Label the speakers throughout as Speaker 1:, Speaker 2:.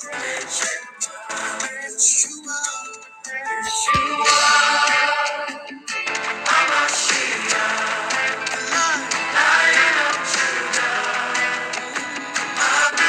Speaker 1: Yeshua, Yeshua, Yeshua, Yeshua, Thank you.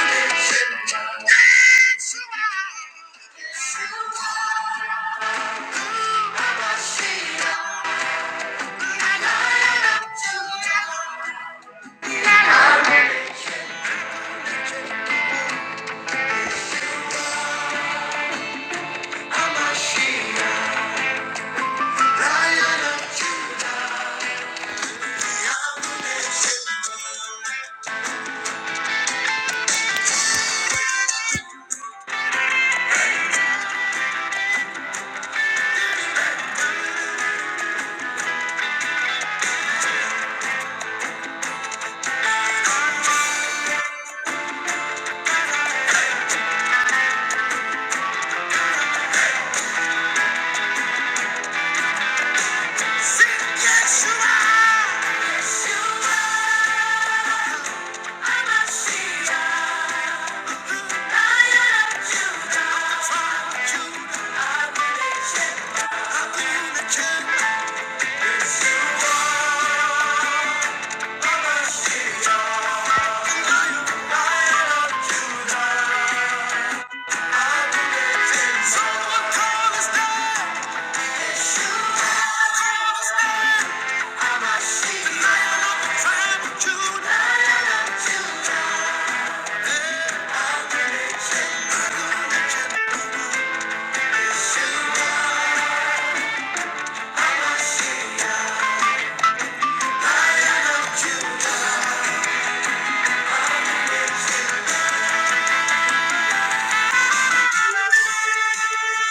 Speaker 1: are. Thank you.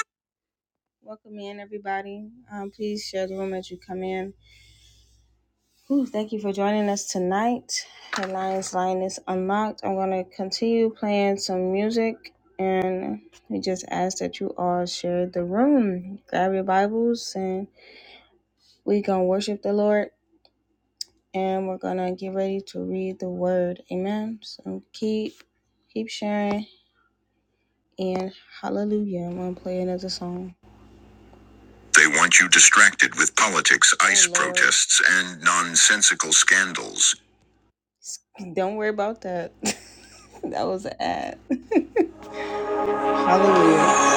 Speaker 1: Welcome in, everybody. Um, please share the room as you come in. Ooh, thank you for joining us tonight. The Lions Line is unlocked. I'm going to continue playing some music, and we just ask that you all share the room. Grab your Bibles, and we're going to worship the Lord, and we're going to get ready to read the Word. Amen. So keep, keep sharing, and hallelujah. I'm going to play another song. They want you distracted with politics, Oh, ice Lord. protests, and nonsensical scandals. Don't worry about that. that was an ad. Hallelujah.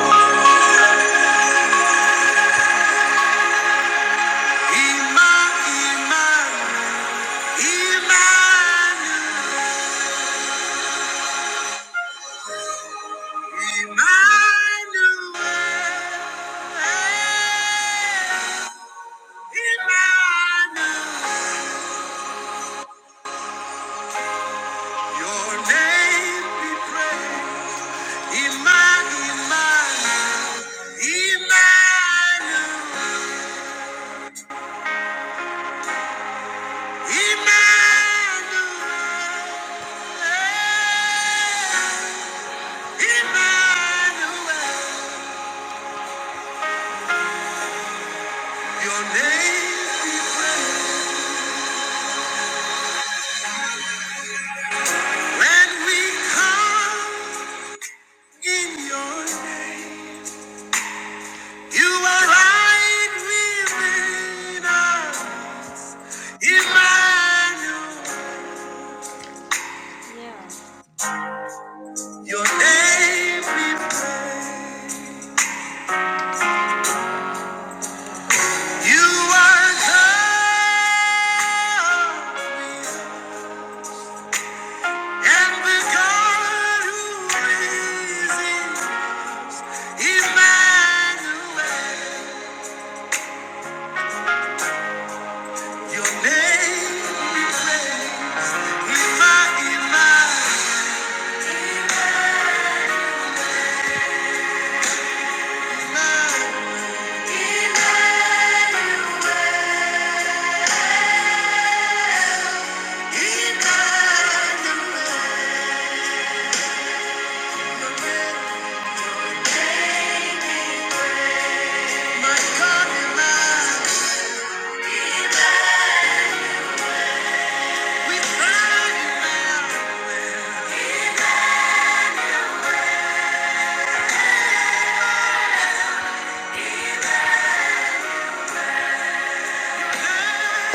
Speaker 1: Emmanuel, Emmanuel, your name we pray. When we come in your name, you are right within us. Emmanuel, your name we pray. You are God. with us. And with God who is in Emmanuel, your name we pray. Emma, Emma, Emma, Emmanuel, my God, Emma, we pray,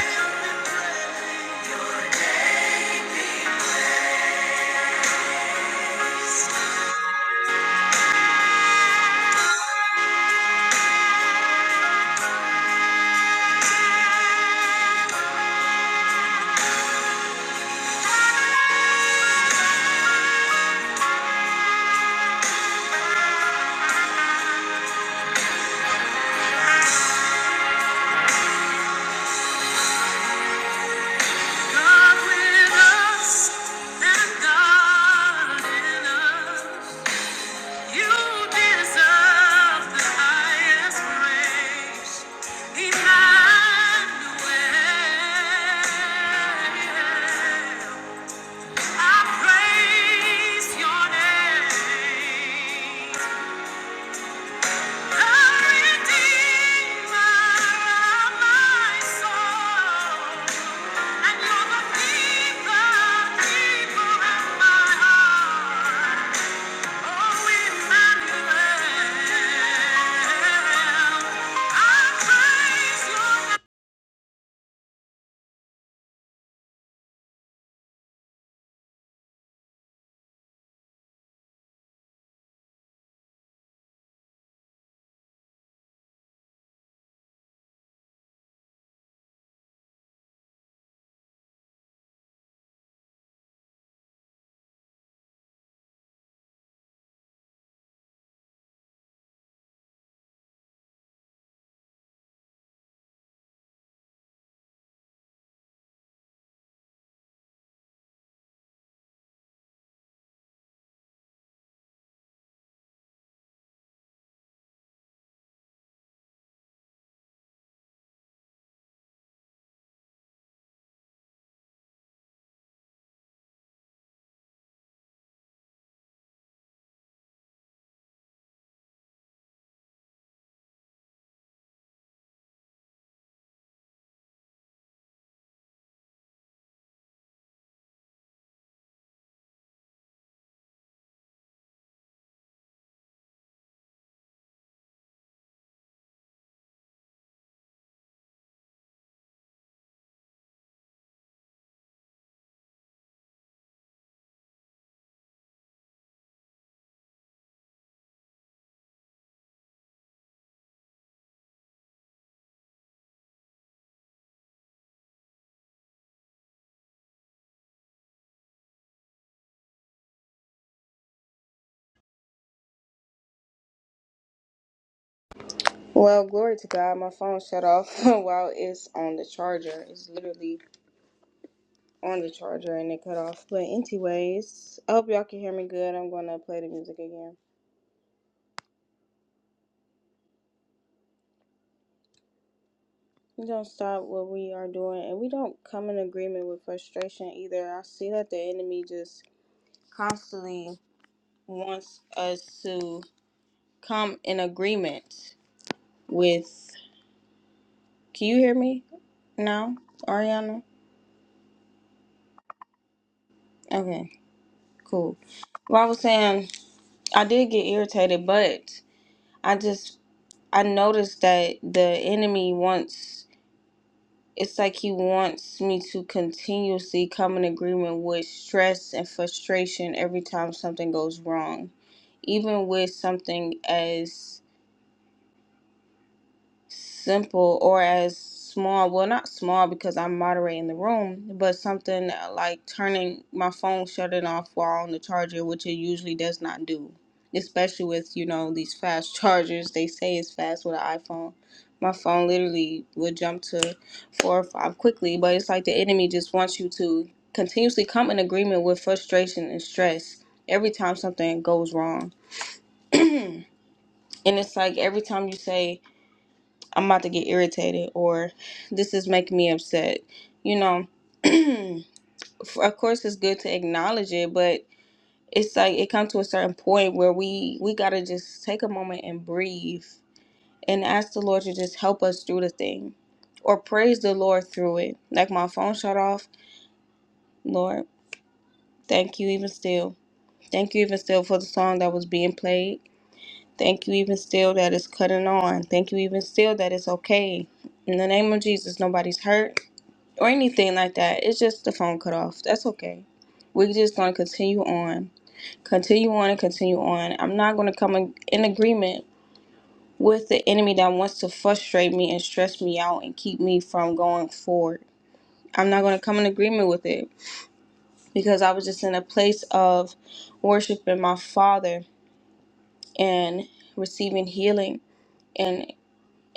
Speaker 1: Emma, we pray. God with us and God in us. You deserve the highest praise. Emmanuel, I praise your name. Well, glory to God. My phone shut off while it's on the charger. It's literally on the charger and it cut off. But anyways, I hope y'all can hear me good. I'm gonna play the music again. We don't stop what we are doing and we don't come in agreement with frustration either. I see that the enemy just constantly wants us to come in agreement with. Can you hear me now, Ariana? Okay, cool. Well, I was saying I did get irritated, but I just I noticed that the enemy wants. it's like he wants me to continuously come in agreement with stress and frustration every time something goes wrong even with something as simple or as small well not small because i'm moderating the room but something uh, like turning my phone shutting off while on the charger which it usually does not do especially with you know these fast chargers they say it's fast with an iphone my phone literally would jump to four or five quickly but it's like the enemy just wants you to continuously come in agreement with frustration and stress every time something goes wrong and it's like every time you say I'm about to get irritated or this is making me upset. You know, of course it's good to acknowledge it, but it's like it comes to a certain point where we we got to just take a moment and breathe and ask the Lord to just help us through the thing or praise the Lord through it. Like my phone shut off, Lord, thank you even still. Thank you even still for the song that was being played. Thank you even still that it's cutting on. Thank you even still that it's okay. In the name of Jesus, nobody's hurt or anything like that. It's just the phone cut off. That's okay. We're just going to continue on, continue on, and continue on. I'm not going to come in in agreement with the enemy that wants to frustrate me and stress me out and keep me from going forward. I'm not going to come in agreement with it because I was just in a place of worshiping my Father and receiving healing and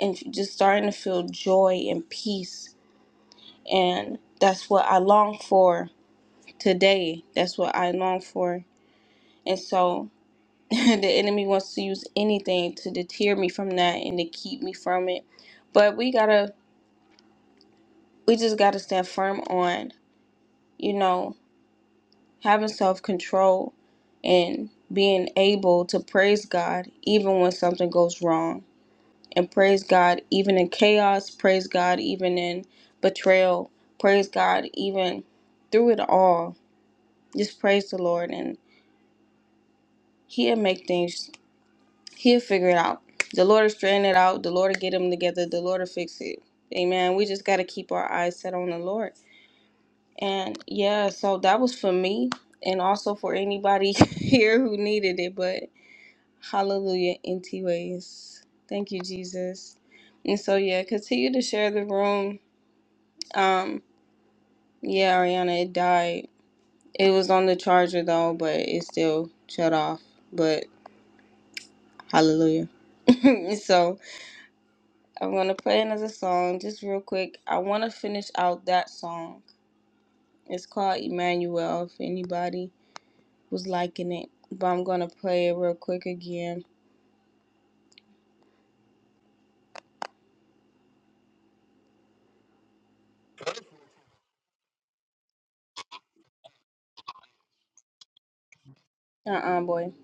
Speaker 1: and just starting to feel joy and peace and that's what I long for today. That's what I long for. And so the enemy wants to use anything to deter me from that and to keep me from it. But we gotta, we just gotta stand firm on, you know, having self control and being able to praise God even when something goes wrong. And praise God even in chaos, praise God even in betrayal, praise God even through it all. Just praise the Lord and He'll make things He'll figure it out. The Lord will straighten it out. The Lord will get him together. The Lord will fix it. Amen. We just got to keep our eyes set on the Lord. And yeah, so that was for me and also for anybody here who needed it. But hallelujah, empty ways. Thank you, Jesus. And so, yeah, continue to share the room. Um, yeah, Ariana, it died. It was on the charger though, but it still shut off. But hallelujah. so, I'm gonna play another song just real quick. I wanna finish out that song. It's called Emmanuel if anybody was liking it. But I'm gonna play it real quick again. Uh uh boy.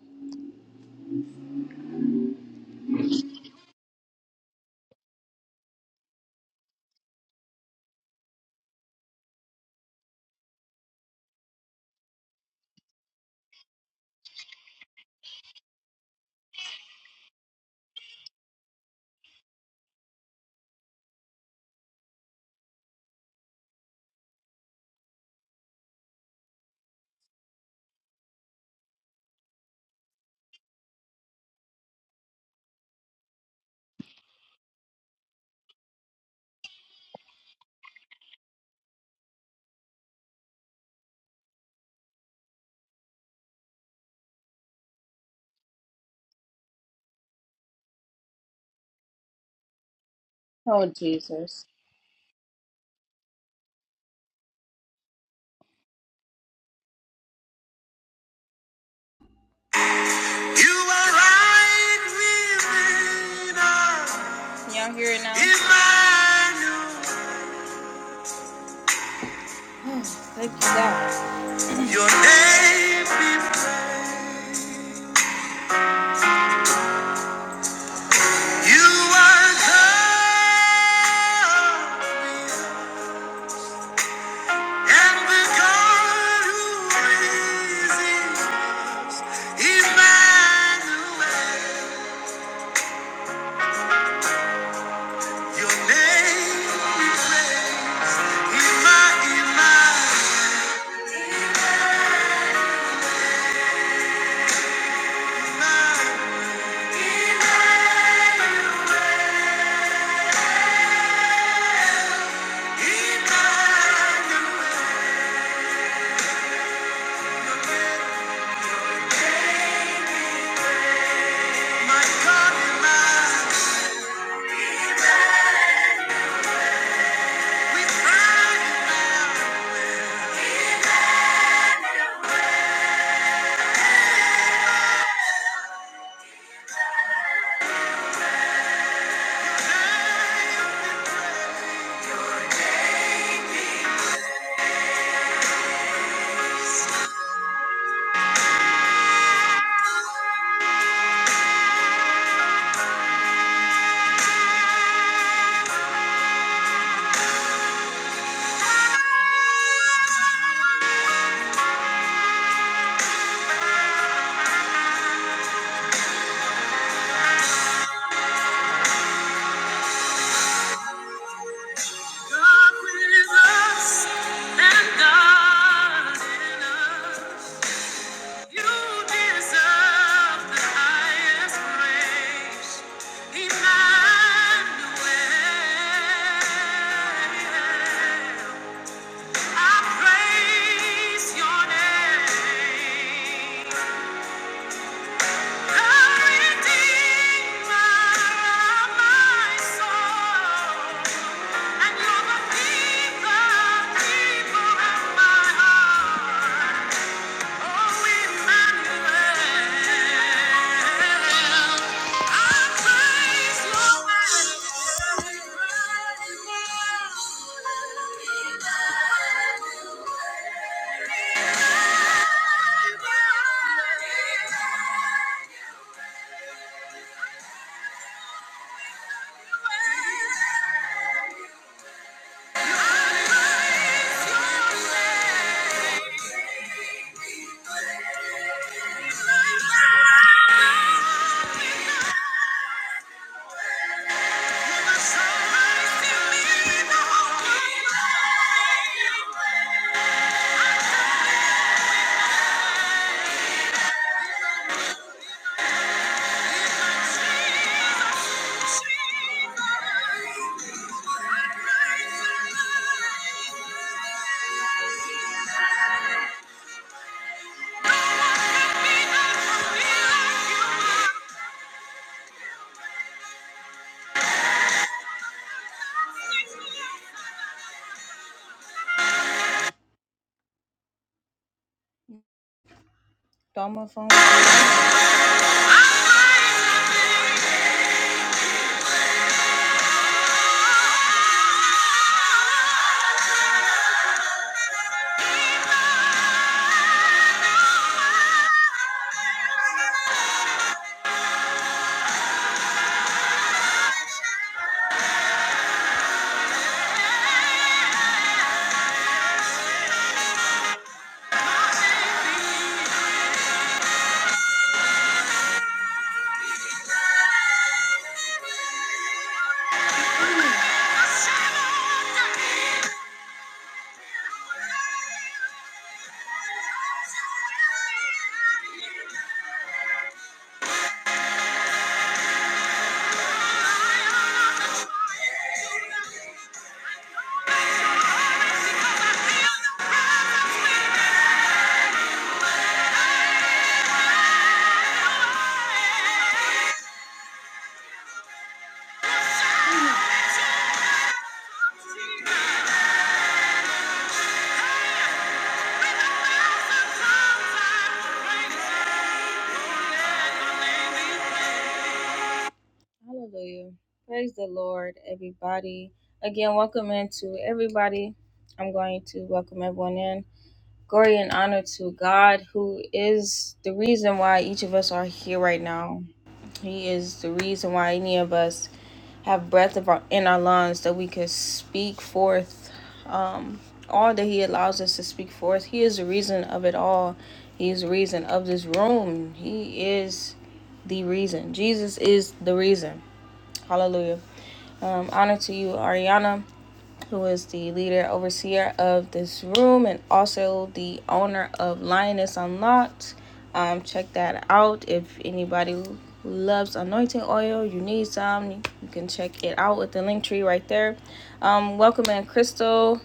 Speaker 1: Oh Jesus. You are right Y'all hear it now? Emmanuel. Check this out. Your name be praised. You are God. And this God who is in Emmanuel, your name we praise. Emma, Emma, Emma, Emmanuel, my God, Emma, we cry, Emma. God with us and God us. You deserve the highest praise. Emmanuel, I praise your name. Thank you Thank you. Throw my phone. Hallelujah. Praise the Lord, everybody. Again, welcome into everybody. I'm going to welcome everyone in. Glory and honor to God, who is the reason why each of us are here right now. He is the reason why any of us have breath of our, in our lungs that we could speak forth um, all that He allows us to speak forth. He is the reason of it all. He is the reason of this room. He is the reason. Jesus is the reason. Hallelujah. Um, honor to you, Ariana who is the leader overseer of this room and also the owner of Lioness Unlocked. Um, check that out. If anybody loves anointing oil, you need some, you can check it out with the link tree right there. Um, welcome in Crystal.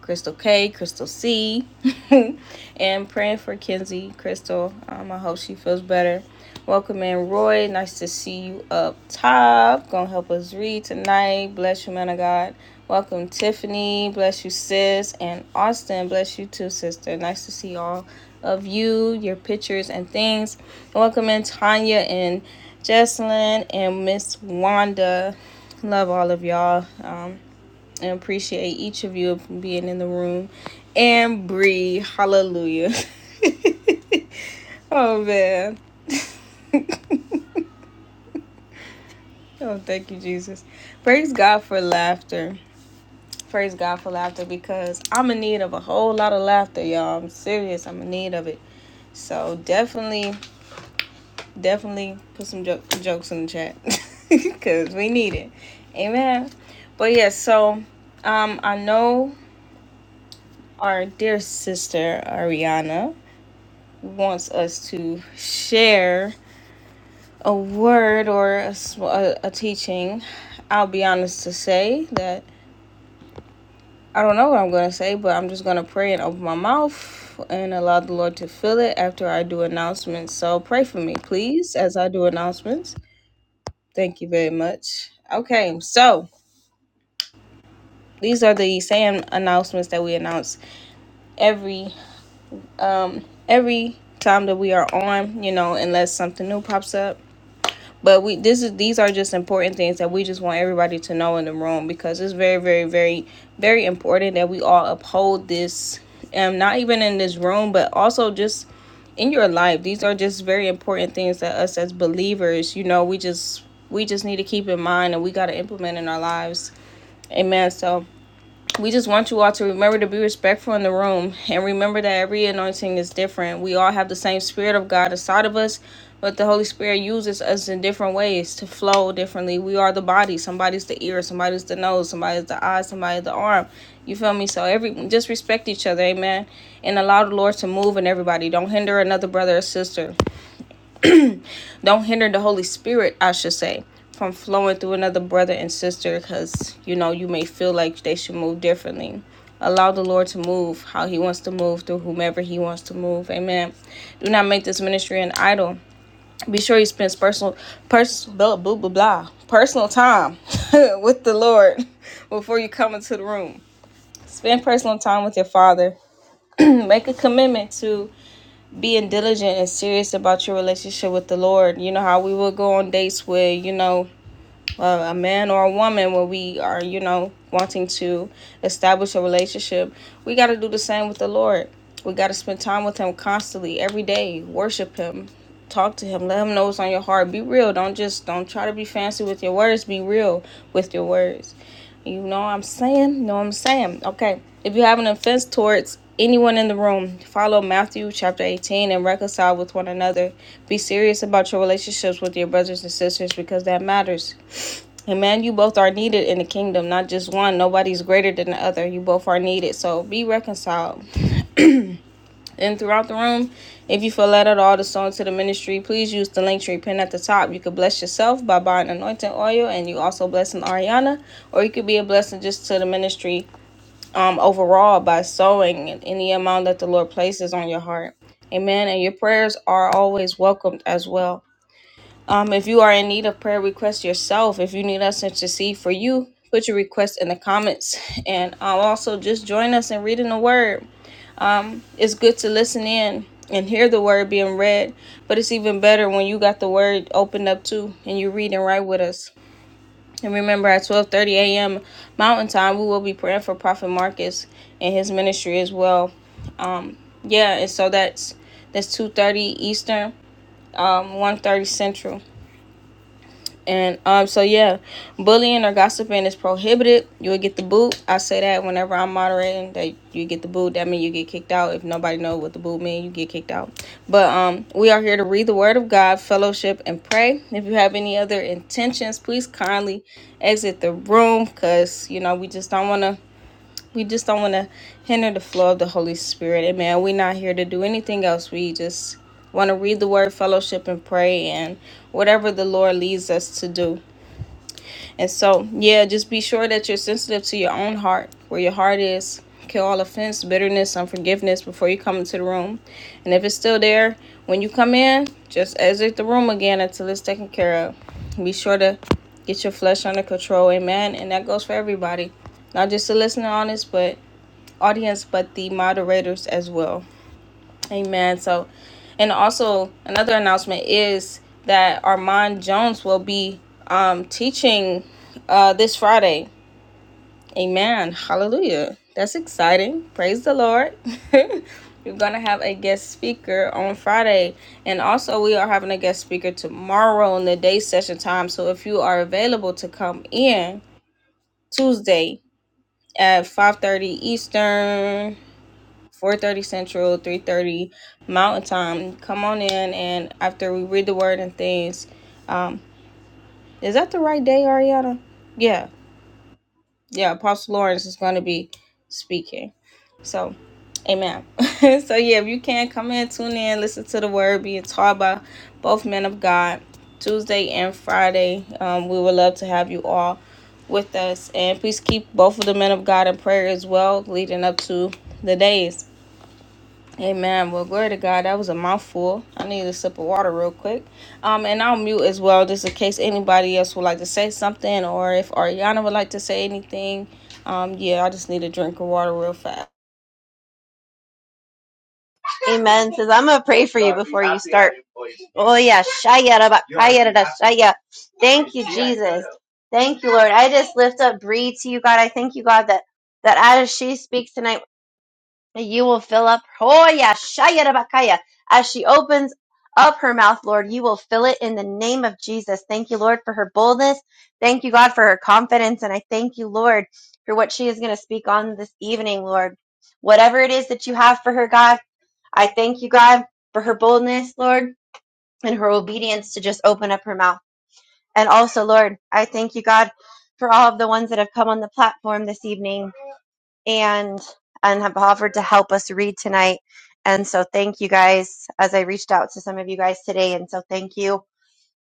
Speaker 1: Crystal K, Crystal C, and praying for Kenzie, Crystal. Um, I hope she feels better. Welcome in, Roy. Nice to see you up top. Gonna help us read tonight. Bless you, man of God. Welcome, Tiffany. Bless you, sis. And Austin, bless you too, sister. Nice to see all of you, your pictures and things. Welcome in, Tanya and Jesselyn and Miss Wanda. Love all of y'all. Um, I appreciate each of you being in the room. And Bree, hallelujah. oh man. Oh, thank you, Jesus. Praise God for laughter. Praise God for laughter because I'm in need of a whole lot of laughter, y'all. I'm serious. I'm in need of it. So definitely, definitely put some jo- jokes in the chat because we need it. Amen. But yeah, so um, I know our dear sister Ariana. wants us to share a word or a a, a teaching, I'll be honest to say that I don't know what I'm going to say, but I'm just going to pray and open my mouth and allow the Lord to fill it after I do announcements. So pray for me, please, as I do announcements. Thank you very much. Okay, so these are the same announcements that we announce every um every time that we are on, you know, unless something new pops up but we this is these are just important things that we just want everybody to know in the room because it's very very very very important that we all uphold this um not even in this room but also just in your life these are just very important things that us as believers you know we just we just need to keep in mind and we got to implement in our lives amen so we just want you all to remember to be respectful in the room and remember that every anointing is different. We all have the same Spirit of God inside of us, but the Holy Spirit uses us in different ways to flow differently. We are the body. Somebody's the ear, somebody's the nose, somebody's the eye, somebody's the arm. You feel me? So every just respect each other, amen. And allow the Lord to move in everybody. Don't hinder another brother or sister don't hinder the Holy Spirit, I should say, from flowing through another brother and sister because you know you may feel like they should move differently. Allow the Lord to move how He wants to move through whomever He wants to move. Amen. Do not make this ministry an idol. Be sure you spend personal, pers- blah, blah, blah, blah, personal time with the Lord before you come into the room. Spend personal time with your Father. make a commitment to being diligent and serious about your relationship with the Lord. You know how we will go on dates where, you know, uh, a man or a woman when we are, you know, wanting to establish a relationship, we got to do the same with the Lord. We got to spend time with Him constantly, every day, worship Him, talk to Him, let Him know what's on your heart. Be real. Don't just, don't try to be fancy with your words. Be real with your words. You know what I'm saying? You know what I'm saying? Okay. If you have an offense towards anyone in the room, follow Matthew chapter 18 and reconcile with one another. Be serious about your relationships with your brothers and sisters because that matters. And man, you both are needed in the kingdom, not just one. Nobody's greater than the other. You both are needed. So be reconciled. And throughout the room, if you feel led at all to sow into the ministry, please use the link tree pin at the top. You could bless yourself by buying anointing oil, and you also blessing Ariana, or you could be a blessing just to the ministry um, overall by sowing any amount that the Lord places on your heart. Amen. And your prayers are always welcomed as well. Um, if you are in need of prayer requests yourself, if you need us to intercede for you, put your request in the comments. And um, also just join us in reading the word. It's good to listen in and hear the word being read, but it's even better when you got the word opened up too and you're reading right with us. And remember, at 12:30 a.m. Mountain Time, we will be praying for Prophet Marcus and his ministry as well. Um, yeah, and so that's that's 2:30 Eastern, um, 1:30 Central. And um, so yeah, bullying or gossiping is prohibited. You will get the boot. I say that whenever I'm moderating, that you get the boot. That means you get kicked out. If nobody knows what the boot means, you get kicked out. But um, we are here to read the Word of God, fellowship, and pray. If you have any other intentions, please kindly exit the room, cause you know we just don't wanna. We just don't want to hinder the flow of the Holy Spirit. Amen. We're not here to do anything else. We just want to read the word, fellowship, and pray, and whatever the Lord leads us to do. And so, yeah, just be sure that you're sensitive to your own heart, where your heart is. Kill all offense, bitterness, unforgiveness before you come into the room. And if it's still there, when you come in, just exit the room again until it's taken care of. Be sure to get your flesh under control, amen. And that goes for everybody, not just the listener on this, but audience, but the moderators as well. Amen. So, and also another announcement is that Armand Jones will be um, teaching uh, this Friday. Amen. Hallelujah. That's exciting. Praise the Lord. We're going to have a guest speaker on Friday. And also, we are having a guest speaker tomorrow in the day session time. So, if you are available to come in Tuesday at 5 30 Eastern, 4.30 central 3.30 mountain time come on in and after we read the word and things um is that the right day ariana yeah yeah apostle lawrence is going to be speaking so amen so yeah if you can come in tune in listen to the word being taught by both men of god tuesday and friday um, we would love to have you all with us and please keep both of the men of god in prayer as well leading up to the days Amen. Well, glory to God. That was a mouthful. I need a sip of water real quick. Um, and I'll mute as well, just in case anybody else would like to say something, or if Ariana would like to say anything. Um, yeah, I just need a drink of water real fast.
Speaker 2: Amen. Says I'm gonna pray for you before you start. Oh yeah, shaya raba, kaya Thank you, Jesus. Thank you, Lord. I just lift up Bree to you, God. I thank you, God, that that as she speaks tonight, that you will fill up. Oh yeah, shaya raba, kaya. As she opens up her mouth, Lord, you will fill it in the name of Jesus. Thank you, Lord, for her boldness. Thank you, God, for her confidence, and I thank you, Lord, for what she is going to speak on this evening, Lord. Whatever it is that you have for her, God. I thank you, God, for her boldness, Lord, and her obedience to just open up her mouth. And also, Lord, I thank you, God, for all of the ones that have come on the platform this evening and and have offered to help us read tonight. And so thank you guys as I reached out to some of you guys today. And so thank you.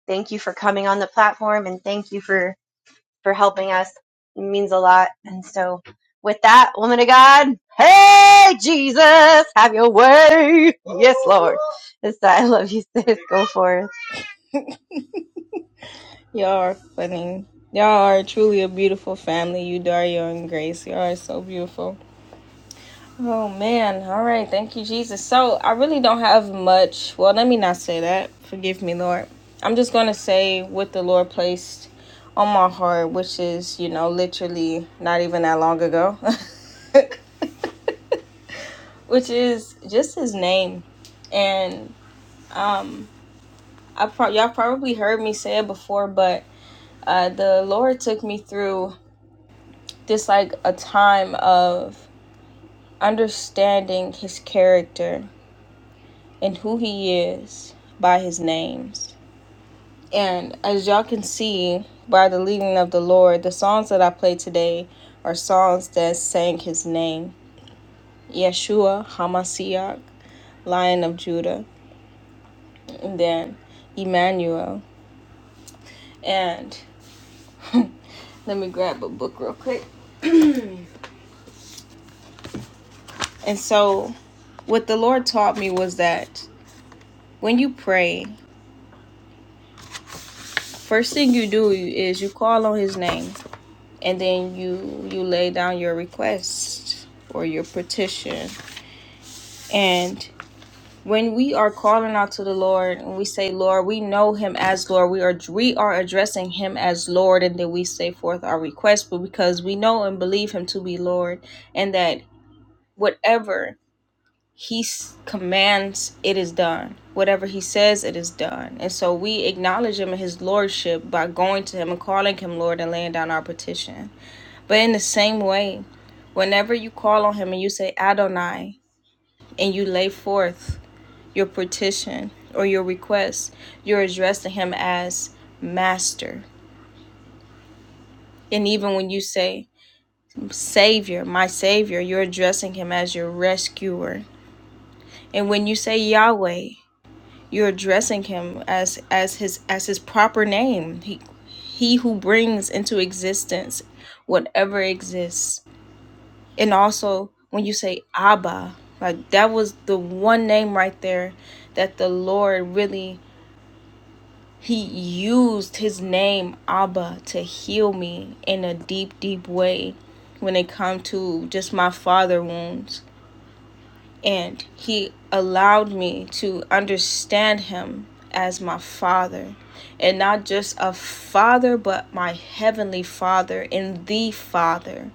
Speaker 2: Thank you for coming on the platform and thank you for for helping us. It means a lot. And so, with that, woman of God, hey, Jesus, have your way. Yes, Lord. Yes, I love you, sis. Go forth.
Speaker 1: Y'all are funny. Y'all are truly a beautiful family. You, Dario, and Grace. Y'all are so beautiful. Oh man, all right, thank you, Jesus. So I really don't have much. Well, let me not say that. Forgive me, Lord. I'm just gonna say what the Lord placed on my heart, which is, you know, literally not even that long ago, which is just His name. And um, I pro- y'all probably heard me say it before, but uh, the Lord took me through this like a time of understanding His character and who he is by his names. And as y'all can see by the leading of the Lord, the songs that I play today are songs that sang his name Yeshua, Hamashiach, Lion of Judah, and then Emmanuel. And let me grab a book real quick. And so, what the Lord taught me was that when you pray, first thing you do is you call on his name and then you you lay down your request or your petition and when we are calling out to the lord and we say lord we know him as lord we are we are addressing him as lord and then we say forth our request but because we know and believe him to be lord and that whatever he s- commands it is done whatever he says it is done and so we acknowledge him in his lordship by going to him and calling him lord and laying down our petition but in the same way, whenever you call on him and you say Adonai and you lay forth your petition or your request, you're addressing him as master. And even when you say Savior, my Savior, you're addressing him as your rescuer. And when you say Yahweh, you're addressing him as as his as his proper name. He he who brings into existence whatever exists. and also when you say abba like that was the one name right there that the lord really he used his name abba to heal me in a deep deep way when it come to just my father wounds and he allowed me to understand him as my father and not just a father but my heavenly father and the father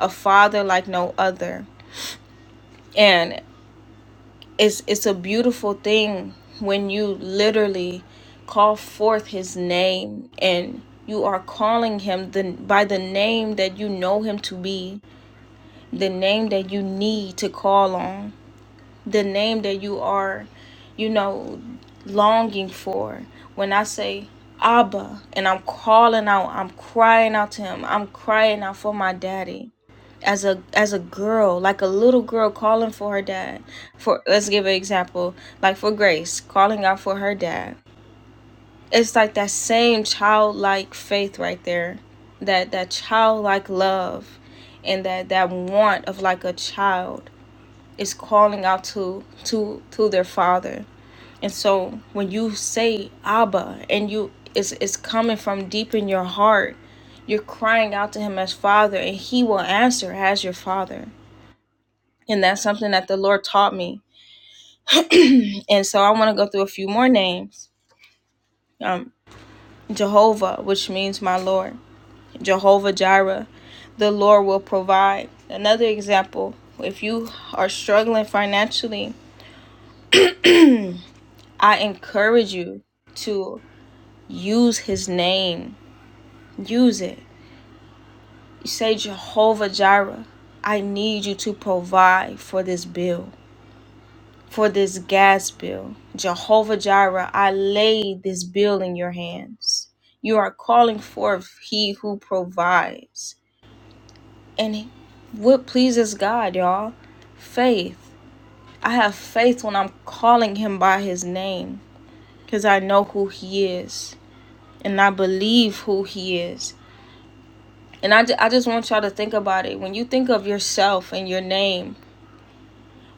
Speaker 1: a father like no other. And it's it's a beautiful thing when you literally call forth his name and you are calling him the, by the name that you know him to be the name that you need to call on the name that you are, you know, longing for. When I say Abba and I'm calling out, I'm crying out to him. I'm crying out for my daddy. As a as a girl, like a little girl calling for her dad. For let's give an example, like for Grace, calling out for her dad. It's like that same childlike faith right there. That that childlike love and that that want of like a child is calling out to to to their father and so when you say abba and you it's, it's coming from deep in your heart you're crying out to him as father and he will answer as your father and that's something that the lord taught me and so i want to go through a few more names um, jehovah which means my lord jehovah jireh the lord will provide another example if you are struggling financially I encourage you to use his name. Use it. You say, Jehovah Jireh, I need you to provide for this bill, for this gas bill. Jehovah Jireh, I lay this bill in your hands. You are calling forth he who provides. And what pleases God, y'all? Faith. I have faith when I'm calling him by his name because I know who he is. and I believe who He is. And I, I just want y'all to think about it. When you think of yourself and your name,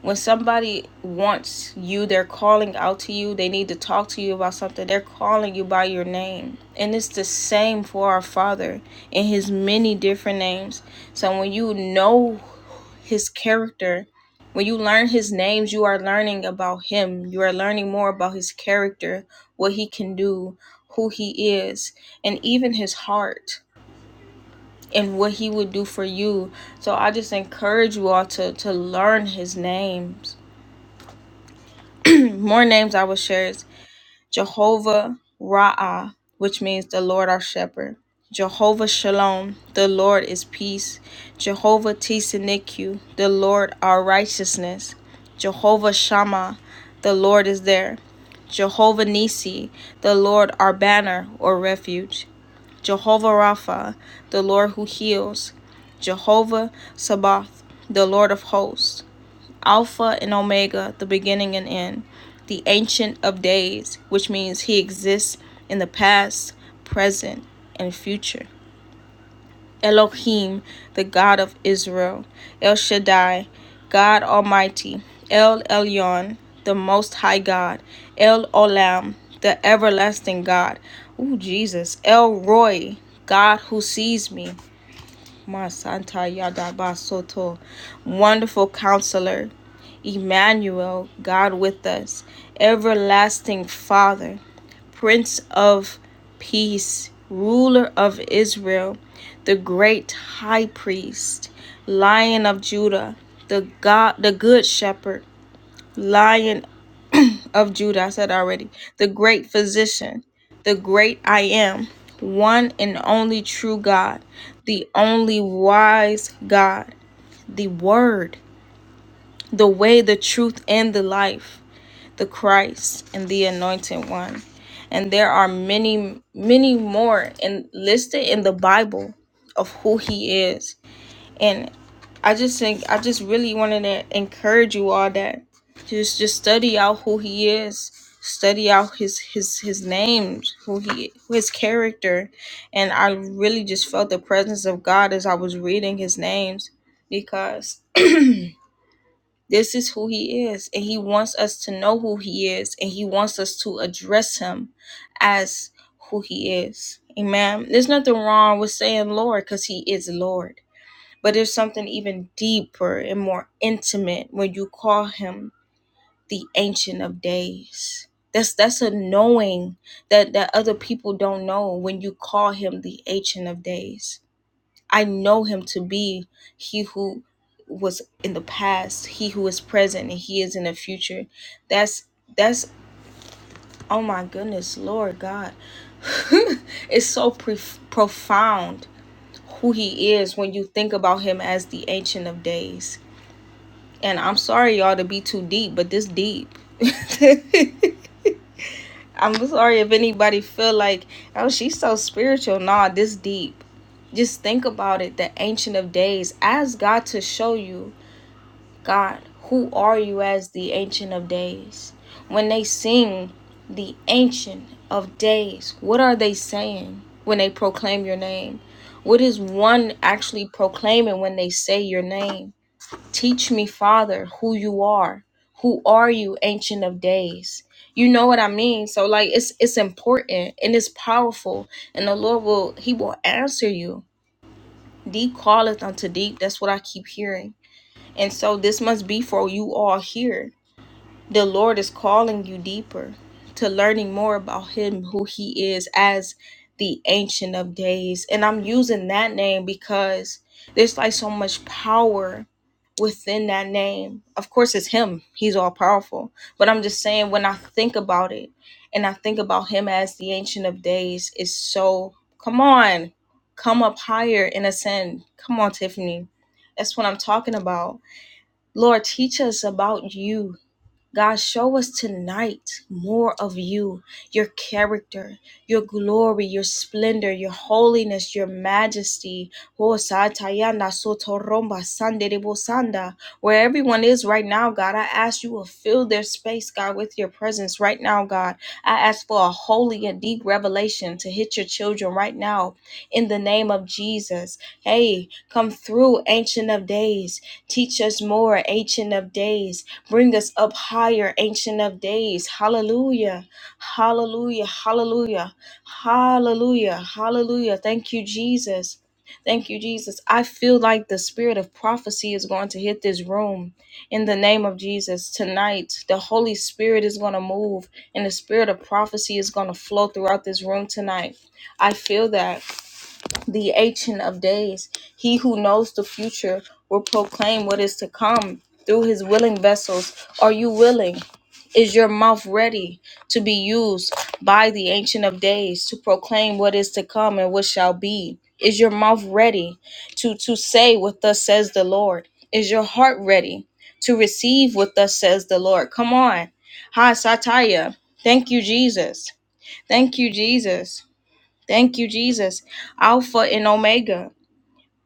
Speaker 1: when somebody wants you, they're calling out to you, they need to talk to you about something, they're calling you by your name. And it's the same for our Father in His many different names. So when you know His character, when you learn His names, you are learning about Him. You are learning more about His character, what He can do, who He is, and even His heart and what he would do for you. So I just encourage you all to to learn his names. More names I will share is Jehovah Ra'ah, which means the Lord our shepherd. Jehovah Shalom, the Lord is peace. Jehovah Tisanikyu, the Lord our righteousness. Jehovah Shammah, the Lord is there. Jehovah Nisi, the Lord our banner or refuge. Jehovah Rapha, the Lord who heals, Jehovah Sabaoth, the Lord of hosts, Alpha and Omega, the beginning and end, the Ancient of Days, which means He exists in the past, present, and future. Elohim, the God of Israel, El Shaddai, God Almighty, El Elyon, the Most High God, El Olam, the Everlasting God, Ooh, Jesus, El Roy, God who sees me, Ma Santa Yadaba Soto, Wonderful Counselor, Emmanuel, God with us, Everlasting Father, Prince of Peace, Ruler of Israel, the Great High Priest, Lion of Judah, the God, the Good Shepherd, Lion of Judah. I said already, the Great Physician, the Great I Am, one and only true God, the only wise God, the Word, the way, the truth, and the life the Christ, and the Anointed One. And there are many, many more in, listed in the Bible of who He is. And I just think, I just really wanted to encourage you all that just just study out who He is, study out His His His names, who He, His character. And I really just felt the presence of God as I was reading His names because. This is who he is, and he wants us to know who he is, and he wants us to address him as who he is. Amen. There's nothing wrong with saying Lord because he is Lord, but there's something even deeper and more intimate when you call him the Ancient of Days. That's that's a knowing that that other people don't know when you call him the Ancient of Days I know him to be he who was in the past, he who is present, and he is in the future. That's that's oh my goodness, Lord God. it's so pre- profound who he is when you think about him as the ancient of days. And I'm sorry y'all to be too deep, but this deep. I'm sorry if anybody feel like, oh, she's so spiritual. Nah, this deep. Just think about it. The Ancient of Days. Ask God to show you, God, who are you as the Ancient of Days? When they sing the Ancient of Days, what are they saying when they proclaim your name? What is one actually proclaiming when they say your name? Teach me, Father, who you are. Who are you, Ancient of Days? You know what I mean? So like it's it's important and it's powerful. And the Lord will He will answer you. Deep calleth unto deep. That's what I keep hearing. And so this must be for you all here. The Lord is calling you deeper to learning more about Him, who He is as the Ancient of Days. And I'm using that name because there's like so much power within that name. Of course, it's Him, He's all powerful. But I'm just saying, when I think about it and I think about Him as the Ancient of Days, it's so come on, come up higher and ascend. Come on, Tiffany. That's what I'm talking about. Lord, teach us about you God, show us tonight more of you, your character, your glory, your splendor, your holiness, your majesty. Oh, Satayana Sotoromba Sanderebo Sanda. Where everyone is right now, God, I ask you to fill their space, God, with your presence right now, God. I ask for a holy and deep revelation to hit your children right now in the name of Jesus. Hey, come through, Ancient of Days. Teach us more, Ancient of Days. Bring us up higher, Ancient of Days. Hallelujah. Hallelujah. Hallelujah. Hallelujah. Hallelujah. Thank you, Jesus. Thank you, Jesus. I feel like the spirit of prophecy is going to hit this room in the name of Jesus. Tonight, the Holy Spirit is going to move and the spirit of prophecy is going to flow throughout this room tonight. I feel that the Ancient of Days. He who knows the future will proclaim what is to come through his willing vessels. Are you willing? Is your mouth ready to be used by the Ancient of Days to proclaim what is to come and what shall be? Is your mouth ready to, to say what thus says the Lord? Is your heart ready to receive what thus says the Lord? Come on. Hi, Sataya. Thank you, Jesus. Thank you, Jesus. Thank you, Jesus. Alpha and Omega.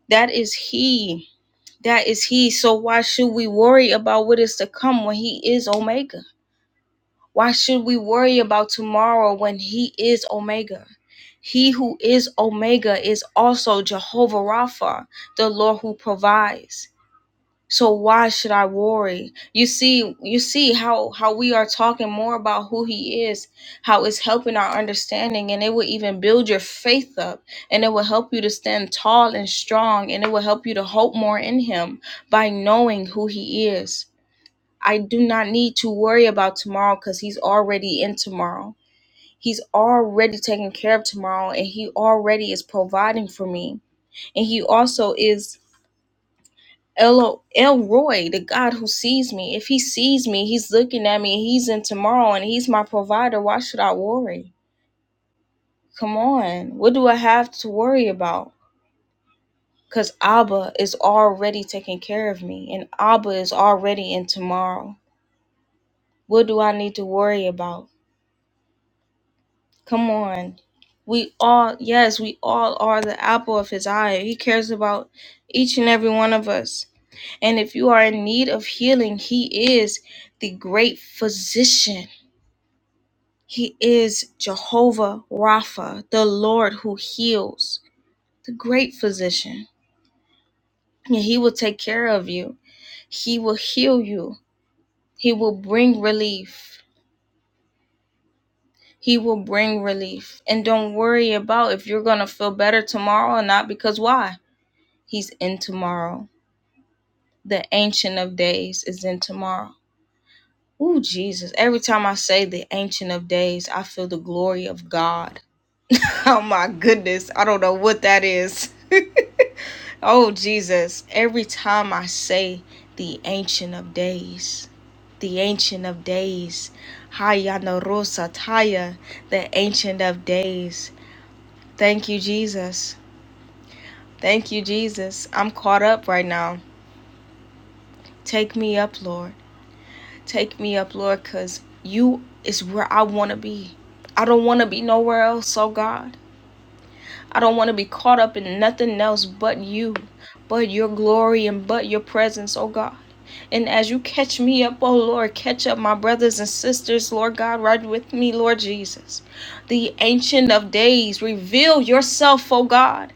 Speaker 1: That is He. That is He. So why should we worry about what is to come when He is Omega? Why should we worry about tomorrow when He is Omega? He who is Omega is also Jehovah Rapha, the Lord who provides. So why should I worry? You see, you see how how we are talking more about who he is, how it's helping our understanding, and it will even build your faith up, and it will help you to stand tall and strong, and it will help you to hope more in him by knowing who he is. I do not need to worry about tomorrow because he's already in tomorrow. He's already taking care of tomorrow and he already is providing for me. And he also is El Elroy, the God who sees me. If he sees me, he's looking at me, he's in tomorrow, and he's my provider. Why should I worry? Come on. What do I have to worry about? Because Abba is already taking care of me, and Abba is already in tomorrow. What do I need to worry about? Come on. We all, yes, we all are the apple of his eye. He cares about each and every one of us. And if you are in need of healing, He is the great physician. He is Jehovah Rapha, the Lord who heals, the great physician. And He will take care of you, He will heal you, He will bring relief. He will bring relief. And don't worry about if you're going to feel better tomorrow or not, because why? He's in tomorrow. The Ancient of Days is in tomorrow. Ooh, Jesus. Every time I say the Ancient of Days, I feel the glory of God. Oh, my goodness. I don't know what that is. oh, Jesus. Every time I say the Ancient of Days, the Ancient of Days, Hayanarosa Taya, the Ancient of Days. Thank you, Jesus. Thank you, Jesus. I'm caught up right now. Take me up, Lord. Take me up, Lord, because you is where I want to be. I don't want to be nowhere else, oh God. I don't want to be caught up in nothing else but you, but your glory and but your presence, oh God. And as you catch me up, oh Lord, catch up my brothers and sisters, Lord God, right with me, Lord Jesus. The Ancient of Days, reveal yourself, oh God.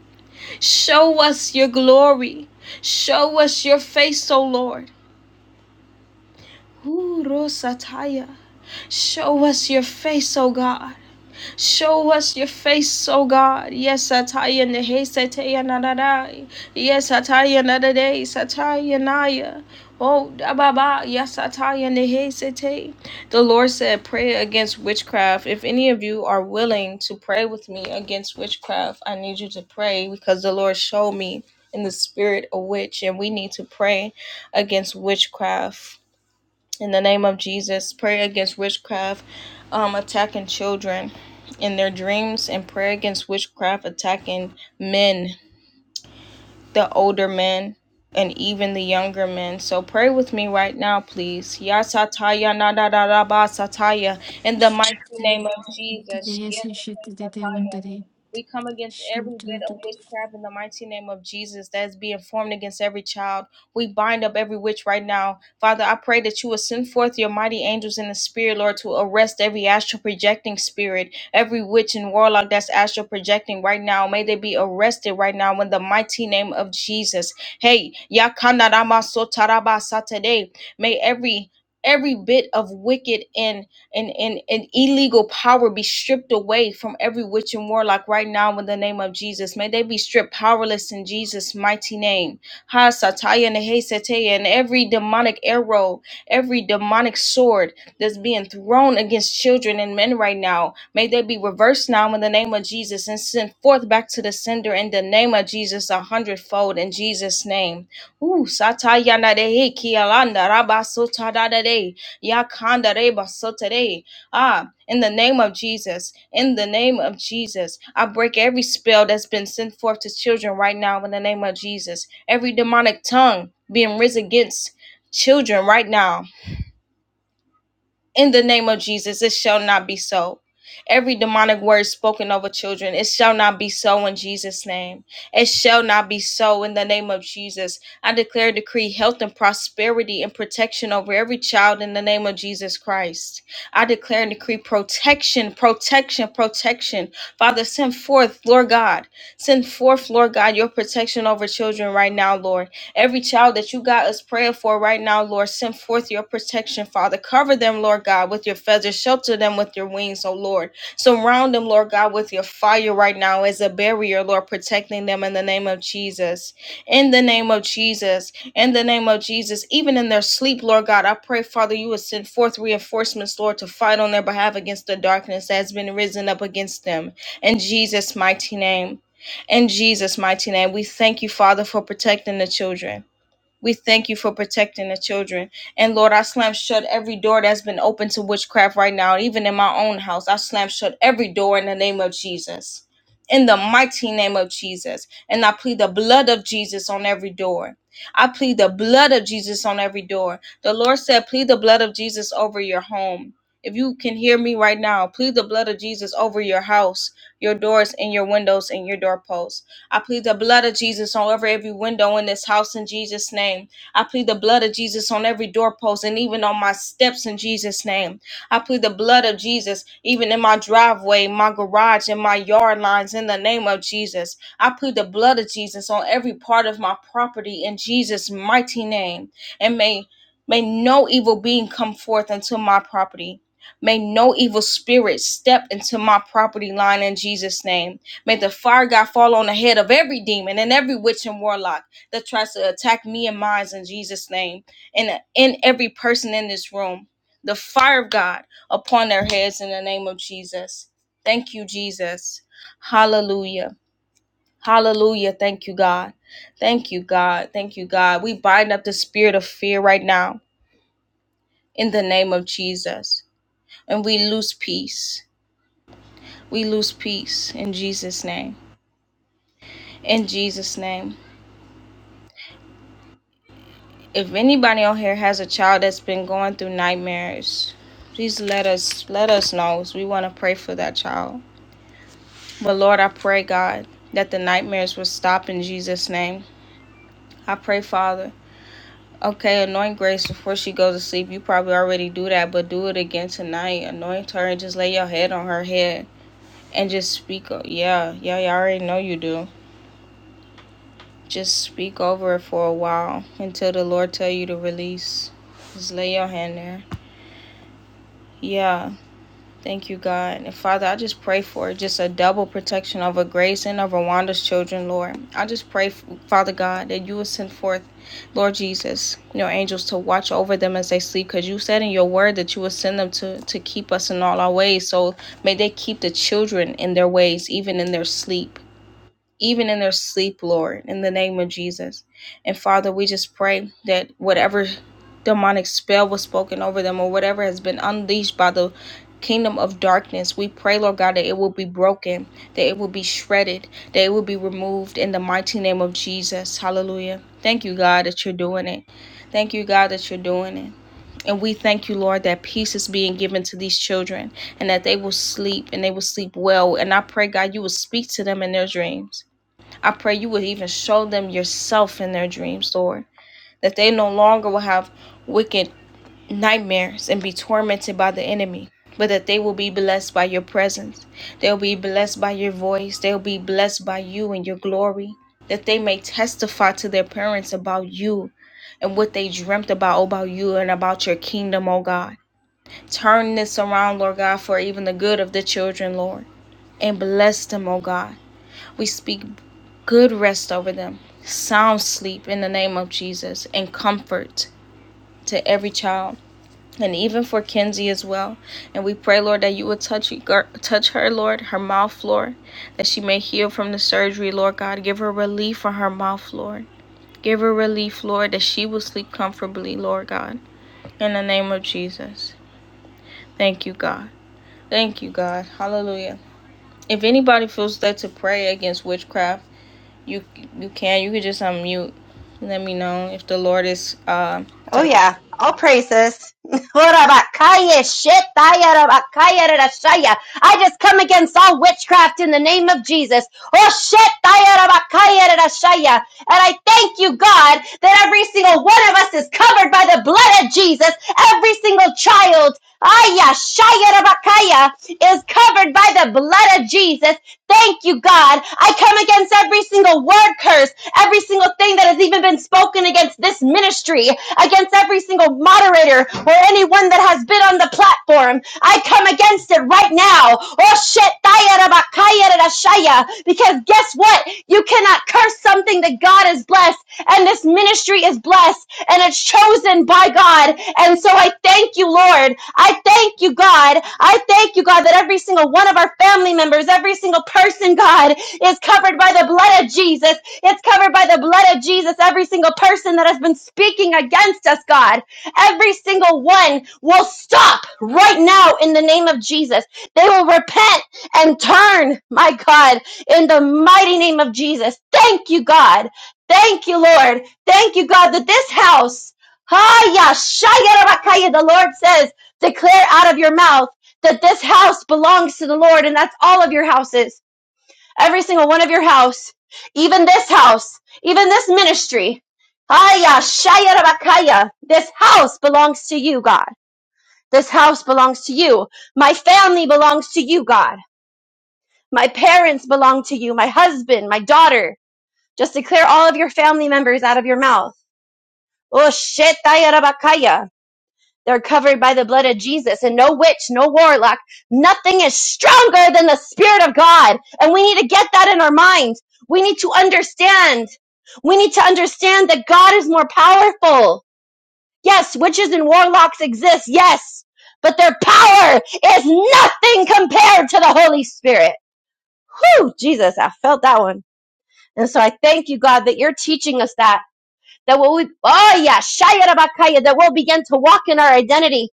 Speaker 1: Show us your glory. Show us your face, oh Lord. Ooh, Rosataya. Show us your face, O God. Show us your face, O God. Yes, Sataya Nehe Sataya Nadadai. Yes, Sataya Nadadai Sataya Naya. Oh, Dababa, yes, Sataya Nehe Sete. The Lord said, Pray against witchcraft. If any of you are willing to pray with me against witchcraft, I need you to pray because the Lord showed me in the spirit a witch, and we need to pray against witchcraft in the name of Jesus. Pray against witchcraft um, attacking children in their dreams and pray against witchcraft attacking men the older men and even the younger men. So pray with me right now, please. Ya sataya na da da da ba sataya in the mighty
Speaker 3: Judy
Speaker 1: name of Jesus. Ya sataya. We come against every bit of witchcraft in the mighty name of Jesus that is being formed against every child. We bind up every witch right now. Father, I pray that you will send forth your mighty angels in the spirit, Lord, to arrest every astral projecting spirit Every witch and warlock that's astral projecting right now, may they be arrested right now in the mighty name of Jesus. Hey, Yakanarama Sotaraba Satade. May every every bit of wicked and and, and and illegal power be stripped away from every witch and warlock right now in the name of Jesus. May they be stripped powerless in Jesus' mighty name. Ha sataya nehe sataya, and every demonic arrow, every demonic sword, that's being thrown against children and men right now. May they be reversed now in the name of Jesus and sent forth back to the sender in the name of Jesus a hundredfold in Jesus' name. Ooh, satayana dehe kialanda rabasotadadade yakanda rebasotade. Ah, in the name of Jesus, in the name of Jesus, I break every spell that's been sent forth to children right now in the name of Jesus. Every demonic tongue being risen against children right now in the name of Jesus, it shall not be so. Every demonic word spoken over children, it shall not be so in Jesus' name. It shall not be so in the name of Jesus. I declare, decree health and prosperity and protection over every child in the name of Jesus Christ. I declare and decree protection, protection, protection. Father, send forth, Lord God, send forth, Lord God, your protection over children right now, Lord. Every child that you got us praying for right now, Lord, send forth your protection, Father. Cover them, Lord God, with your feathers. Shelter them with your wings, oh Lord. Surround them, Lord God, with your fire right now as a barrier, Lord, protecting them in the name of Jesus. In the name of Jesus. In the name of Jesus. Even in their sleep, Lord God, I pray, Father, you would send forth reinforcements, Lord, to fight on their behalf against the darkness that has been risen up against them. In Jesus' mighty name. In Jesus' mighty name. We thank you, Father, for protecting the children. We thank you for protecting the children. And Lord, I slam shut every door that's been open to witchcraft right now, even in my own house. I slam shut every door in the name of Jesus. In the mighty name of Jesus. And I plead the blood of Jesus on every door. I plead the blood of Jesus on every door. The Lord said, plead the blood of Jesus over your home. If you can hear me right now, plead the blood of Jesus over your house, your doors, and your windows, and your doorposts. I plead the blood of Jesus on over every window in this house in Jesus' name. I plead the blood of Jesus on every doorpost and even on my steps in Jesus' name. I plead the blood of Jesus even in my driveway, my garage, and my yard lines in the name of Jesus. I plead the blood of Jesus on every part of my property in Jesus' mighty name. And may may no evil being come forth into my property. May no evil spirit step into my property line in Jesus' name. May the fire God fall on the head of every demon and every witch and warlock that tries to attack me and mine in Jesus' name and in every person in this room. The fire of God upon their heads in the name of Jesus. Thank you, Jesus. Hallelujah. Hallelujah. Thank you, God. Thank you, God. Thank you, God. We bind up the spirit of fear right now in the name of Jesus. And we lose peace. We lose peace in Jesus' name. In Jesus' name. if anybody out here has a child that's been going through nightmares please let us let us know we want to pray for that child but lord i pray god that the nightmares will stop in jesus name i pray father okay anoint grace before she goes to sleep you probably already do that but do it again tonight anoint her and just lay your head on her head and just speak yeah yeah you already know you do just speak over it for a while until the lord tell you to release just lay your hand there yeah Thank you, God. And Father, I just pray for just a double protection over Grace and over Wanda's children, Lord. I just pray, Father God, that you will send forth, Lord Jesus, your angels to watch over them as they sleep, because you said in your word that you will send them to, to keep us in all our ways. So may they keep the children in their ways, even in their sleep even in their sleep, Lord, in the name of Jesus. And Father, we just pray that whatever demonic spell was spoken over them or whatever has been unleashed by the kingdom of darkness, we pray, Lord God, that it will be broken, that it will be shredded, that it will be removed in the mighty name of Jesus. Hallelujah. Thank you, God, that you're doing it. Thank you, God, that you're doing it. And we thank you, Lord, that peace is being given to these children and that they will sleep and they will sleep well. And I pray, God, you will speak to them in their dreams. I pray you would even show them yourself in their dreams, Lord, that they no longer will have wicked nightmares and be tormented by the enemy, but that they will be blessed by your presence. They'll be blessed by your voice. They'll be blessed by you and your glory, that they may testify to their parents about you and what they dreamt about about you and about your kingdom, oh God. Turn this around, Lord God, for even the good of the children, Lord, and bless them, oh God. We speak good rest over them, sound sleep in the name of Jesus, and comfort to every child. And even for Kenzie as well. And we pray, Lord, that you would touch, touch her, Lord, her mouth, Lord, that she may heal from the surgery, Lord God. Give her relief for her mouth, Lord. Give her relief, Lord, that she will sleep comfortably, Lord God. In the name of Jesus. Thank you, God. Thank you, God. Hallelujah. If anybody feels led to pray against witchcraft, you you can you could just unmute. Let me know if the Lord is uh
Speaker 2: Oh
Speaker 1: telling.
Speaker 2: yeah, all praises. Horabakaya shetaya rabakaya rarashaya. I just come against all witchcraft in the name of Jesus. Oh shetaya rabakaya rarashaya. And I thank you, God, that every single one of us is covered by the blood of Jesus. Every single child, aya shaya rabakaya, is covered by the blood of Jesus. Thank you, God. I come against every single word curse, every single thing that has even been spoken against this ministry against every single moderator or anyone that has been on the platform. I come against it right now. Oh shit, because guess what? You cannot curse something that God has blessed, and this ministry is blessed, and it's chosen by God. And so I thank you, Lord. I thank you, God. I thank you, God, that every single one of our family members, every single person, God, is covered by the blood of Jesus. It's covered by the blood of Jesus. Every single person that has been speaking against us, God, every single one will stop right now in the name of Jesus. They will repent and turn, my God, in the mighty name of Jesus. Thank you, God. Thank you, Lord. Thank you, God, that this house, Haya Shaya Rabakaya, the Lord says, declare out of your mouth that this house belongs to the Lord, and that's all of your houses. Every single one of your house, even this house, even this ministry. Aya shaya rabakaya. This house belongs to you, God. This house belongs to you. My family belongs to you, God. My parents belong to you. My husband, my daughter. Just declare all of your family members out of your mouth. Oh shit, They're covered by the blood of Jesus and no witch, no warlock. Nothing is stronger than the Spirit of God. And we need to get that in our minds. We need to understand. We need to understand that God is more powerful. Yes, witches and warlocks exist. Yes. But their power is nothing compared to the Holy Spirit. Whew, Jesus, I felt that one. And so I thank you, God, that you're teaching us that. That we will we, oh yeah, Shaya Rabakaya, that we'll begin to walk in our identity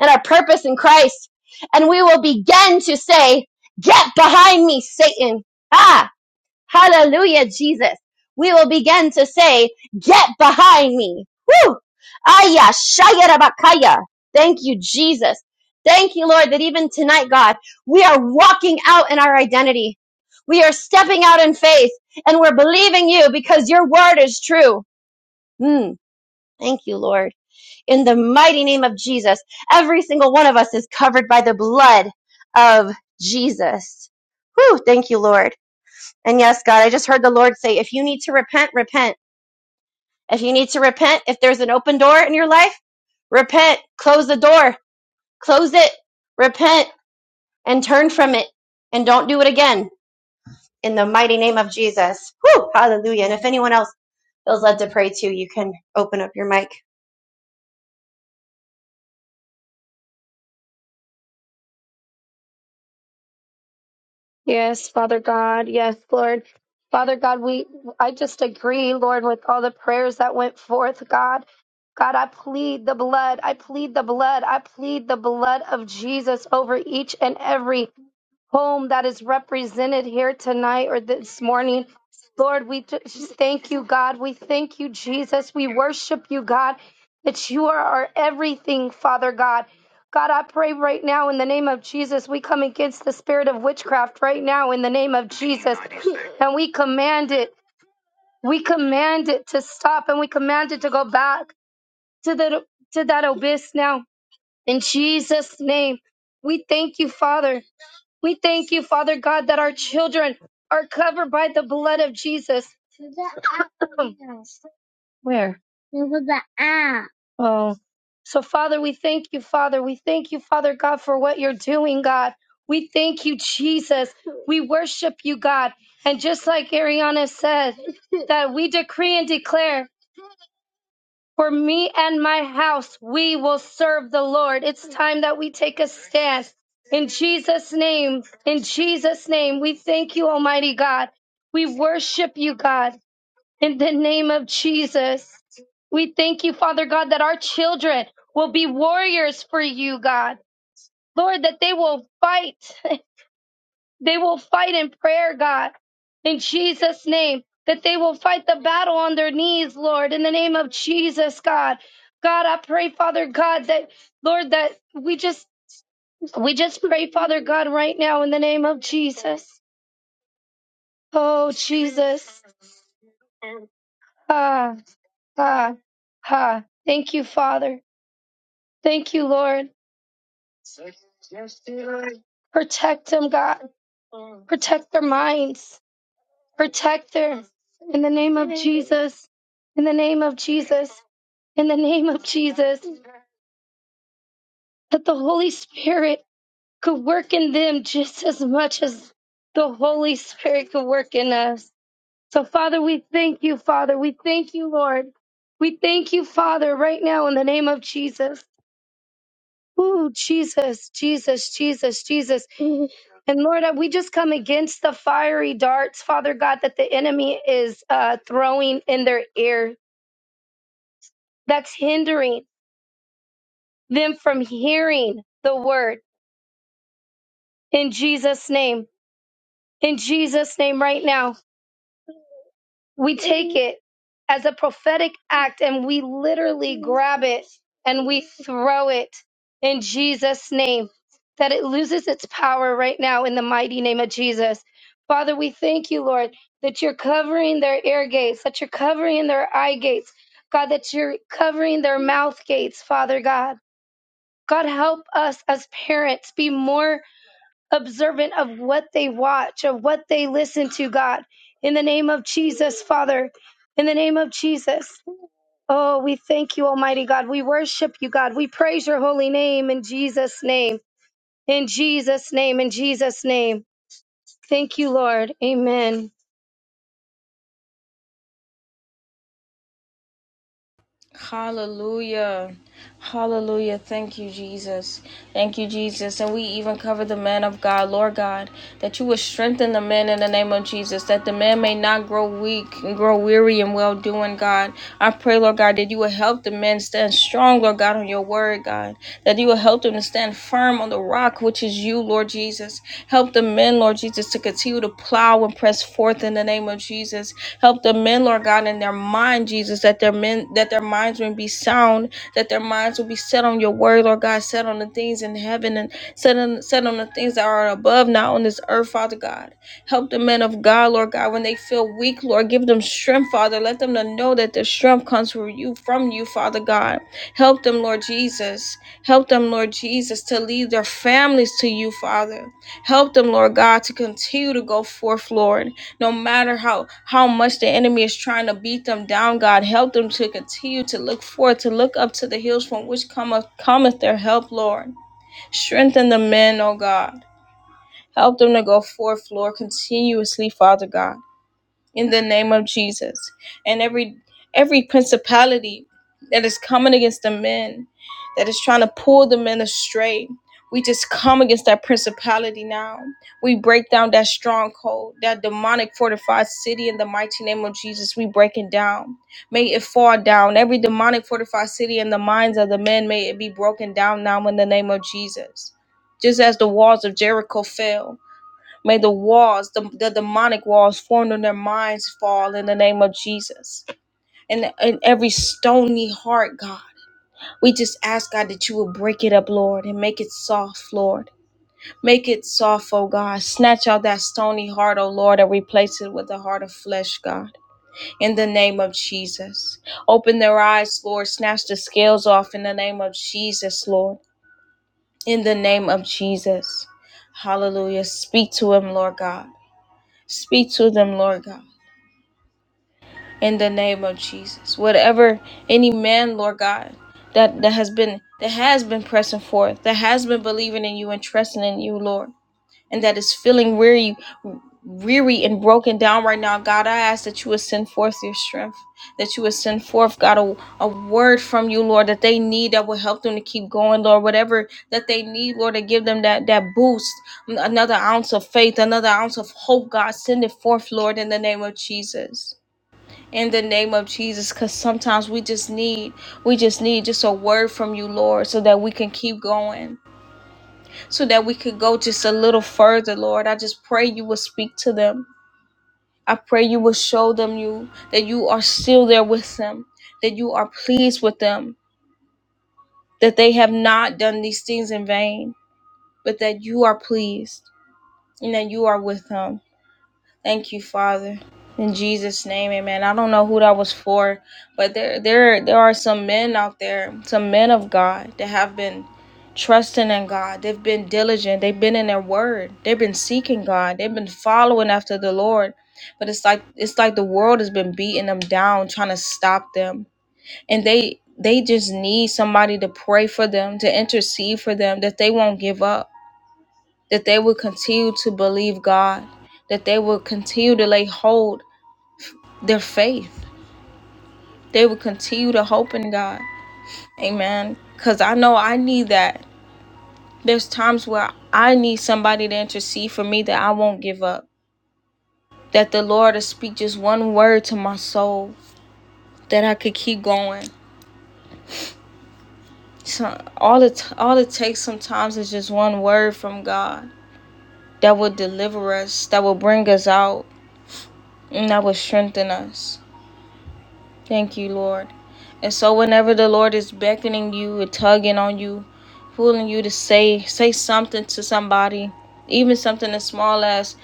Speaker 2: and our purpose in Christ. And we will begin to say, get behind me, Satan. Ah, hallelujah, Jesus. We will begin to say, get behind me. Woo! Aya, shaya, rabakaya. Thank you, Jesus. Thank you, Lord, that even tonight, God, we are walking out in our identity. We are stepping out in faith and we're believing you because your word is true. Mm, thank you, Lord in the mighty name of Jesus. Every single one of us is covered by the blood of Jesus. Whew, thank you, Lord. And yes, God, I just heard the Lord say, if you need to repent, repent. If you need to repent, if there's an open door in your life, repent. Close the door. Close it. Repent and turn from it. And don't do it again in the mighty name of Jesus. Whew, hallelujah. And if anyone else feels led to pray too, you can open up your mic.
Speaker 4: Yes, Father God. Yes, Lord. Father God, we I just agree, Lord, with all the prayers that went forth, God. God, I plead the blood. I plead the blood. I plead the blood of Jesus over each and every home that is represented here tonight or this morning. Lord, we just thank you, God. We thank you, Jesus. We worship you, God, that you are our everything, Father God. God, I pray right now in the name of Jesus, we come against the spirit of witchcraft right now in the name of Jesus. And we command it, we command it to stop and we command it to go back to the to that abyss now. In Jesus' name, we thank you, Father. We thank you, Father God, that our children are covered by the blood of Jesus. Where? Oh. So, Father, we thank you, Father. We thank you, Father God, for what you're doing, God. We thank you, Jesus. We worship you, God. And just like Ariana said, that we decree and declare For me and my house, we will serve the Lord. It's time that we take a stand. In Jesus' name, in Jesus' name, we thank you, Almighty God. We worship you, God, in the name of Jesus. We thank you, Father God, that our children will be warriors for you, God. Lord, that they will fight. They will fight in prayer, God, in Jesus' name, that they will fight the battle on their knees, Lord, in the name of Jesus, God. God, I pray, Father God, that, Lord, that we just, we just pray, Father God, right now in the name of Jesus. Oh, Jesus. Ah, ah, ah. Thank you, Father. Thank you, Lord. Protect them, God. Protect their minds. Protect them in the name of Jesus. In the name of Jesus. in the name of Jesus, that the Holy Spirit could work in them just as much as the Holy Spirit could work in us. So, Father, we thank you, Father. We thank you, Lord. We thank you, Father, right now in the name of Jesus. Ooh, Jesus, Jesus, Jesus, Jesus. And Lord, we just come against the fiery darts, Father God, that the enemy is uh, throwing in their ear. That's hindering them from hearing the word in Jesus' name. in Jesus' name right now. We take it as a prophetic act and we literally grab it and we throw it in Jesus' name, that it loses its power right now in the mighty name of Jesus. Father, we thank you, Lord, that you're covering their ear gates, that you're covering their eye gates, God, that you're covering their mouth gates, Father God. God, help us as parents be more observant of what they watch, of what they listen to, God. In the name of Jesus, Father. In the name of Jesus. Oh, we thank you, Almighty God. We worship you, God. We praise your holy name in Jesus' name. In Jesus' name. In Jesus' name. Thank you, Lord. Amen.
Speaker 1: Hallelujah. Hallelujah. Thank you, Jesus. Thank you, Jesus. And we even cover the man of God, Lord God, that you would strengthen the man in the name of Jesus, that the man may not grow weak and grow weary in well doing, God. I pray, Lord God, that you would help the man stand strong, Lord God, on your word, God, that you would help them to stand firm on the rock, which is you, Lord Jesus. Help the men, Lord Jesus, to continue to plow and press forth in the name of Jesus. Help the men, Lord God, in their mind, Jesus, that their men that their minds will be sound, that their minds will be set on your word, Lord God, set on the things in heaven and set on set on the things that are above, not on this earth, Father God. Help the men of God, Lord God, when they feel weak, Lord, give them strength, Father. Let them to know that their strength comes from you, from you, Father God. Help them, Lord Jesus. Help them, Lord Jesus, to lead their families to you, Father. Help them, Lord God, to continue to go forth, Lord no matter how how much the enemy is trying to beat them down god help them to continue to look forward to look up to the hills from which cometh cometh their help lord strengthen the men oh god help them to go forth lord continuously father god in the name of Jesus. And every every principality that is coming against the men, that is trying to pull the men astray, we just come against that principality now. We break down that stronghold, that demonic fortified city in the mighty name of Jesus. We break it down. May it fall down. Every demonic fortified city in the minds of the men, may it be broken down now in the name of Jesus. Just as the walls of Jericho fell, May the walls, the, the demonic walls formed in their minds fall in the name of Jesus. And, and every stony heart, God, we just ask, God, that you would break it up, Lord, and make it soft, Lord. Make it soft, oh God. Snatch out that stony heart, oh Lord, and replace it with the heart of flesh, God, in the name of Jesus. Open their eyes, Lord. Snatch the scales off in the name of Jesus, Lord. In the name of Jesus. Hallelujah. Speak to him, Lord God. Speak to them, Lord God, in the name of Jesus. Whatever any man, Lord God, that, that has been that has been pressing forth, that has been believing in you and trusting in you, Lord and that is feeling weary weary and broken down right now god i ask that you would send forth your strength that you would send forth god a, a word from you lord that they need that will help them to keep going lord whatever that they need lord to give them that that boost another ounce of faith another ounce of hope god send it forth lord in the name of jesus in the name of jesus because sometimes we just need we just need just a word from you lord so that we can keep going so that we could go just a little further, Lord. I just pray you will speak to them. I pray you will show them you that you are still there with them, that you are pleased with them, that they have not done these things in vain, but that you are pleased and that you are with them. Thank you, Father. In Jesus' name, amen. I don't know who that was for, but there there there are some men out there, some men of God that have been trusting in God. They've been diligent. They've been in their word. They've been seeking God. They've been following after the Lord. But it's like it's like the world has been beating them down, trying to stop them. And they they just need somebody to pray for them, to intercede for them, that they won't give up that they would continue to believe God, that they would continue to lay hold their faith. They would continue to hope in God. Amen. Cause I know I need that. There's times where I need somebody to intercede for me that I won't give up. That the Lord will speak just one word to my soul that I could keep going. So all it all it takes sometimes is just one word from God that will deliver us, that will bring us out, and that will strengthen us. Thank you, Lord. And so whenever the Lord is beckoning you and tugging on you, pulling you to say say something to somebody, even something as small as,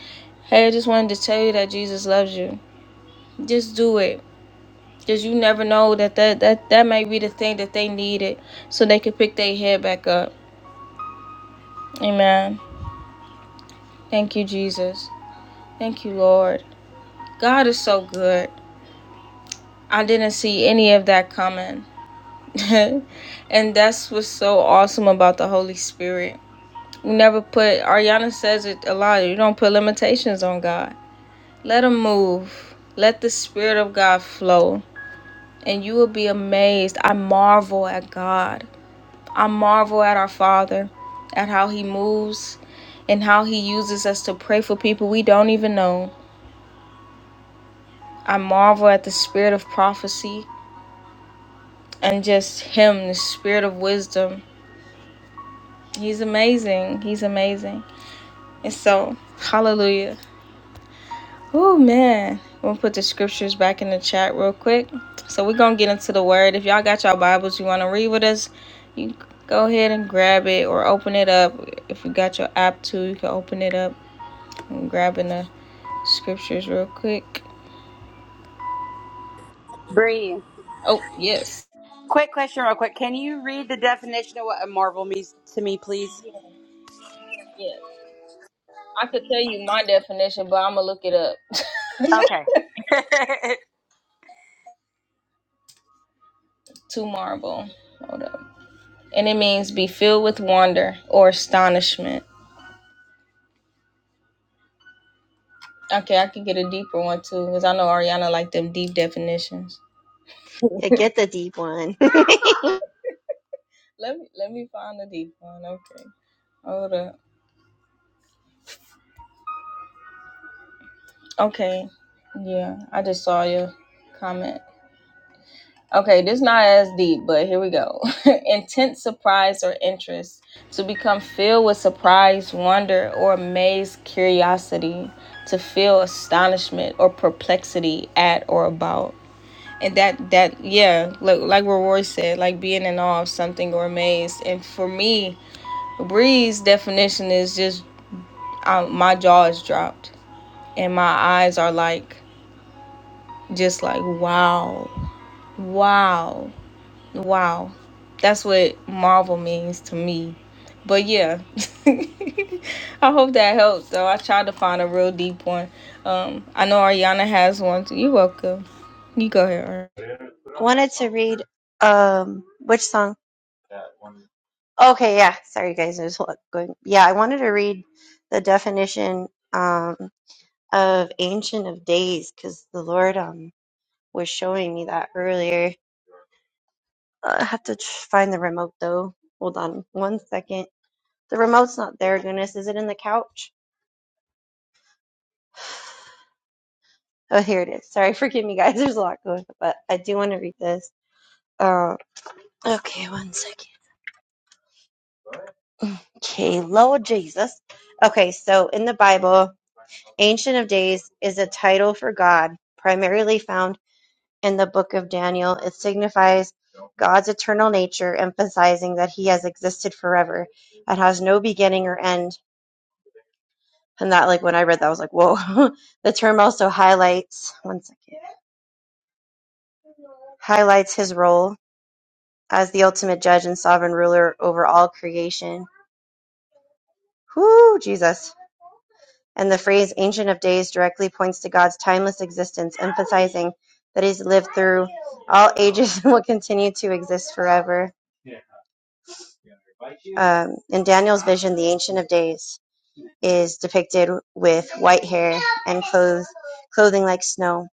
Speaker 1: Hey, I just wanted to tell you that Jesus loves you. Just do it. Because you never know that that, that that may be the thing that they needed so they could pick their head back up. Amen. Thank you, Jesus. Thank you, Lord. God is so good. I didn't see any of that coming. and that's what's so awesome about the Holy Spirit You never put, Ariana says it a lot. You don't put limitations on God. Let Him move. Let the Spirit of God flow. And you will be amazed. I marvel at God. I marvel at our Father, at how He moves and how He uses us to pray for people we don't even know. I marvel at the Spirit of prophecy and just Him, the Spirit of wisdom. He's amazing. He's amazing. And so, hallelujah. Oh man, we'll put the scriptures back in the chat real quick. So we're gonna get into the word. If y'all got y'all Bibles you wanna read with us, you go ahead and grab it or open it up. If you got your app too, you can open it up and grabbing the scriptures real quick.
Speaker 5: Bree,
Speaker 1: Oh yes.
Speaker 5: quick question, real quick. Can you read the definition of what a marvel means to me, please?
Speaker 1: Yeah, yeah. I could tell you my definition, but I'm gonna look it up.
Speaker 5: Okay.
Speaker 1: to marvel. Hold up. And it means be filled with wonder or astonishment. Okay, I could get a deeper one too, because I know Ariana like them deep definitions.
Speaker 2: Yeah, get the deep one.
Speaker 1: Let me let me find the deep one. Okay. Hold up. Okay. Yeah, I just saw your comment. Okay, this not as deep, but here we go. Intense surprise or interest to become filled with surprise, wonder, or amazed curiosity, to feel astonishment or perplexity at or about. And that that yeah, like like what Roy said, like being in awe of something or amazed. And for me, Bree's definition is just um, my jaw is dropped and my eyes are like just like wow wow wow that's what marvel means to me but yeah i hope that helps though i tried to find a real deep one um i know ariana has one too you're welcome you go ahead
Speaker 2: wanted to read um which song? Okay, yeah. Sorry guys, there's a lot going. Yeah, I wanted to read the definition um of Ancient of Days because the Lord um was showing me that earlier. Uh, I have to tr- find the remote though. Hold on one second. The remote's not there. Goodness, is it in the couch? Oh, here it is. Sorry, forgive me, guys. There's a lot going, on, but I do want to read this. Uh, okay, one second. Okay, Lord Jesus. Okay, so in the Bible. "Ancient of Days" is a title for God, primarily found in the Book of Daniel. It signifies God's eternal nature, emphasizing that He has existed forever and has no beginning or end. And that, like when I read that, I was like, "Whoa!" the term also highlights one second highlights His role as the ultimate judge and sovereign ruler over all creation. Whoo, Jesus! and the phrase "Ancient of Days" directly points to God's timeless existence, emphasizing that He's lived through all ages and will continue to exist forever. Um, in Daniel's vision, the Ancient of Days is depicted with white hair and clothes, clothing like snow,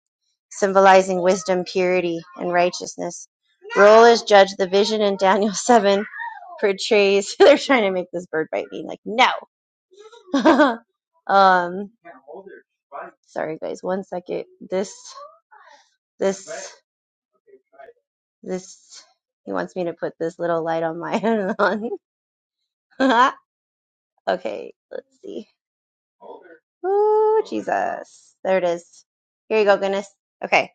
Speaker 2: symbolizing wisdom, purity, and righteousness. Roll is judge. The vision in Daniel 7 portrays. They're trying to make this bird bite me. Like, no! um, sorry, guys. One second. This this Right. this he wants me to put this little light on my on okay let's see Ooh, Jesus. There it is. Here you go, goodness. Okay.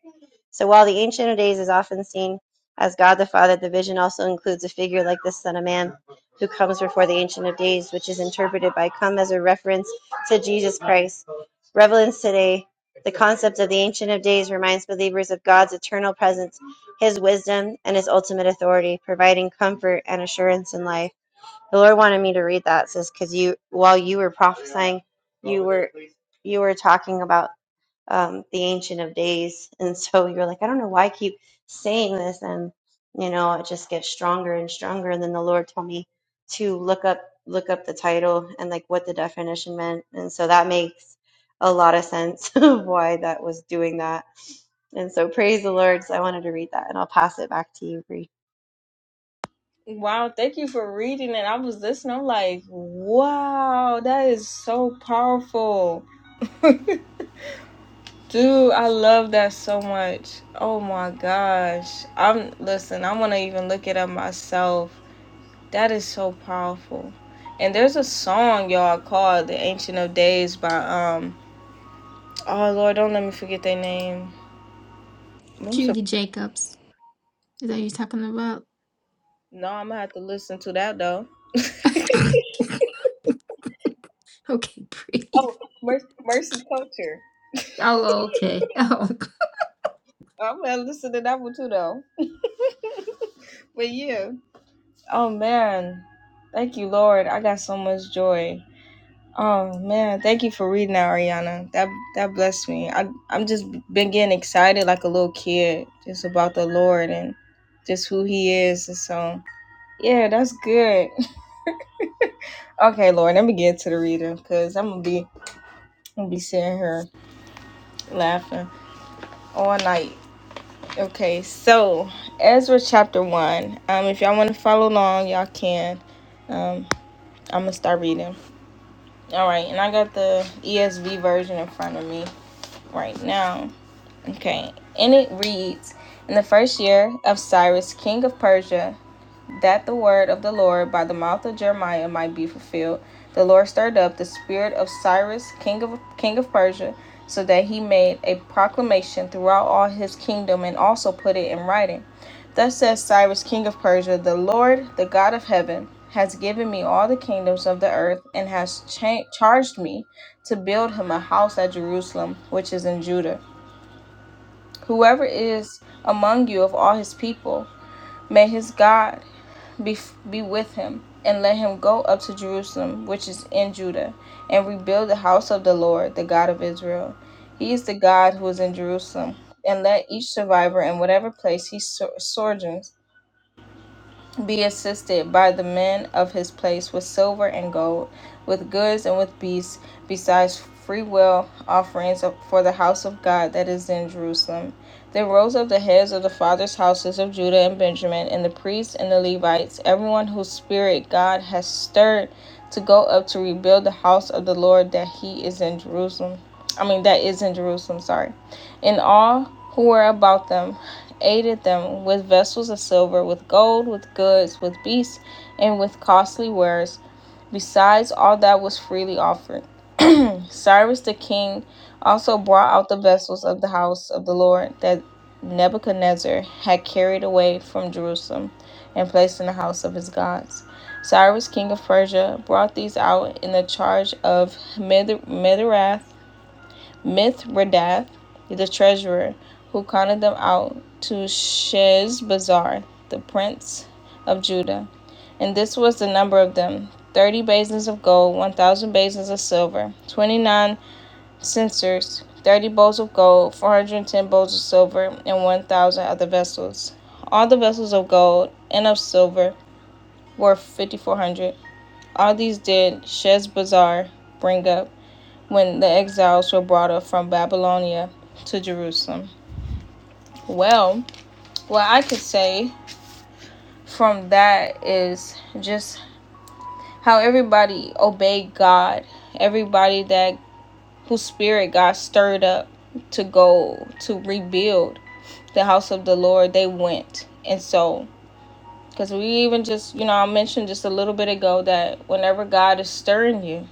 Speaker 2: So while the Ancient of Days is often seen as God the Father, the vision also includes a figure like the Son of Man who comes before the Ancient of Days, which is interpreted by come as a reference to Jesus Christ. Relevance today, the concept of the Ancient of Days reminds believers of God's eternal presence, his wisdom, and his ultimate authority, providing comfort and assurance in life. The Lord wanted me to read that. It says, "Because you, while you were prophesying, you were you were talking about um, the Ancient of Days, and so you're like, I don't know why I keep saying this, and you know, it just gets stronger and stronger. And then the Lord told me to look up look up the title and like what the definition meant, and so that makes a lot of sense of why that was doing that. And so praise the Lord. So I wanted to read that, and I'll pass it back to you, Bree.
Speaker 1: Ari. wow thank you for reading it i was listening i'm like wow that is so powerful Dude, I love that so much. Oh my gosh. I'm listen, I want to even look it up myself. That is so powerful. And there's a song y'all called The Ancient of Days by um oh Lord, don't let me forget their name. What's the-
Speaker 3: Jacobs. Is that you talking about?
Speaker 1: No, I'm going to have to listen to that though.
Speaker 3: Okay, Pretty.
Speaker 1: oh, Mercy, Mercy Culture.
Speaker 3: Oh, okay. Oh,
Speaker 1: I'm going to listen to that one too though. but yeah. Oh man. Thank you, Lord. I got so much joy. Oh man, thank you for reading that, Ariana. That that blessed me. I I'm just been getting excited like a little kid, just about the Lord and just who He is. And so yeah, that's good. Okay, Lord, let me get to the reader because I'm gonna be I'm gonna be sitting here laughing all night. Okay, so Ezra chapter one. Um, if y'all want to follow along, y'all can. Um, I'm gonna start reading. All right, and I got the ESV version in front of me right now. Okay, and it reads In the first year of Cyrus, king of Persia, that the word of the Lord by the mouth of Jeremiah might be fulfilled, the Lord stirred up the spirit of Cyrus, king of, king of Persia, so that he made a proclamation throughout all his kingdom and also put it in writing. Thus says Cyrus, king of Persia, the Lord, the God of heaven, has given me all the kingdoms of the earth and has cha- charged me to build him a house at Jerusalem, which is in Judah Whoever is among you of all his people, may his God be, be with him, and let him go up to Jerusalem, which is in Judah, and rebuild the house of the Lord, the God of Israel. He is the God who is in Jerusalem. And let each survivor in whatever place he so- sojourns be assisted by the men of his place with silver and gold, with goods and with beasts, besides freewill offerings for the house of God that is in Jerusalem. Then rose up the heads of the fathers' houses of Judah and Benjamin, and the priests and the Levites, everyone whose spirit God has stirred to go up to rebuild the house of the Lord that he is in Jerusalem. I mean, that is in Jerusalem, sorry. And all who were about them aided them with vessels of silver, with gold, with goods, with beasts, and with costly wares, besides all that was freely offered. Cyrus the king also brought out the vessels of the house of the Lord that Nebuchadnezzar had carried away from Jerusalem and placed in the house of his gods. Cyrus, king of Persia, brought these out in the charge of Mithrath Mithridath, the treasurer, who counted them out to Sheshbazzar, the prince of Judah. And this was the number of them thirty basins of gold, one thousand basins of silver, twenty nine censers, thirty bowls of gold, four hundred and ten bowls of silver, and one thousand other vessels. All the vessels of gold and of silver were fifty four hundred. All these did Sheshbazzar bring up when the exiles were brought up from Babylonia to Jerusalem. Well, what I could say from that is just how everybody obeyed God, everybody that whose spirit God stirred up to go to rebuild the house of the Lord, they went. And so, because we even just, you know, I mentioned just a little bit ago that whenever God is stirring you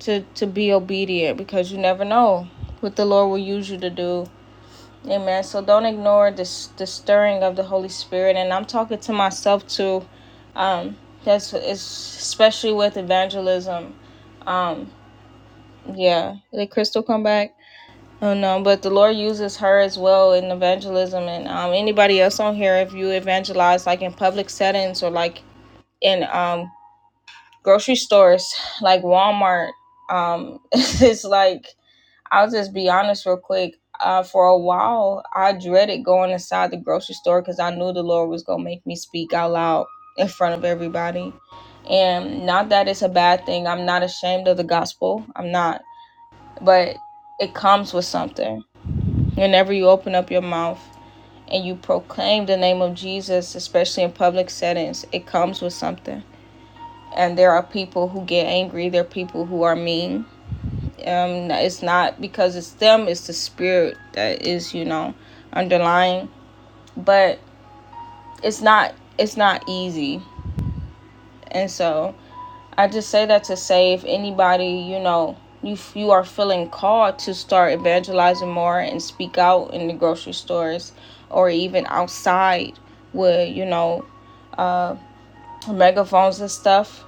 Speaker 1: to, to be obedient, because you never know what the Lord will use you to do Amen. So don't ignore this the stirring of the Holy Spirit, and I'm talking to myself too. Um, that's it's especially with evangelism. Um, yeah. Did Crystal come back? Oh no, but the Lord uses her as well in evangelism, and um, anybody else on here, if you evangelize like in public settings or like in um grocery stores, like Walmart, um, it's like I'll just be honest real quick. Uh, for a while, I dreaded going inside the grocery store because I knew the Lord was going to make me speak out loud in front of everybody. And not that it's a bad thing. I'm not ashamed of the gospel. I'm not. But it comes with something. Whenever you open up your mouth and you proclaim the name of Jesus, especially in public settings, it comes with something. And there are people who get angry. There are people who are mean um it's not because it's them it's the spirit that is you know underlying but it's not it's not easy and so i just say that to say if anybody you know you, you are feeling called to start evangelizing more and speak out in the grocery stores or even outside with you know uh megaphones and stuff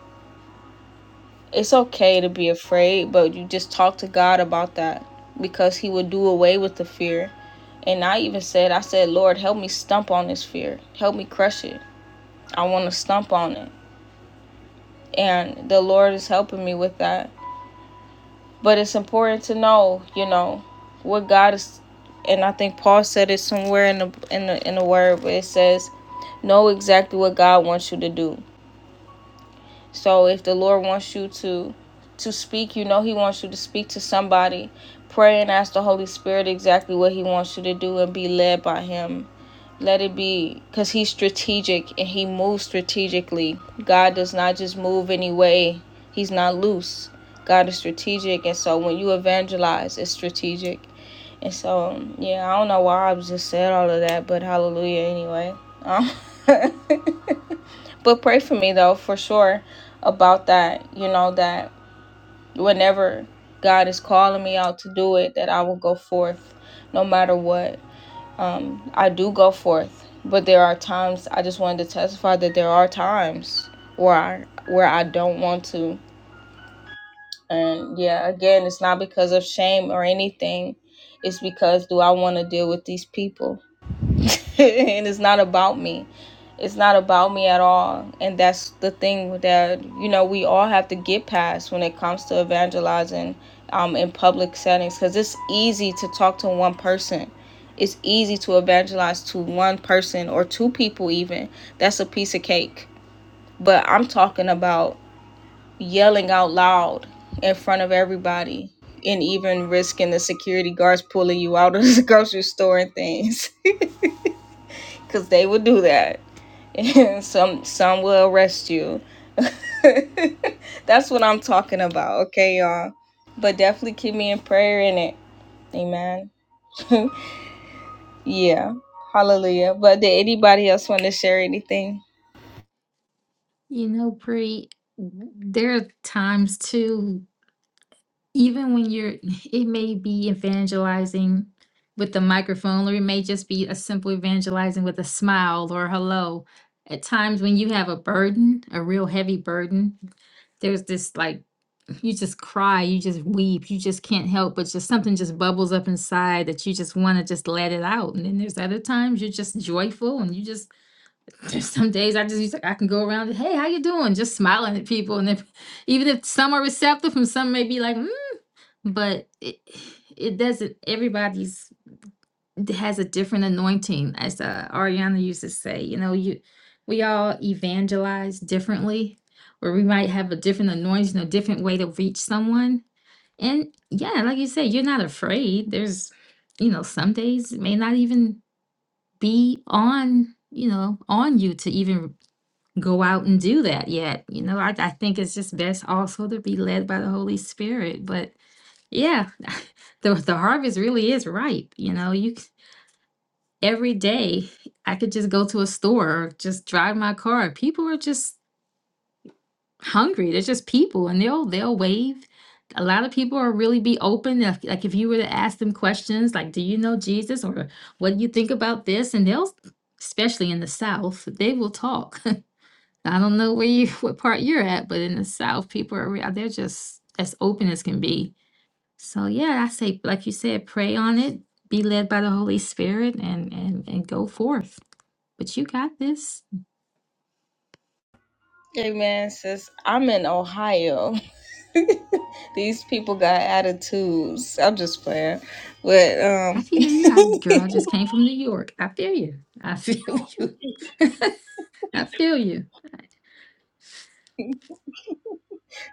Speaker 1: It's okay to be afraid, but you just talk to God about that because He will do away with the fear. And I even said, I said, Lord, help me stump on this fear. Help me crush it. I want to stump on it. And the Lord is helping me with that. But it's important to know, you know, what God is and I think Paul said it somewhere in the in the in the word, but it says know exactly what God wants you to do. So if the Lord wants you to to speak, you know he wants you to speak to somebody. Pray and ask the Holy Spirit exactly what he wants you to do and be led by him. Let it be because he's strategic and he moves strategically. God does not just move any way, he's not loose. God is strategic. And so when you evangelize, it's strategic. And so, um, yeah, I don't know why I just said all of that, but hallelujah anyway. Um, but pray for me though, for sure, about that. You know, that whenever God is calling me out to do it, that I will go forth no matter what. Um, I do go forth, but there are times I just wanted to testify that there are times where I, where I don't want to. And yeah, again, it's not because of shame or anything. It's because do I want to deal with these people? and it's not about me. It's not about me at all. And that's the thing that, you know, we all have to get past when it comes to evangelizing um, in public settings because it's easy to talk to one person. It's easy to evangelize to one person or two people, even. That's a piece of cake. But I'm talking about yelling out loud in front of everybody and even risking the security guards pulling you out of the grocery store and things because they would do that some some will arrest you. That's what I'm talking about, okay, y'all. But definitely keep me in prayer in it. Amen. Yeah. Hallelujah. But did anybody else want to share anything?
Speaker 3: you know, Pretty, there are times too, even when you're, it may be evangelizing with the microphone, or it may just be a simple evangelizing with a smile or hello. At times when you have a burden, a real heavy burden, there's this like you just cry, you just weep, you just can't help but just something just bubbles up inside that you just want to just let it out. And then there's other times you're just joyful and you just there's some days I just used I can go around, and, hey, how you doing? Just smiling at people. And if, even if some are receptive and some may be like, mm, but it it doesn't everybody's has a different anointing, as uh, Ariana used to say. You know, you we all evangelize differently or we might have a different anointing, a different way to reach someone and yeah, like you said, you're not afraid. There's, you know, some days it may not even be on, you know, on you to even go out and do that yet. You know, I, I think it's just best also to be led by the Holy Spirit. But yeah, the the harvest really is ripe. You know, you c- every day I could just go to a store or just drive my car. People are just hungry. They're just people, and they'll they'll wave. A lot of people are really be open. If, like if you were to ask them questions, like "Do you know Jesus?" or "What do you think about this?" and they'll, especially in the South, they will talk. I don't know where you what part you're at, but in the South, people are re- they're just as open as can be. So yeah, I say like you said, pray on it, be led by the Holy Spirit, and and and go forth. But you got this.
Speaker 1: Amen, sis. I'm in Ohio. These people got attitudes. I'm just playing. But
Speaker 3: I
Speaker 1: um
Speaker 3: feel you. I girl, I just came from New York. I feel you. I feel you. I feel you.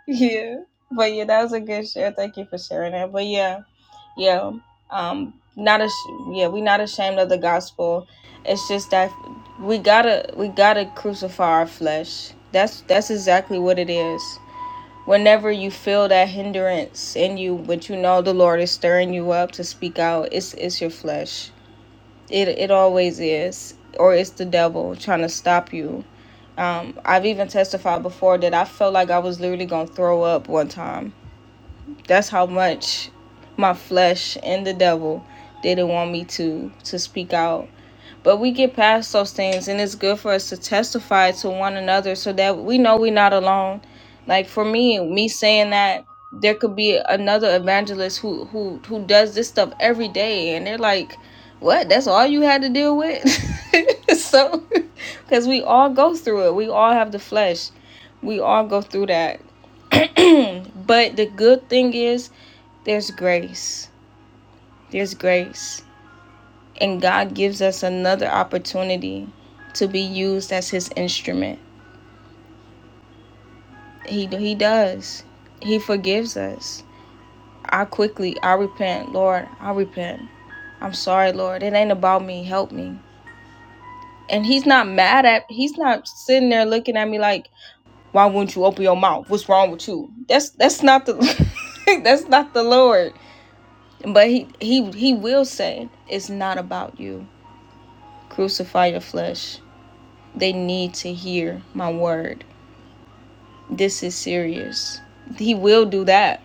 Speaker 1: yeah. But yeah, that was a good share. Thank you for sharing that. But yeah. yeah um not as yeah we not ashamed of the gospel it's just that we gotta we gotta crucify our flesh that's that's exactly what it is whenever you feel that hindrance in you but you know the lord is stirring you up to speak out it's it's your flesh it it always is or it's the devil trying to stop you um i've even testified before that i felt like i was literally gonna throw up one time that's how much my flesh and the devil didn't want me to to speak out but we get past those things, and it's good for us to testify to one another so that we know we're not alone. Like for me, me saying that there could be another evangelist who who who does this stuff every day, and they're like, "What? That's all you had to deal with?" so, because we all go through it, we all have the flesh, we all go through that. but the good thing is, there's grace. There's grace and God gives us another opportunity to be used as his instrument. He he does. He forgives us. I quickly, I repent, Lord. I repent. I'm sorry, Lord. It ain't about me. Help me. And he's not mad at he's not sitting there looking at me like, "Why won't you open your mouth? What's wrong with you?" That's that's not the that's not the Lord. But he he he will say, "It's not about you. Crucify your flesh." They need to hear my word This is serious. He will do that.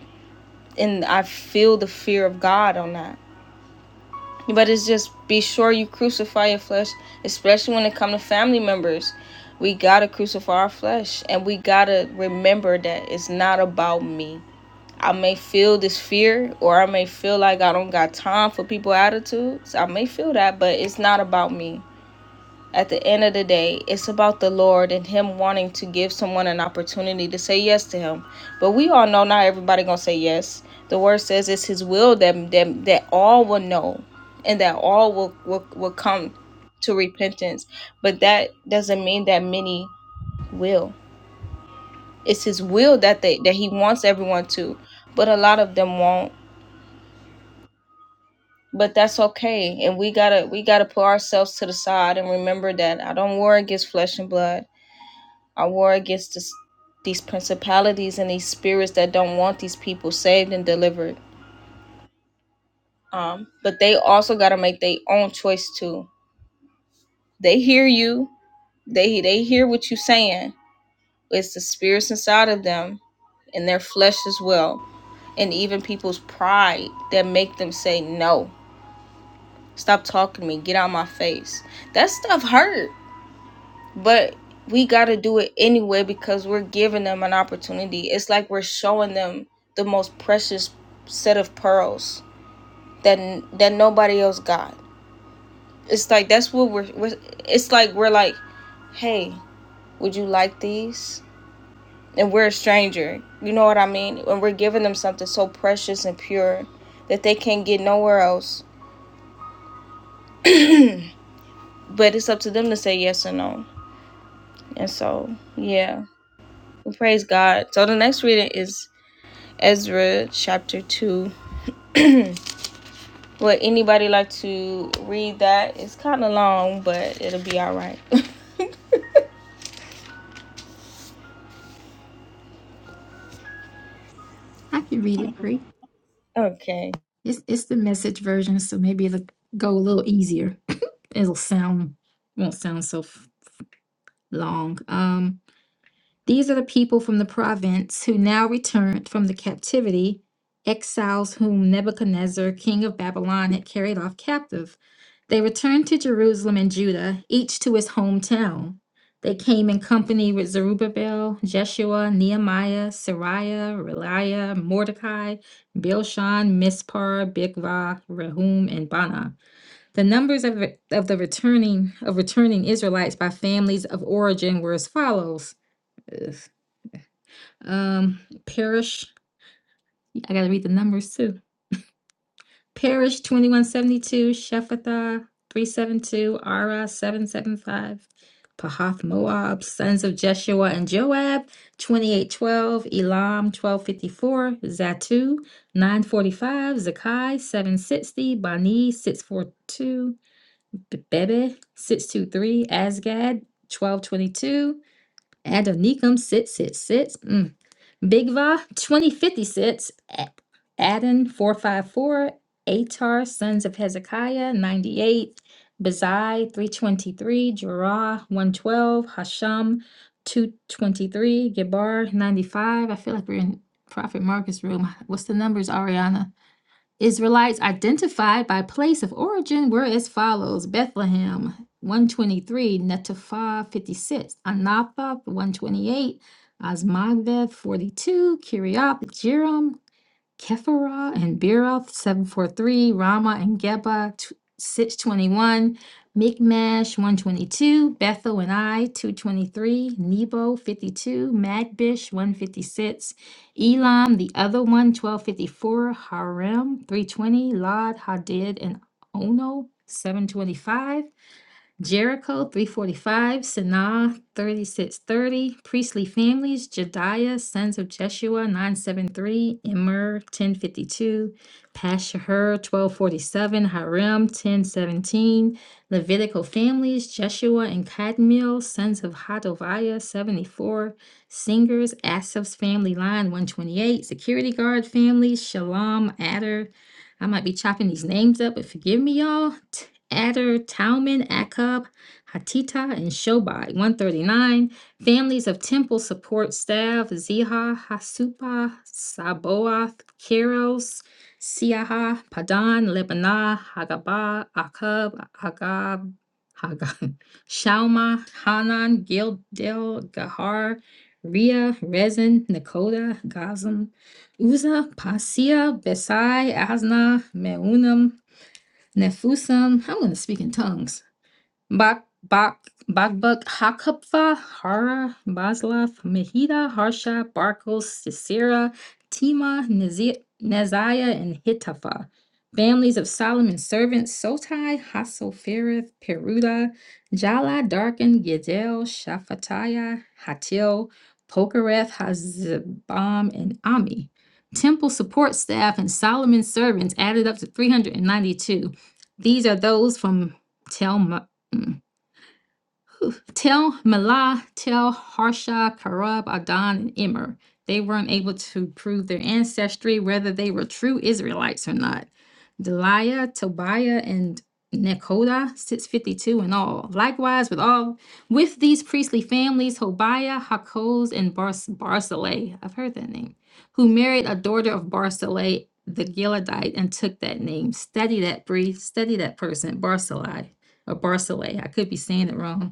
Speaker 1: And I feel the fear of God on that. But it's just be sure you crucify your flesh, especially when it comes to family members. We gotta crucify our flesh and we gotta remember that it's not about me. I may feel this fear or I may feel like I don't got time for people attitudes. I may feel that, but it's not about me. At the end of the day, it's about the Lord and Him wanting to give someone an opportunity to say yes to Him. But we all know not everybody gonna say yes. The word says it's His will that that, that all will know, and that all will, will will come to repentance. But that doesn't mean that many will. It's His will that they that He wants everyone to, but a lot of them won't. But that's okay, and we gotta we gotta put ourselves to the side and remember that I don't war against flesh and blood. Our war against this, these principalities and these spirits that don't want these people saved and delivered. Um, but they also got to make their own choice too. They hear you. They they hear what you're saying. It's the spirits inside of them, and their flesh as well, and even people's pride that make them say no. Stop talking to me. Get out of my face. That stuff hurt but we got to do it anyway because we're giving them an opportunity it's like we're showing them the most precious set of pearls that that nobody else got it's like that's what we're, we're it's like we're like hey would you like these and we're a stranger you know what i mean and we're giving them something so precious and pure that they can't get nowhere else but it's up to them to say yes or no and so yeah Well, praise god so the next reading is Ezra chapter 2. Would anybody like to read that? It's kind of long, but it'll be all right.
Speaker 3: I can read it, Bree.
Speaker 1: Okay.
Speaker 3: It's it's the message version, so maybe it'll go a little easier. It'll sound won't sound so f- long. Um These are the people from the province who now returned from the captivity, exiles whom Nebuchadnezzar, king of Babylon, had carried off captive. They returned to Jerusalem and Judah, each to his hometown. They came in company with Zerubbabel, Jeshua, Nehemiah, Sariah, Reliah, Mordecai, Bilshan, Mispar, Bigvah, Rehum, and Bana. The numbers of, of the returning of returning Israelites by families of origin were as follows. Ugh. Um, Parish, I gotta read the numbers too. Parish twenty-one seventy-two, Shephatha three seven two, Ara seven seven five, Pahath Moab, sons of Jeshua and Joab twenty-eight twelve, Elam twelve fifty-four, Zatu nine forty-five, Zakai seven sixty, Bani six four two, Bebe six two three, Asgad twelve twenty-two. Adonicum sit sit sits. Mm. Bigva 2056. A- Adon 454. Atar Sons of Hezekiah 98. Bazai 323. Jerah 112. Hashem 223. Gebar 95. I feel like we're in Prophet Marcus room. What's the numbers, Ariana? Israelites identified by place of origin were as follows Bethlehem 123, Netopha 56, Anathoth 128, Asmaveth 42, Kiriath Jearim Kephara and Beeroth, 743, Rama and Geba, tw- 621, Mikmash, 122, Bethel and I, 223, Nebo, 52, Magbish, 156, Elam, the other one 1254 Harem, 320, Lod, Hadid, and Ono, 725, Jericho, 345, Sanaa, 3630, priestly families, Jediah, sons of Jeshua, 973, Immer, 1052, Pashur, 1247, Harim, 1017, Levitical families, Jeshua and Kadmiel, sons of Hodaviah, 74, singers, Asaph's family line, 128, security guard families, Shalom, Adder, I might be chopping these names up, but forgive me, y'all. Adder, Talman, Akub, Hatita, and Shobai. 139. Families of Temple Support Staff Ziha, Hasupa, Saboath, Keros, Siaha, Padan, Lebanah, Hagabah, Akub, Agab, Hagab, Shalma, Hanan, Gildel, Gahar, Ria, Rezin, Nakoda, Gazam, Uza, Pasia, Besai, Asna, Meunam, Nefusam, I'm going to speak in tongues. Bak Bak Bakbuk Hakupfa, Hara, Baslaf, Mehida, Harsha, Barkos, Sisera, Tima, Nezi- Neziah, and Hittapha. Families of Solomon's servants Sotai, Hasophereth, Peruda, Jala, Darkin, Gedel, Shaphatiah, Hatil, Pokereth, Hazabam, and Ami. Temple support staff and Solomon's servants added up to 392. These are those from Tel. Mm. Tel Malah, Tel Harsha, Karab, Adon, and Immer. They weren't able to prove their ancestry, whether they were true Israelites or not. Deliah, Tobiah, and Nekoda, 652 in all. Likewise, with all with these priestly families, Hobiah, Hakoz, and Bars- Barzillai. I've heard that name. Who married a daughter of Barzillai, the Gileadite, and took that name. Study that, Bree. Study that person, Barzillai or Barzillai. I could be saying it wrong.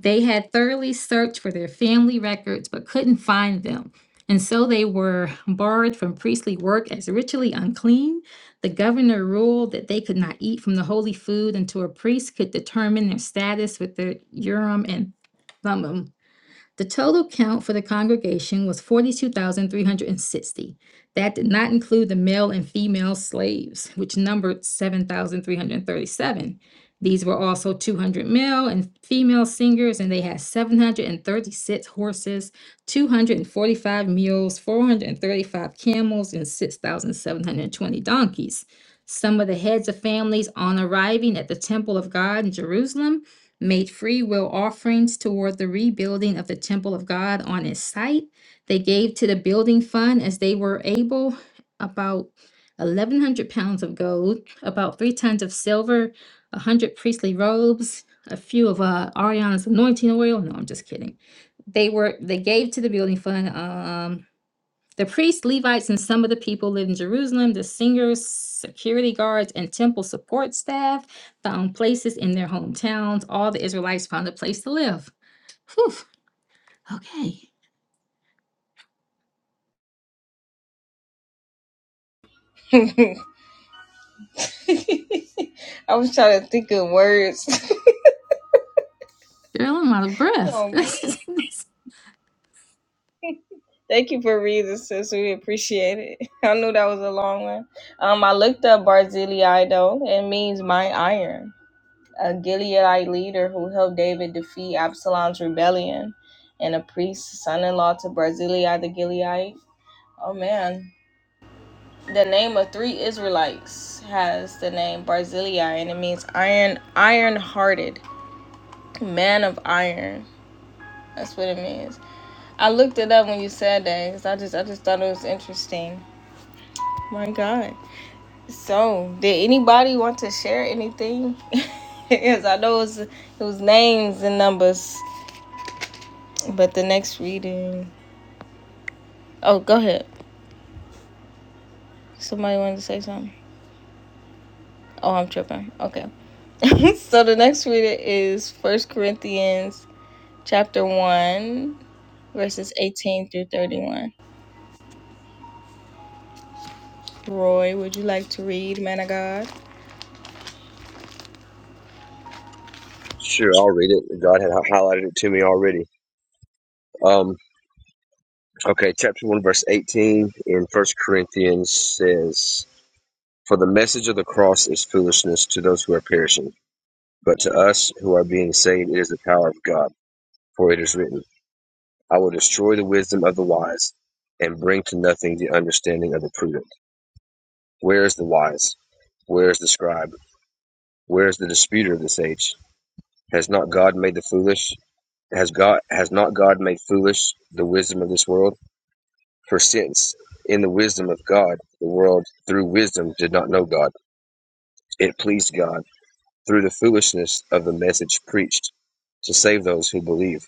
Speaker 3: They had thoroughly searched for their family records but couldn't find them. And so they were barred from priestly work as ritually unclean. The governor ruled that they could not eat from the holy food until a priest could determine their status with the Urim and Thummim. The total count for the congregation was forty-two thousand three hundred and sixty. That did not include the male and female slaves, which numbered seven thousand three hundred and thirty-seven. These were also two hundred male and female singers, and they had seven hundred and thirty-six horses, two hundred and forty-five mules, four hundred and thirty-five camels, and six thousand seven hundred and twenty donkeys. Some of the heads of families on arriving at the temple of God in Jerusalem made free will offerings toward the rebuilding of the temple of God on its site. They gave to the building fund as they were able about 1,100 pounds of gold, about three tons of silver, 100 priestly robes, a few of uh, Ariana's anointing oil. No, I'm just kidding. They were they gave to the building fund. Um, the priests, Levites, and some of the people lived in Jerusalem. The singers, security guards, and temple support staff found places in their hometowns. All the Israelites found a place to live. Whew. Okay.
Speaker 1: I was trying to think of words.
Speaker 3: Girl, I'm out of breath.
Speaker 1: um,
Speaker 3: This is- this-
Speaker 1: thank you for reading, sis. We appreciate it. I knew that was a long one. Um, I looked up Barzillai though. It means my iron, a Gileadite leader who helped David defeat Absalom's rebellion, and a priest, son-in-law to Barzillai the Gileadite. Oh man, the name of three Israelites has the name Barzillai, and it means iron, iron-hearted, man of iron. That's what it means. I looked it up when you said that because I just, I just thought it was interesting. My God. So, did anybody want to share anything? Because I know it was, it was names and numbers, but the next reading. Oh, go ahead. Somebody wanted to say something. Oh, I'm tripping. Okay. so the next reading is First Corinthians chapter 1, verses 18 through 31. Roy, would you like to read, man of God?
Speaker 6: Sure, I'll read it. God had highlighted it to me already. Um, okay, chapter 1, verse 18 in First Corinthians says, For the message of the cross is foolishness to those who are perishing, but to us who are being saved, it is the power of God. For it is written, I will destroy the wisdom of the wise and bring to nothing the understanding of the prudent. Where is the wise? Where is the scribe? Where is the disputer of this age? Has not God made the foolish? Has God has not God made foolish the wisdom of this world? For since in the wisdom of God, the world through wisdom did not know God, it pleased God through the foolishness of the message preached to save those who believe.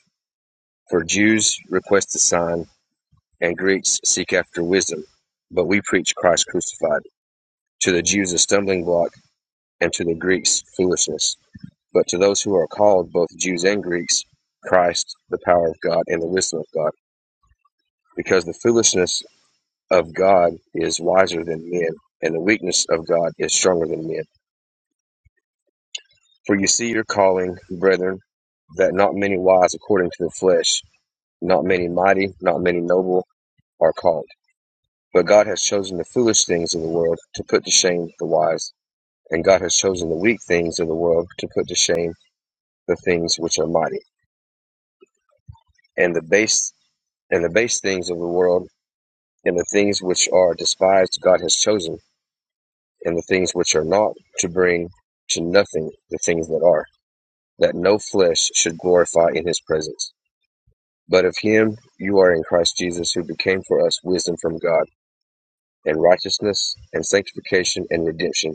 Speaker 6: For Jews request a sign, and Greeks seek after wisdom. But we preach Christ crucified, to the Jews a stumbling block, and to the Greeks foolishness. But to those who are called, both Jews and Greeks, Christ, the power of God and the wisdom of God. Because the foolishness of God is wiser than men, and the weakness of God is stronger than men. For you see your calling, brethren, that not many wise according to the flesh, not many mighty, not many noble are called. But God has chosen the foolish things of the world to put to shame the wise, and God has chosen the weak things of the world to put to shame the things which are mighty, and the base and the base things of the world, and the things which are despised God has chosen and the things which are not, to bring to nothing the things that are, that no flesh should glorify in his presence. But of him you are in Christ Jesus, who became for us wisdom from God, and righteousness, and sanctification, and redemption,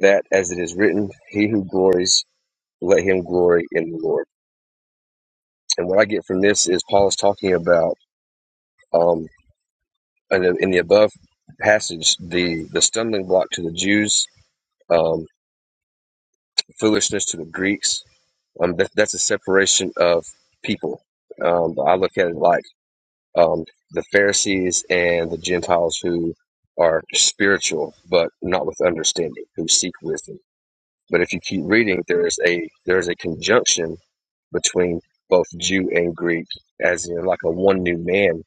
Speaker 6: that, as it is written, he who glories, let him glory in the Lord. And what I get from this is Paul is talking about, um, in the in the above passage, the, the stumbling block to the Jews. Um, foolishness to the Greeks. Um, that, that's a separation of people. Um, I look at it like um, the Pharisees and the Gentiles who are spiritual but not with understanding, who seek wisdom. But if you keep reading, there is a there is a conjunction between both Jew and Greek, as in like a one new man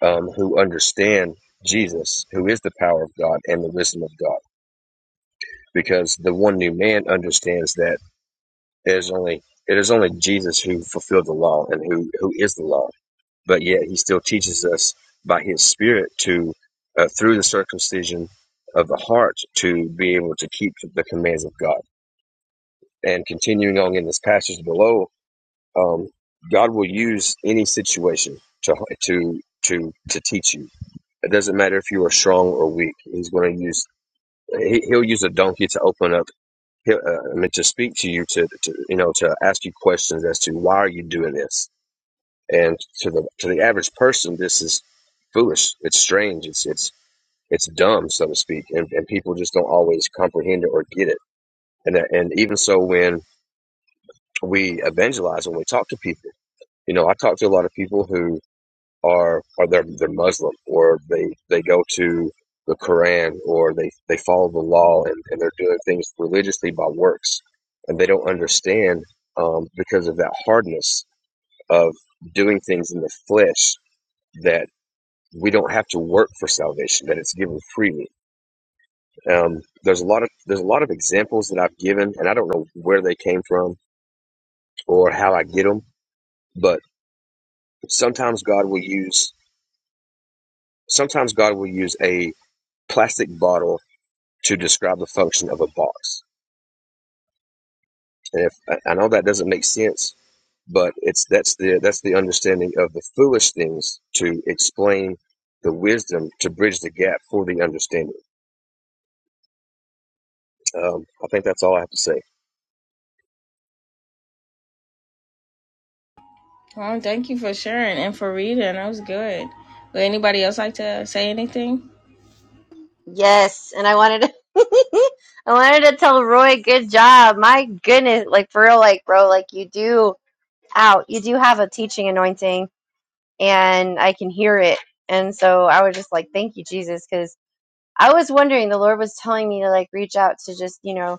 Speaker 6: um, who understand Jesus, who is the power of God and the wisdom of God, because the one new man understands that It is only it is only Jesus who fulfilled the law and who who is the law. But yet he still teaches us by his spirit to uh, through the circumcision of the heart to be able to keep the commands of God. And continuing on in this passage below, um, God will use any situation to to to to teach you. It doesn't matter if you are strong or weak. He's going to use he, he'll use a donkey to open up he- uh, I mean, to speak to you, to, to you know, to ask you questions as to why are you doing this, and to the to the average person, this is foolish. It's strange. It's it's it's dumb, so to speak, and, and people just don't always comprehend it or get it. And that- and even so, when we evangelize, when we talk to people, you know, I talk to a lot of people who. are are they're they're Muslim or they they go to the Quran or they they follow the law and, and they're doing things religiously by works and they don't understand um, because of that hardness of doing things in the flesh that we don't have to work for salvation that it's given freely um, there's a lot of there's a lot of examples that I've given and I don't know where they came from or how I get them but sometimes God will use sometimes God will use a plastic bottle to describe the function of a box. And if I know that doesn't make sense, but it's that's the that's the understanding of the foolish things to explain the wisdom to bridge the gap for the understanding. Um, I think that's all I have to say.
Speaker 1: Oh, thank you for sharing and for reading. That was good. Would anybody else like to say anything?
Speaker 2: Yes, and I wanted to I wanted to tell Roy good job. My goodness, like for real, like bro, like you do out, you do have a teaching anointing and I can hear it. And so I was just like, thank you, Jesus, because I was wondering, the Lord was telling me to like reach out to just, you know,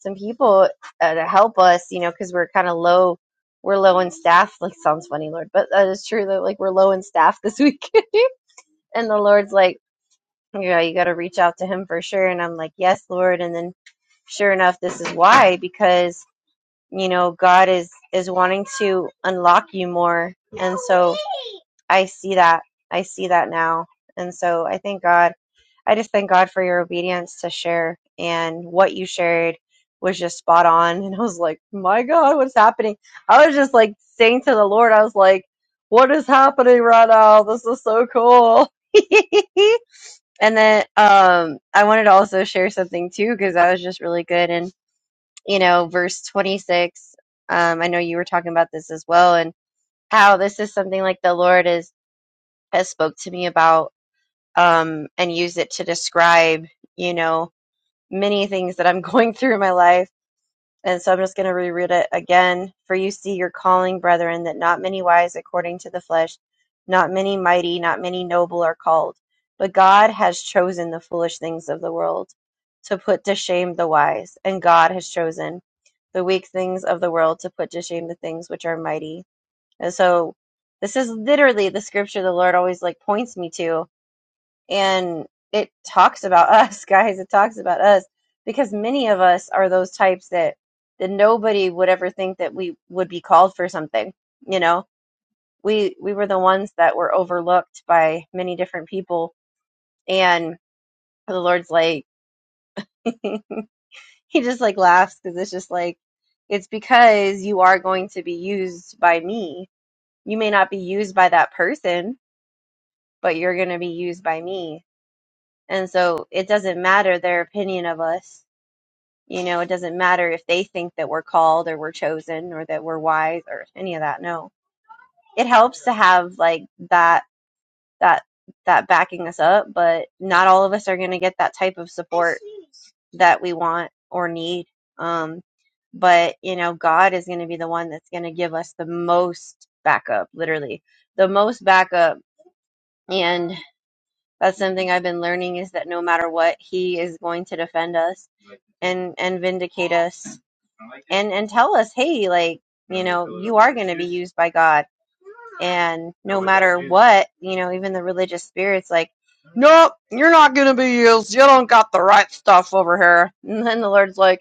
Speaker 2: some people uh, to help us, you know, because we're kind of low, we're low in staff. Like sounds funny, Lord, but that is true that like we're low in staff this week. and the Lord's like, yeah, you got to reach out to him for sure. And I'm like, yes, Lord. And then sure enough, this is why, because, you know, God is, is wanting to unlock you more. And so I see that. I see that now. And so I thank God. I just thank God for your obedience to share and what you shared was just spot on. And I was like, my God, what's happening? I was just like saying to the Lord, I was like, what is happening right now? This is so cool. And then um, I wanted to also share something too because that was just really good. And you know, verse twenty six. Um, I know you were talking about this as well, and how this is something like the Lord is has spoke to me about um, and used it to describe, you know, many things that I'm going through in my life and so I'm just going to reread it again. For you see your calling, brethren, that not many wise according to the flesh, not many mighty, not many noble are called. But God has chosen the foolish things of the world to put to shame the wise, and God has chosen the weak things of the world to put to shame the things which are mighty. And so this is literally the scripture the Lord always like points me to and it talks about us guys it talks about us because many of us are those types that that nobody would ever think that we would be called for something you know we we were the ones that were overlooked by many different people and the lord's like he just like laughs because it's just like it's because you are going to be used by me you may not be used by that person but you're going to be used by me and so it doesn't matter their opinion of us You know, it doesn't matter if they think that we're called or we're chosen or that we're wise or any of that. No. It helps to have like that that that backing us up, but not all of us are going to get that type of support that we want or need. Um but, you know, God is going to be the one that's going to give us the most backup, literally. The most backup and that's something I've been learning is that no matter what, he is going to defend us and and vindicate us and and tell us hey like you know you are going to be used by god and no matter what you know even the religious spirits like nope you're not going to be used you don't got the right stuff over here and then the lord's like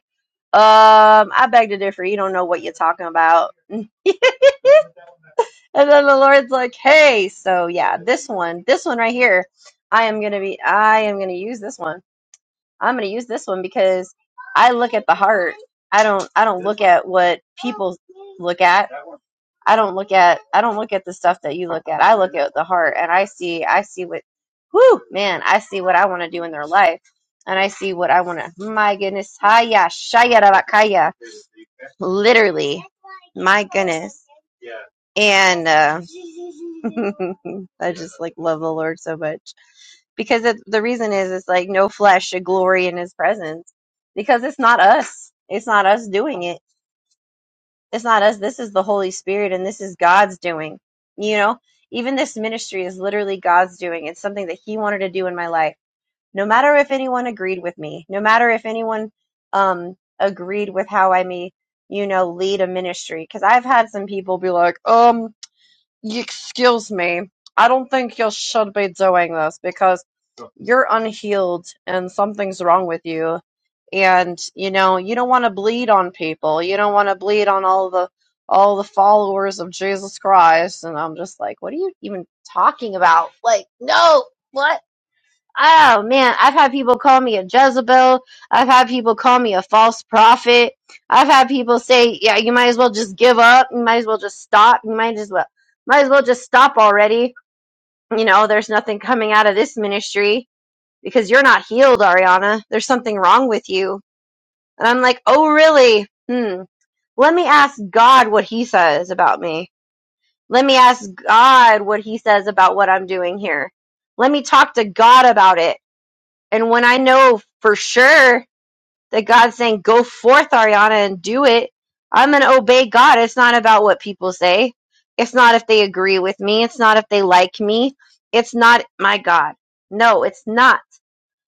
Speaker 2: um i beg to differ you don't know what you're talking about and then the Lord's like, "Hey, so yeah, this one, this one right here, I am gonna be, I am gonna use this one." I'm gonna use this one because I look at the heart. I don't I don't look at what people look at. I don't look at I don't look at the stuff that you look at. I look at the heart and I see I see what whoo man, I see what I want to do in their life. And I see what I want to my goodness. Haya shayarabakaya. Literally. My goodness. And uh, I just like love the Lord so much because it, the reason is it's like no flesh should glory in his presence because it's not us it's not us doing it it's not us this is the holy spirit and this is god's doing you know even this ministry is literally god's doing it's something that he wanted to do in my life no matter if anyone agreed with me no matter if anyone um agreed with how i may you know lead a ministry because i've had some people be like um excuse me i don't think you should be doing this because you're unhealed and something's wrong with you and you know you don't want to bleed on people you don't want to bleed on all the all the followers of jesus christ and i'm just like what are you even talking about like no what oh man i've had people call me a jezebel i've had people call me a false prophet i've had people say yeah you might as well just give up you might as well just stop you might as well might as well just stop already you know there's nothing coming out of this ministry because you're not healed, Ariana. There's something wrong with you. And I'm like, oh, really? Hmm. Let me ask God what he says about me. Let me ask God what he says about what I'm doing here. Let me talk to God about it. And when I know for sure that God's saying, go forth, Ariana, and do it, I'm going to obey God. It's not about what people say. It's not if they agree with me. It's not if they like me. It's not my God. No, it's not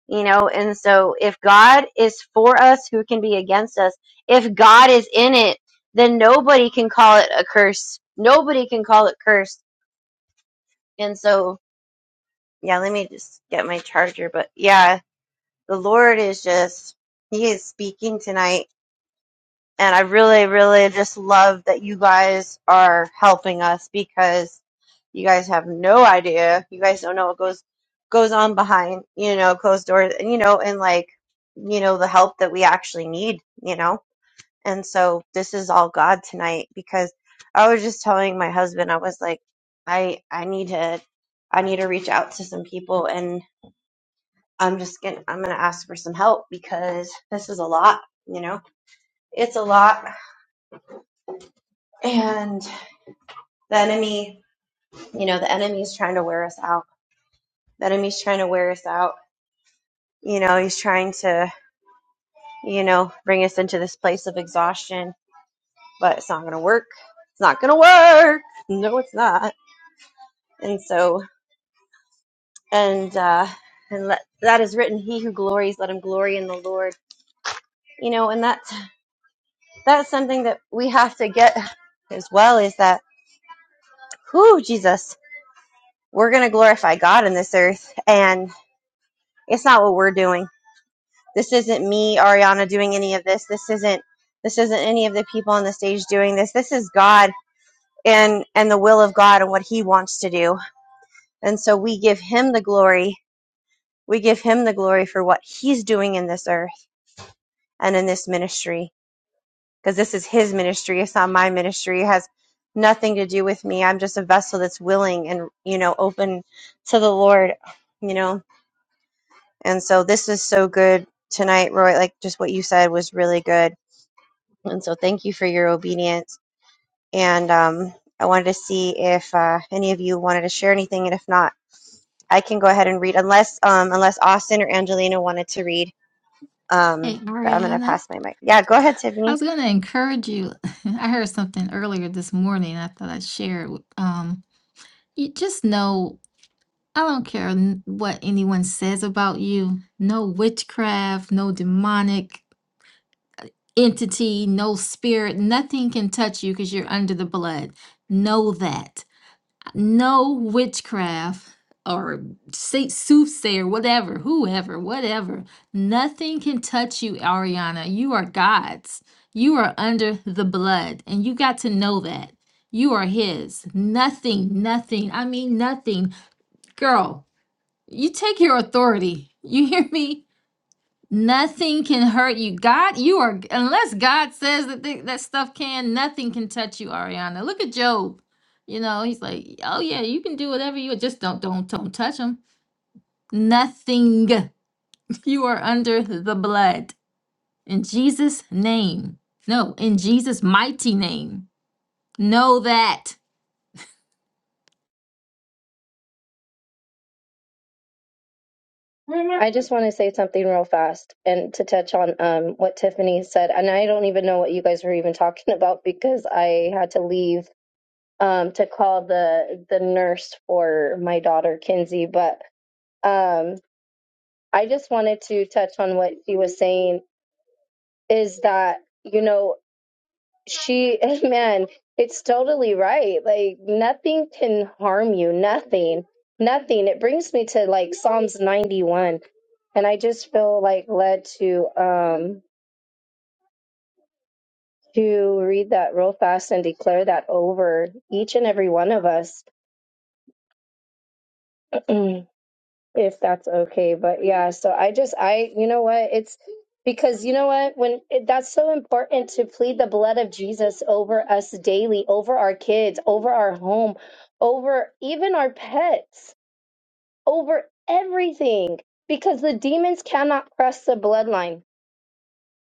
Speaker 2: you know and so if god is for us who can be against us if god is in it then nobody can call it a curse nobody can call it cursed and so yeah let me just get my charger but yeah the lord is just he is speaking tonight And I really, really just love that you guys are helping us because you guys have no idea. You guys don't know what goes goes on behind, you know, closed doors, and you know, and like, you know, the help that we actually need, you know. And so this is all God tonight because I was just telling my husband, I was like, I I need to I need to reach out to some people and I'm just gonna I'm gonna ask for some help because this is a lot, you know. It's a lot. And the enemy, you know, the enemy's trying to wear us out. The enemy's trying to wear us out. You know, he's trying to, you know, bring us into this place of exhaustion, but it's not going to work. It's not going to work. No, it's not. And so, and, uh, and let, that is written, he who glories, let him glory in the Lord. You know, and that's, that's something that we have to get as well is that, whoo, Jesus, we're going to glorify God in this earth. And it's not what we're doing This isn't me, Ariana, doing any of this. This isn't this isn't any of the people on the stage doing this. This is God and and the will of God and what He wants to do. And so we give Him the glory. We give Him the glory for what He's doing in this earth and in this ministry, because this is His ministry. It's not my ministry. It has nothing to do with me. I'm just a vessel that's willing and you know open to the Lord. You know, and so this is so good tonight, Roy. Like just what you said was really good And so thank you for your obedience. And um, I wanted to see if uh, any of you wanted to share anything, and if not, I can go ahead and read. Unless um, unless Austin or Angelina wanted to read, um,
Speaker 3: hey,
Speaker 2: but I'm gonna
Speaker 3: Mariana,
Speaker 2: pass my mic. Yeah, go ahead,
Speaker 3: I
Speaker 2: Tiffany.
Speaker 3: was going to encourage you. I heard something earlier this morning. I thought I'd share it. with- Um, you just know I don't care n- what anyone says about you. No witchcraft, no demonic entity, no spirit, nothing can touch you because you're under the blood. Know that. No witchcraft or se- soothsayer, whatever, whoever, whatever. Nothing can touch you, Ariana. You are God's. You are under the blood, and you got to know that. You are His. Nothing, nothing. I mean, nothing. Girl, you take your authority. You hear me? Nothing can hurt you. God, you are unless God says that thi- that stuff can, nothing can touch you, Ariana. Look at Job. You know, he's like, "Oh yeah, you can do whatever you just don't don't don't touch him. Nothing. You are under the blood in Jesus name. No, in Jesus mighty name. Know that.
Speaker 4: I just want to say something real fast and to touch on um, what Tiffany said. And I don't even know what you guys were even talking about because I had to leave um, to call the the nurse for my daughter Kinsey, but um, I just wanted to touch on what she was saying is that you know she man it's totally right like nothing can harm you nothing nothing it brings me to like psalms 91 and i just feel like led to um to read that real fast and declare that over each and every one of us if that's okay but yeah so i just i you know what it's because you know what when it, that's so important to plead the blood of jesus over us daily over our kids over our home over even our pets over everything because the demons cannot cross the bloodline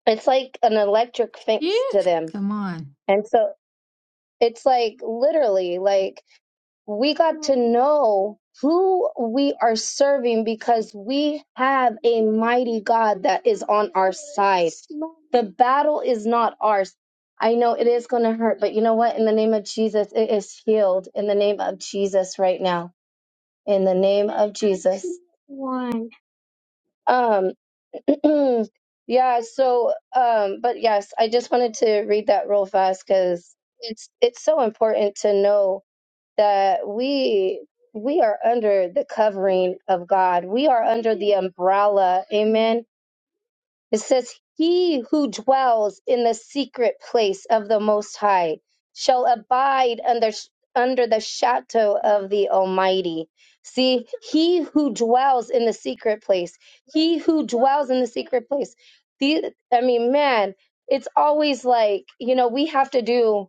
Speaker 4: it's like an electric
Speaker 3: Yeah.
Speaker 4: fence to them
Speaker 3: Come on.
Speaker 4: and so it's like literally like we got to know who we are serving because we have a mighty God that is on our side. The battle is not ours. I know it is going to hurt, but you know what? In the name of Jesus, it is healed in the name of Jesus right now. In the name of Jesus. Um yeah, so um but yes, I just wanted to read that real fast cuz it's it's so important to know that we we are under the covering of God. We are under the umbrella. Amen. It says, "He who dwells in the secret place of the Most High shall abide under under the shadow of the Almighty." See, he who dwells in the secret place, he who dwells in the secret place. The, I mean, man, it's always like you know we have to do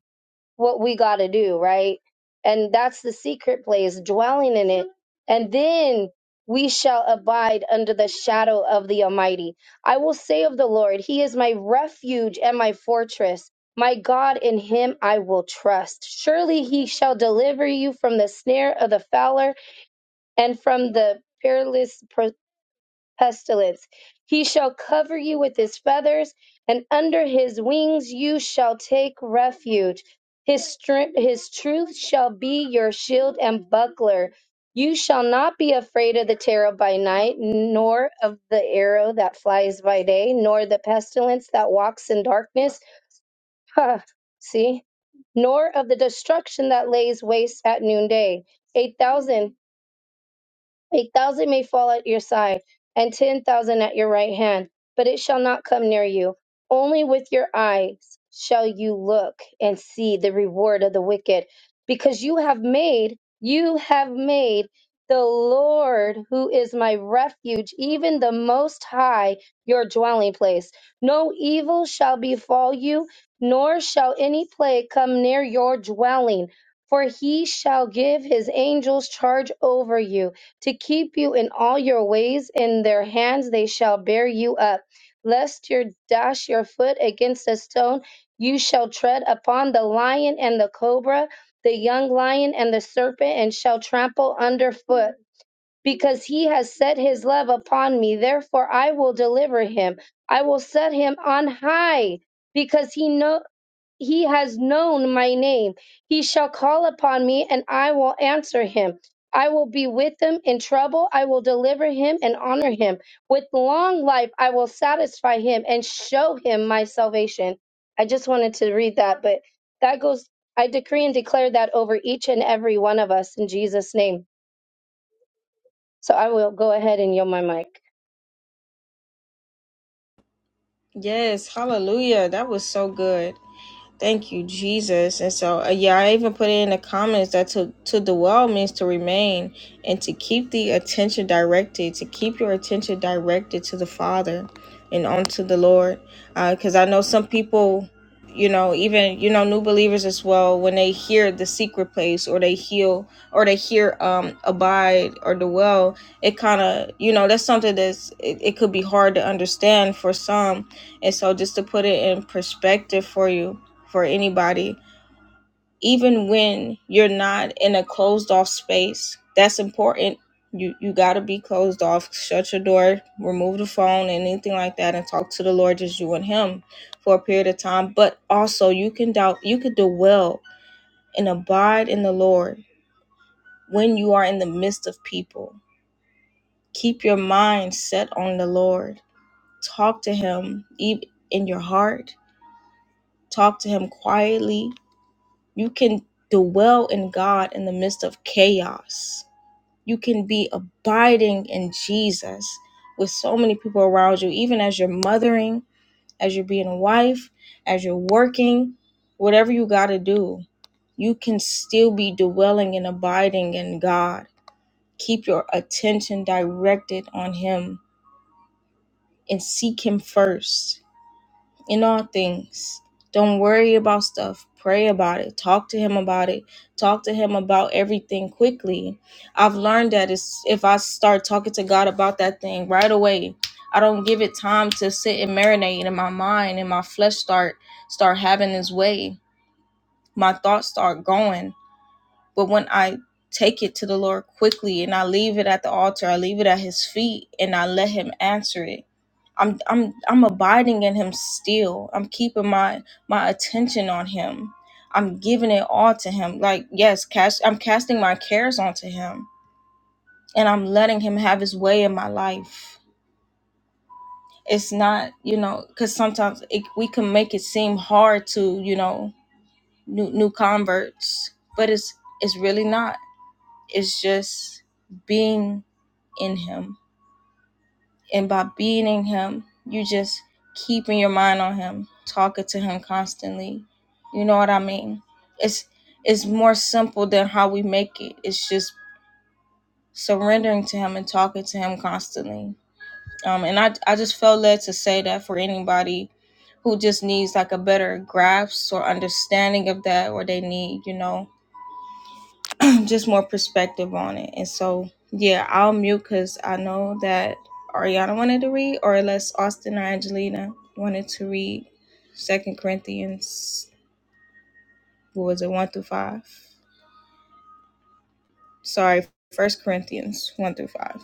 Speaker 4: what we got to do, right? And that's the secret place, dwelling in it. And then we shall abide under the shadow of the Almighty. I will say of the Lord, He is my refuge and my fortress. My God, in Him I will trust. Surely He shall deliver you from the snare of the fowler and from the perilous pestilence. He shall cover you with his feathers, and under his wings you shall take refuge. His, strength, his truth shall be your shield and buckler. You shall not be afraid of the terror by night, nor of the arrow that flies by day, nor the pestilence that walks in darkness. Ha, see? Nor of the destruction that lays waste at noonday. 8,000 a thousand may fall at your side, and ten thousand at your right hand, but it shall not come near you. Only with your eyes shall you look and see the reward of the wicked, because you have made, you have made the Lord, who is my refuge, even the Most High, your dwelling place. No evil shall befall you, nor shall any plague come near your dwelling, for he shall give his angels charge over you to keep you in all your ways. In their hands they shall bear you up, lest you dash your foot against a stone. You shall tread upon the lion and the cobra, the young lion and the serpent, and shall trample underfoot. Because he has set his love upon me, therefore I will deliver him. I will set him on high, because he know he has known my name. He shall call upon me, and I will answer him. I will be with him in trouble. I will deliver him and honor him. With long life, I will satisfy him and show him my salvation. I just wanted to read that, but that goes, I decree and declare that over each and every one of us in Jesus' name. So I will go ahead and yield my mic.
Speaker 1: Yes, hallelujah. That was so good. Thank you, Jesus. And so, uh, yeah, I even put it in the comments that to, to dwell means to remain and to keep the attention directed, to keep your attention directed to the Father and onto the Lord. Because I know some people, you know, even, you know, new believers as well, when they hear the secret place or they heal or they hear um, abide or dwell, it kind of, you know, that's something that's, it, it could be hard to understand for some. And so, just to put it in perspective for you for anybody, even when you're not in a closed off space. That's important. You you gotta be closed off. Shut your door, remove the phone, anything like that, and talk to the Lord just you and Him for a period of time. But also, you can doubt. You could dwell and abide in the Lord when you are in the midst of people. Keep your mind set on the Lord. Talk to Him even in your heart. Talk to Him quietly You can dwell in God in the midst of chaos. You can be abiding in Jesus with so many people around you, even as you're mothering, as you're being a wife, as you're working, whatever you got to do, you can still be dwelling and abiding in God. Keep your attention directed on Him and seek Him first in all things. Don't worry about stuff. Pray about it. Talk to him about it. Talk to him about everything quickly. I've learned that it's, if I start talking to God about that thing right away, I don't give it time to sit and marinate in my mind and my flesh start start having its way. My thoughts start going. But when I take it to the Lord quickly and I leave it at the altar, I leave it at his feet and I let him answer it. I'm I'm I'm abiding in him still. I'm keeping my my attention on him. I'm giving it all to him. Like yes, cast I'm casting my cares onto him and I'm letting him have his way in my life. It's not, you know, cuz sometimes it, we can make it seem hard to, you know, new new converts, but it's it's really not It's just being in Him. And by being in Him, you just keeping your mind on Him, talking to Him constantly. You know what I mean? It's it's more simple than how we make it. It's just surrendering to Him and talking to Him constantly. Um, and I I just felt led to say that for anybody who just needs like a better grasp or understanding of that, or they need you know just more perspective on it. And so, yeah, I'll mute because I know that Ariana wanted to read, or unless Austin or Angelina wanted to read Second Corinthians, what was it, one through five? Sorry, First Corinthians, one through five.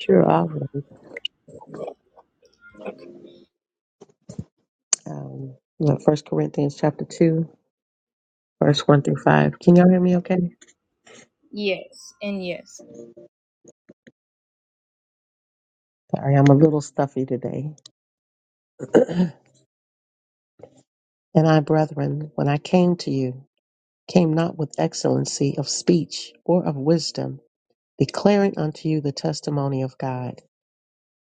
Speaker 7: Sure, I'll read
Speaker 1: Okay.
Speaker 7: um, First Corinthians chapter two, verse one through five. Can y'all hear me? Okay.
Speaker 1: Yes, and yes.
Speaker 7: Sorry, I'm a little stuffy today. and I, brethren, when I came to you, came not with excellency of speech or of wisdom, declaring unto you the testimony of God.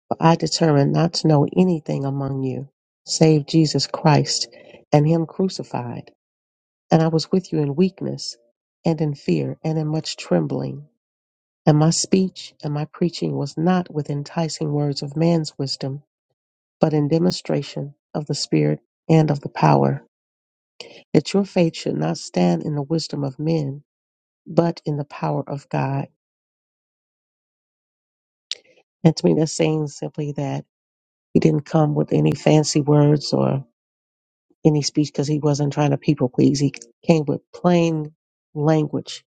Speaker 7: For I determined not to know anything among you, save Jesus Christ and Him crucified. And I was with you in weakness, and in fear, and in much trembling. And my speech and my preaching was not with enticing words of man's wisdom, but in demonstration of the Spirit and of the power, that your faith should not stand in the wisdom of men, but in the power of God. And to me, that's saying simply that he didn't come with any fancy words or any speech because he wasn't trying to people please. He came with plain language,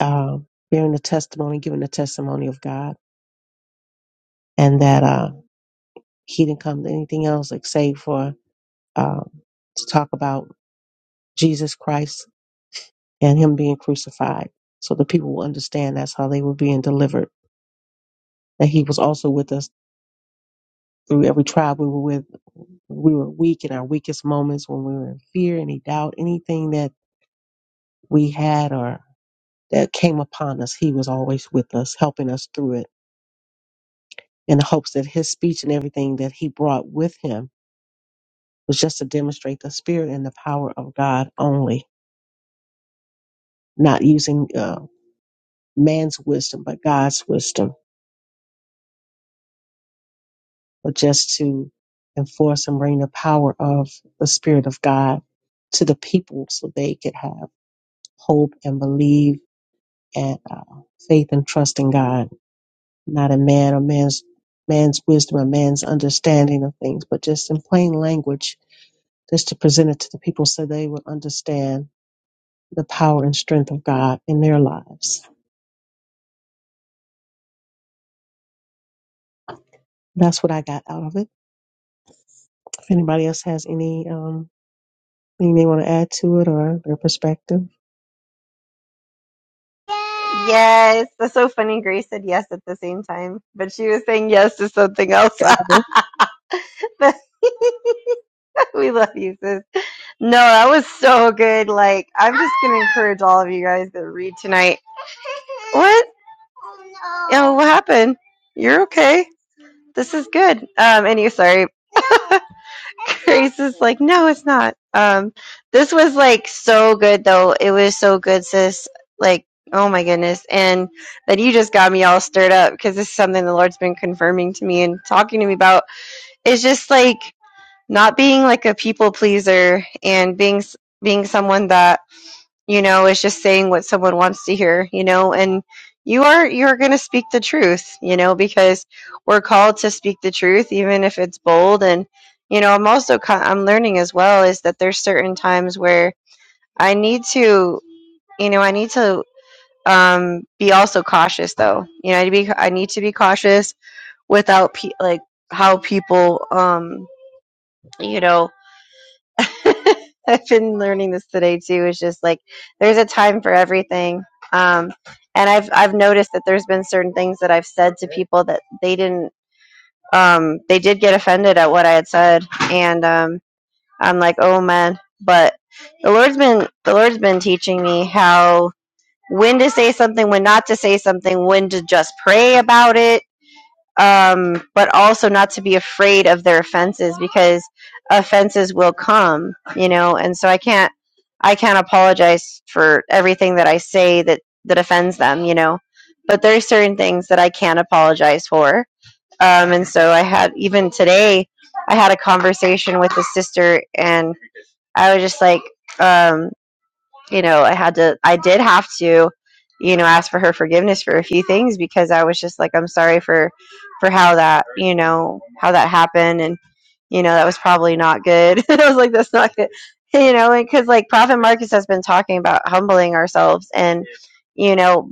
Speaker 7: uh, bearing the testimony, giving the testimony of God, and that uh, he didn't come to anything else except for um, to talk about Jesus Christ and him being crucified so the people will understand that's how they were being delivered. That he was also with us through every trial we were with. We were weak in our weakest moments when we were in fear, any doubt, anything that we had or that came upon us, he was always with us, helping us through it in the hopes that his speech and everything that he brought with him was just to demonstrate the spirit and the power of God only, not using uh, man's wisdom, but God's wisdom but just to enforce and bring the power of the Spirit of God to the people so they could have hope and believe and uh, faith and trust in God, not in man or man's man's wisdom or man's understanding of things, but just in plain language, just to present it to the people so they would understand the power and strength of God in their lives. That's what I got out of it. If anybody else has any um, anything they want to add to it or their perspective.
Speaker 2: Yes, that's so funny. Grace said yes at the same time, but she was saying yes to something else. we love you, sis. No, that was so good. Like, I'm just gonna encourage all of you guys to read tonight. What? Oh, what happened? You're okay. this is good. Um, anyway, sorry. Grace is like, no, it's not. Um, this was like so good though. It was so good, sis. Like, oh my goodness. And that you just got me all stirred up because this is something the Lord's been confirming to me and talking to me about. It's just like not being like a people pleaser and being, being someone that you know it's just saying what someone wants to hear you know and you are you're going to speak the truth you know because we're called to speak the truth even if it's bold and you know i'm also co- i'm learning as well is that there's certain times where i need to you know i need to um be also cautious though you know i need to be i need to be cautious without pe- like how people um you know I've been learning this today too. It's just like there's a time for everything. Um, and I've I've noticed that there's been certain things that I've said to people that they didn't. Um, they did get offended at what I had said, and um, I'm like, oh man. But the Lord's been the Lord's been teaching me how when to say something, when not to say something, when to just pray about it, um, but also not to be afraid of their offenses because offenses will come, you know. And so I can't, I can't apologize for everything that I say that that offends them, you know. But there are certain things that I can apologize for, um, and so I had even today, I had a conversation with a sister, and I was just like. um, you know, I had to, I did have to, you know, ask for her forgiveness for a few things because I was just like, I'm sorry for, for how that, you know, how that happened. And, you know, that was probably not good. I was like, that's not good. You know, because like Prophet Marcus has been talking about humbling ourselves and, you know,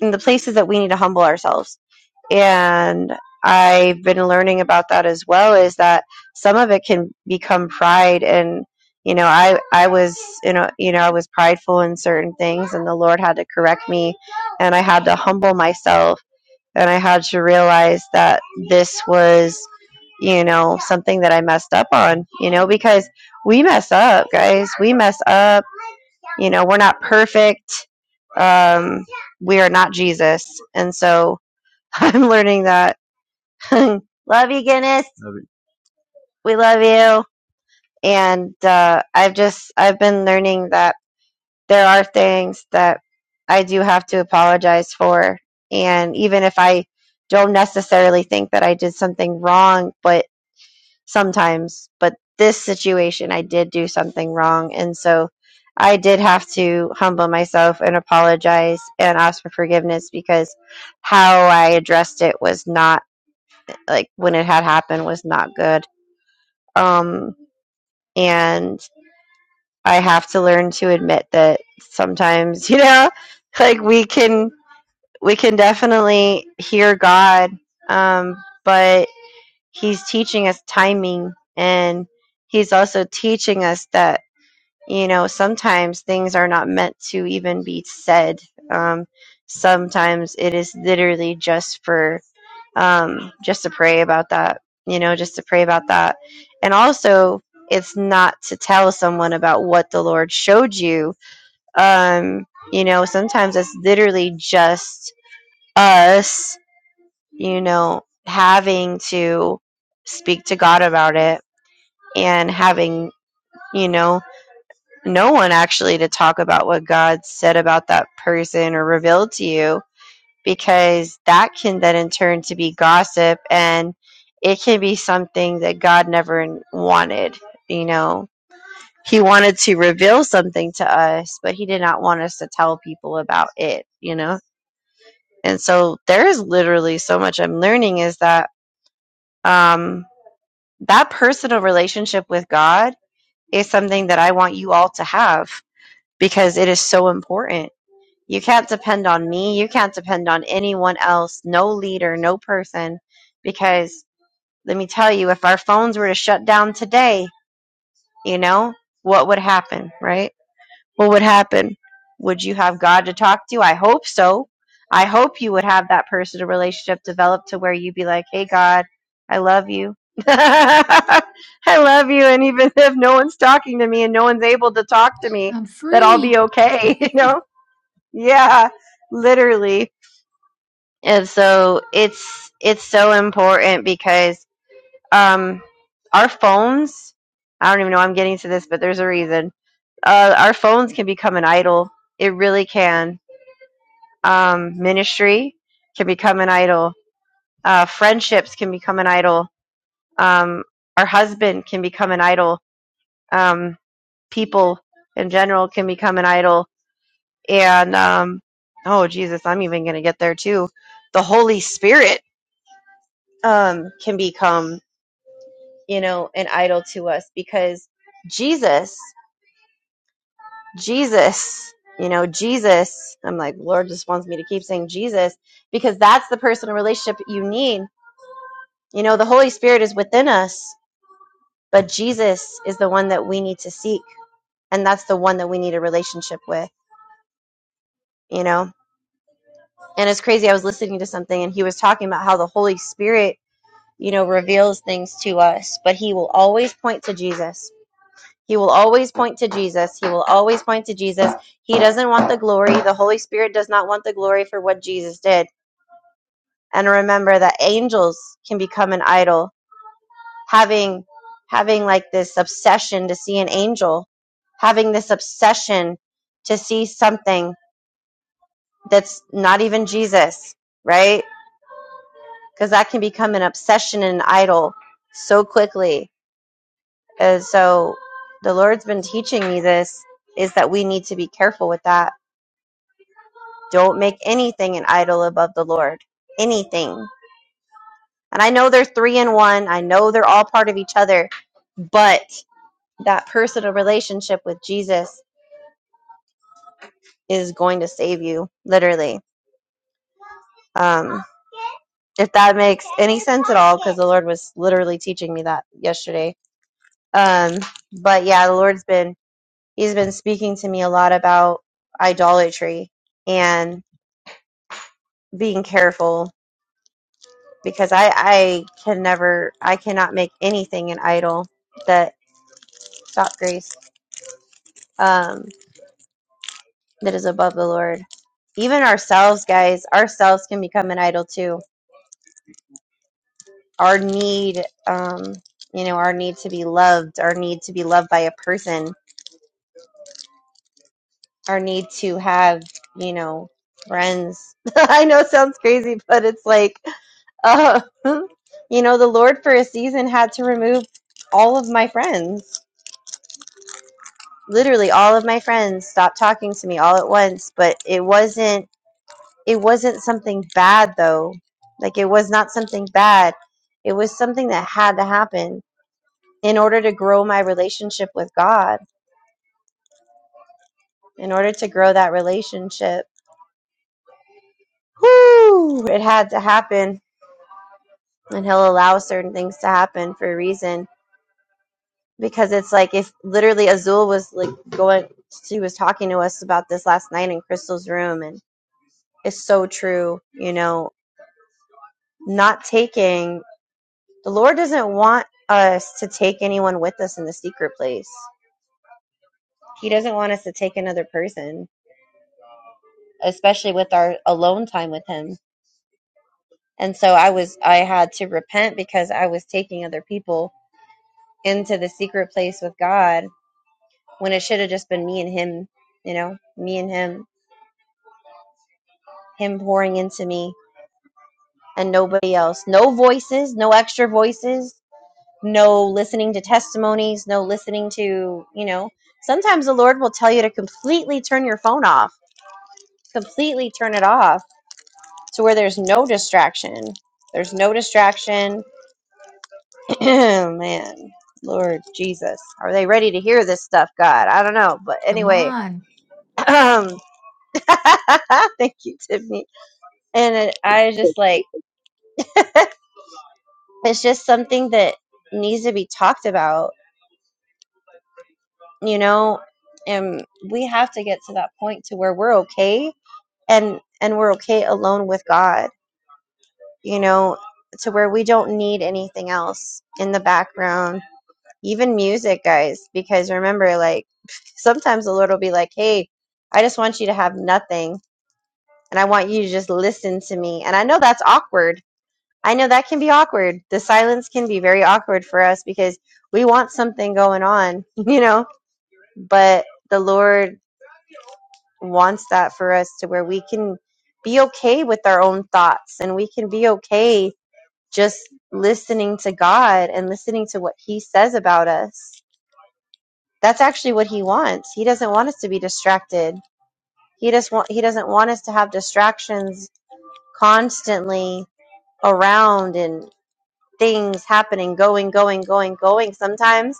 Speaker 2: in the places that we need to humble ourselves and I've been learning about that as well is that some of it can become pride and you know I I was you know you know I was prideful in certain things and the Lord had to correct me and I had to humble myself and I had to realize that this was you know something that I messed up on you know because we mess up guys we mess up you know we're not perfect um we are not Jesus and so I'm learning that love you, Guinness. it. We love you. And uh, I've just I've been learning that there are things that I do have to apologize for, and even if I don't necessarily think that I did something wrong, but sometimes, but this situation I did do something wrong, and so I did have to humble myself and apologize and ask for forgiveness because how I addressed it was not like when it had happened was not good Um, and I have to learn to admit that sometimes, you know, like we can we can definitely hear God, um, but He's teaching us timing, and He's also teaching us that you know sometimes things are not meant to even be said. Um, sometimes it is literally just for um, just to pray about that, you know, just to pray about that. And also, it's not to tell someone about what the Lord showed you. Um, you know, sometimes it's literally just us, you know, having to speak to God about it and having, you know, no one actually to talk about what God said about that person or revealed to you because that can then in turn to be gossip and it can be something that God never wanted, you know. He wanted to reveal something to us, but he did not want us to tell people about it, you know. And so there is literally so much I'm learning is that um that personal relationship with God is something that I want you all to have because it is so important You can't depend on me. You can't depend on anyone else, no leader, no person. Because let me tell you, if our phones were to shut down today, you know, what would happen, right? What would happen? Would you have God to talk to? I hope so. I hope you would have that personal relationship developed to where you'd be like, hey, God, I love you. I love you. And even if no one's talking to me and no one's able to talk to me,
Speaker 3: I'm
Speaker 2: that I'll be
Speaker 3: free.
Speaker 2: okay, you know? Yeah, literally and so it's it's so important because um our phones I don't even know I'm getting to this, but there's a reason. Uh our phones can become an idol. It really can. Um ministry can become an idol. Uh friendships can become an idol. Um our husband can become an idol. Um people in general can become an idol. And um oh Jesus, I'm even gonna get there too. The Holy Spirit um can become you know, an idol to us because Jesus, Jesus, you know, Jesus, I'm like, Lord just wants me to keep saying Jesus because that's the personal relationship you need. You know, the Holy Spirit is within us, but Jesus is the one that we need to seek. And that's the one that we need a relationship with, you know? And it's crazy. I was listening to something and he was talking about how the Holy Spirit, you know, reveals things to us, but he will always point to Jesus He will always point to Jesus. He will always point to Jesus. He doesn't want the glory. The Holy Spirit does not want the glory for what Jesus did. And remember that angels can become an idol. Having having like this obsession to see an angel, having this obsession to see something that's not even Jesus, right? Because that can become an obsession and an idol so quickly. And so the Lord's been teaching me this is that we need to be careful with that Don't make anything an idol above the Lord. Anything. And I know they're three in one. I know they're all part of each other, but that personal relationship with Jesus is going to save you, literally. Um, if that makes any sense at all, because the Lord was literally teaching me that yesterday. Um, but yeah, the Lord's been, He's been speaking to me a lot about idolatry and being careful because I I can never I cannot make anything an idol that stop grace um that is above the Lord. Even ourselves, guys, ourselves can become an idol too. Our need, um, you know, our need to be loved, our need to be loved by a person, our need to have, you know, friends. I know it sounds crazy, but it's like, uh, you know, the Lord for a season had to remove all of my friends literally all of my friends stopped talking to me all at once but it wasn't it wasn't something bad though like it was not something bad it was something that had to happen in order to grow my relationship with god in order to grow that relationship whoo it had to happen and he'll allow certain things to happen for a reason because it's like if literally azul was like going she was talking to us about this last night in crystal's room and it's so true you know not taking the Lord doesn't want us to take anyone with us in the secret place. He doesn't want us to take another person, especially with our alone time with him. And so I was I had to repent because I was taking other people into the secret place with God when it should have just been me and him, you know, me and him, him pouring into me and nobody else. No voices, no extra voices, no listening to testimonies, no listening to, you know, sometimes the Lord will tell you to completely turn your phone off, completely turn it off to where there's no distraction. There's no distraction. Man, Lord Jesus. Are they ready to hear this stuff, God? I don't know. But
Speaker 3: Come
Speaker 2: anyway,
Speaker 3: on.
Speaker 2: thank you, Tiffany. And it, I was just like, it's just something that needs to be talked about you know and we have to get to that point to where we're okay and and we're okay alone with god you know to where we don't need anything else in the background even music guys because remember like sometimes the lord will be like hey i just want you to have nothing and i want you to just listen to me and i know that's awkward i know that can be awkward the silence can be very awkward for us because we want something going on you know but the lord wants that for us to where we can be okay with our own thoughts and we can be okay just listening to God and listening to what He says about us. That's actually what He wants. He doesn't want us to be distracted. He just want He doesn't want us to have distractions constantly around and things happening, going, going, going, going. Sometimes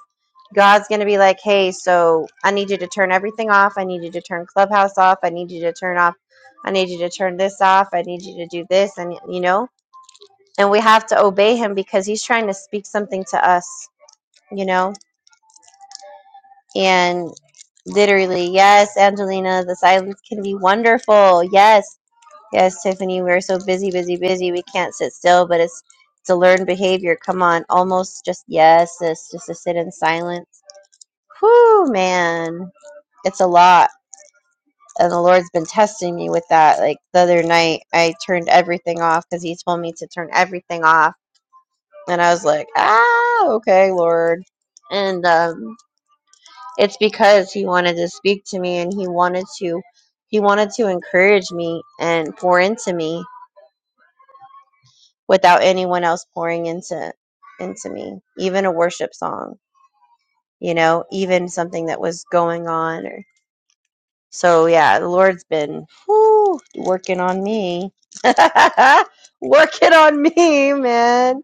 Speaker 2: God's going to be like, hey, so I need you to turn everything off. I need you to turn Clubhouse off. I need you to turn off. I need you to turn this off. I need you to do this. And, you know, and we have to obey him because he's trying to speak something to us, you know, and literally, yes, Angelina, the silence can be wonderful. Yes. Yes, Tiffany, we're so busy, busy, busy. We can't sit still, but it's it's a learned behavior. Come on, almost just yes, sis, just to sit in silence. Whew, man, it's a lot. And the Lord's been testing me with that. Like the other night, I turned everything off because He told me to turn everything off, and I was like, ah, okay, Lord. And um, it's because He wanted to speak to me, and He wanted to, He wanted to encourage me and pour into me without anyone else pouring into into me even a worship song you know even something that was going on or so yeah the lord's been whew, working on me working on me man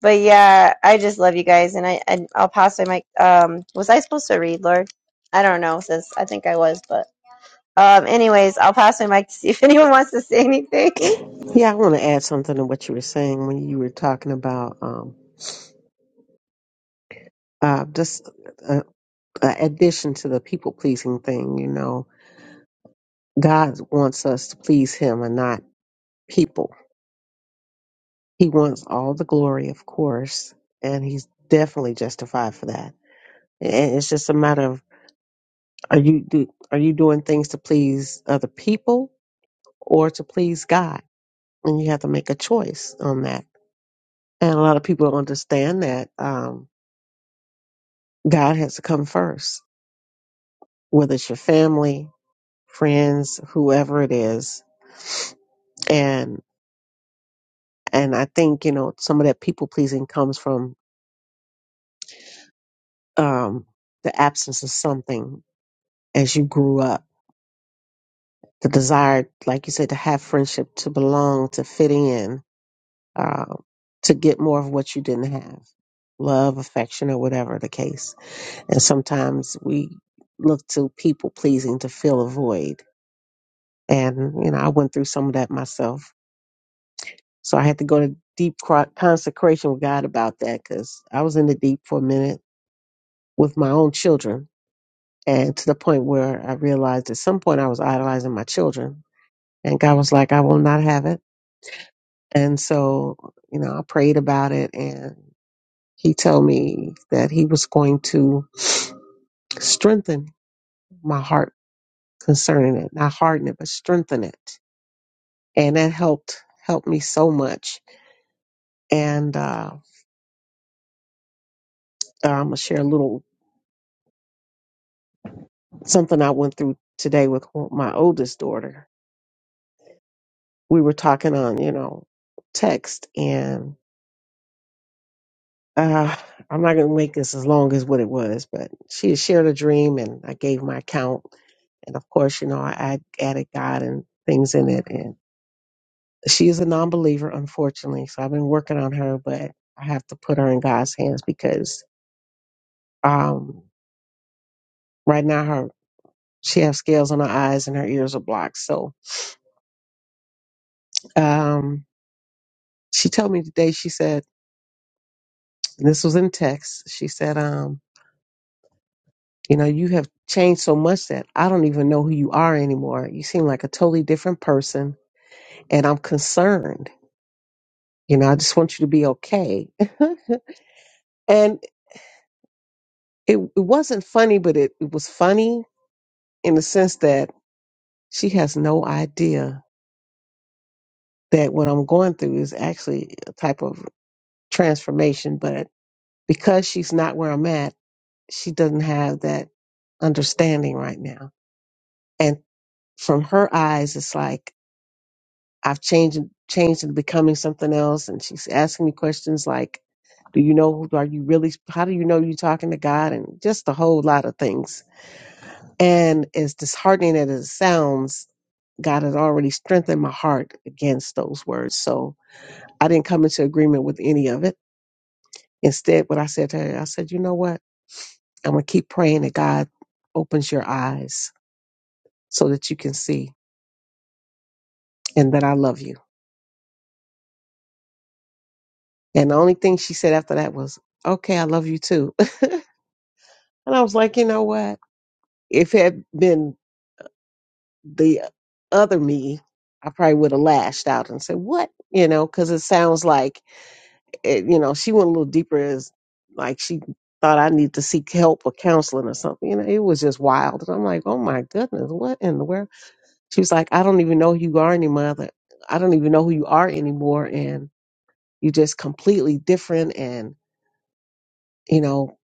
Speaker 2: but yeah i just love you guys and i and i'll pass my mic um was i supposed to read lord i don't know sis i think i was but. Um, anyways, I'll pass my mic to see if anyone wants to say anything.
Speaker 7: Yeah, I want to add something to what you were saying when you were talking about um, uh, just an addition to the people pleasing thing. You know, God wants us to please Him and not people. He wants all the glory, of course, and He's definitely justified for that. And it's just a matter of are you do are you doing things to please other people or to please God? And you have to make a choice on that. And a lot of people don't understand that um, God has to come first whether it's your family, friends, whoever it is. And and I think, you know, some of that people pleasing comes from um the absence of something as you grew up. The desire, like you said, to have friendship, to belong, to fit in, uh, to get more of what you didn't have. Love, affection, or whatever the case. And sometimes we look to people pleasing to fill a void. And, you know, I went through some of that myself So I had to go to deep cro- consecration with God about that because I was in the deep for a minute with my own children. And to the point where I realized at some point I was idolizing my children. And God was like, I will not have it. And so, you know, I prayed about it and he told me that he was going to strengthen my heart concerning it, not harden it, but strengthen it. And that helped, helped me so much. And, uh, I'm going to share a little something I went through today with my oldest daughter. We were talking on, you know, text and uh, I'm not going to make this as long as what it was, but she had shared a dream and I gave my account. And of course, you know, I add, added God and things in it. And she is a non believer, unfortunately. So I've been working on her, but I have to put her in God's hands because um, right now her she has scales on her eyes and her ears are blocked. So um, she told me today, she said. And this was in text. She said, um, you know, you have changed so much that I don't even know who you are anymore. You seem like a totally different person and I'm concerned. You know, I just want you to be okay. and it, it wasn't funny, but it, it was funny in the sense that she has no idea that what I'm going through is actually a type of transformation. But because she's not where I'm at, she doesn't have that understanding right now. And from her eyes, it's like, I've changed changed into becoming something else. And she's asking me questions like, Do you know who are you really how do you know you're talking to God? And just a whole lot of things. And as disheartening as it sounds, God had already strengthened my heart against those words. So I didn't come into agreement with any of it. Instead, what I said to her, I said, you know what? I'm gonna keep praying that God opens your eyes so that you can see and that I love you. And the only thing she said after that was, Okay, I love you too And I was like, you know what? If it had been the other me, I probably would have lashed out and said, what? You know, because it sounds like, it, you know, she went a little deeper as like she thought I need to seek help or counseling or something. You know, it was just wild. And I'm like, oh my goodness, what in the world? She was like, I don't even know who you are anymore. Other- I don't even know who you are anymore. And you're just completely different. And, you know,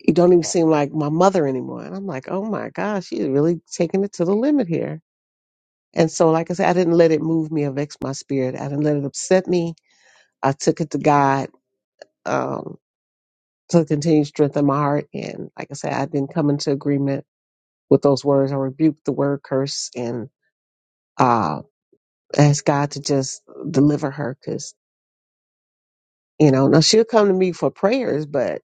Speaker 7: you don't even seem like my mother anymore. And I'm like, oh my gosh, she's really taking it to the limit here And so, like I said, I didn't let it move me or vex my spirit. I didn't let it upset me. I took it to God um, to continue to strengthen my heart. And like I said, I didn't come into agreement with those words. I rebuked the word curse and uh, asked God to just deliver her because, you know, now she'll come to me for prayers, but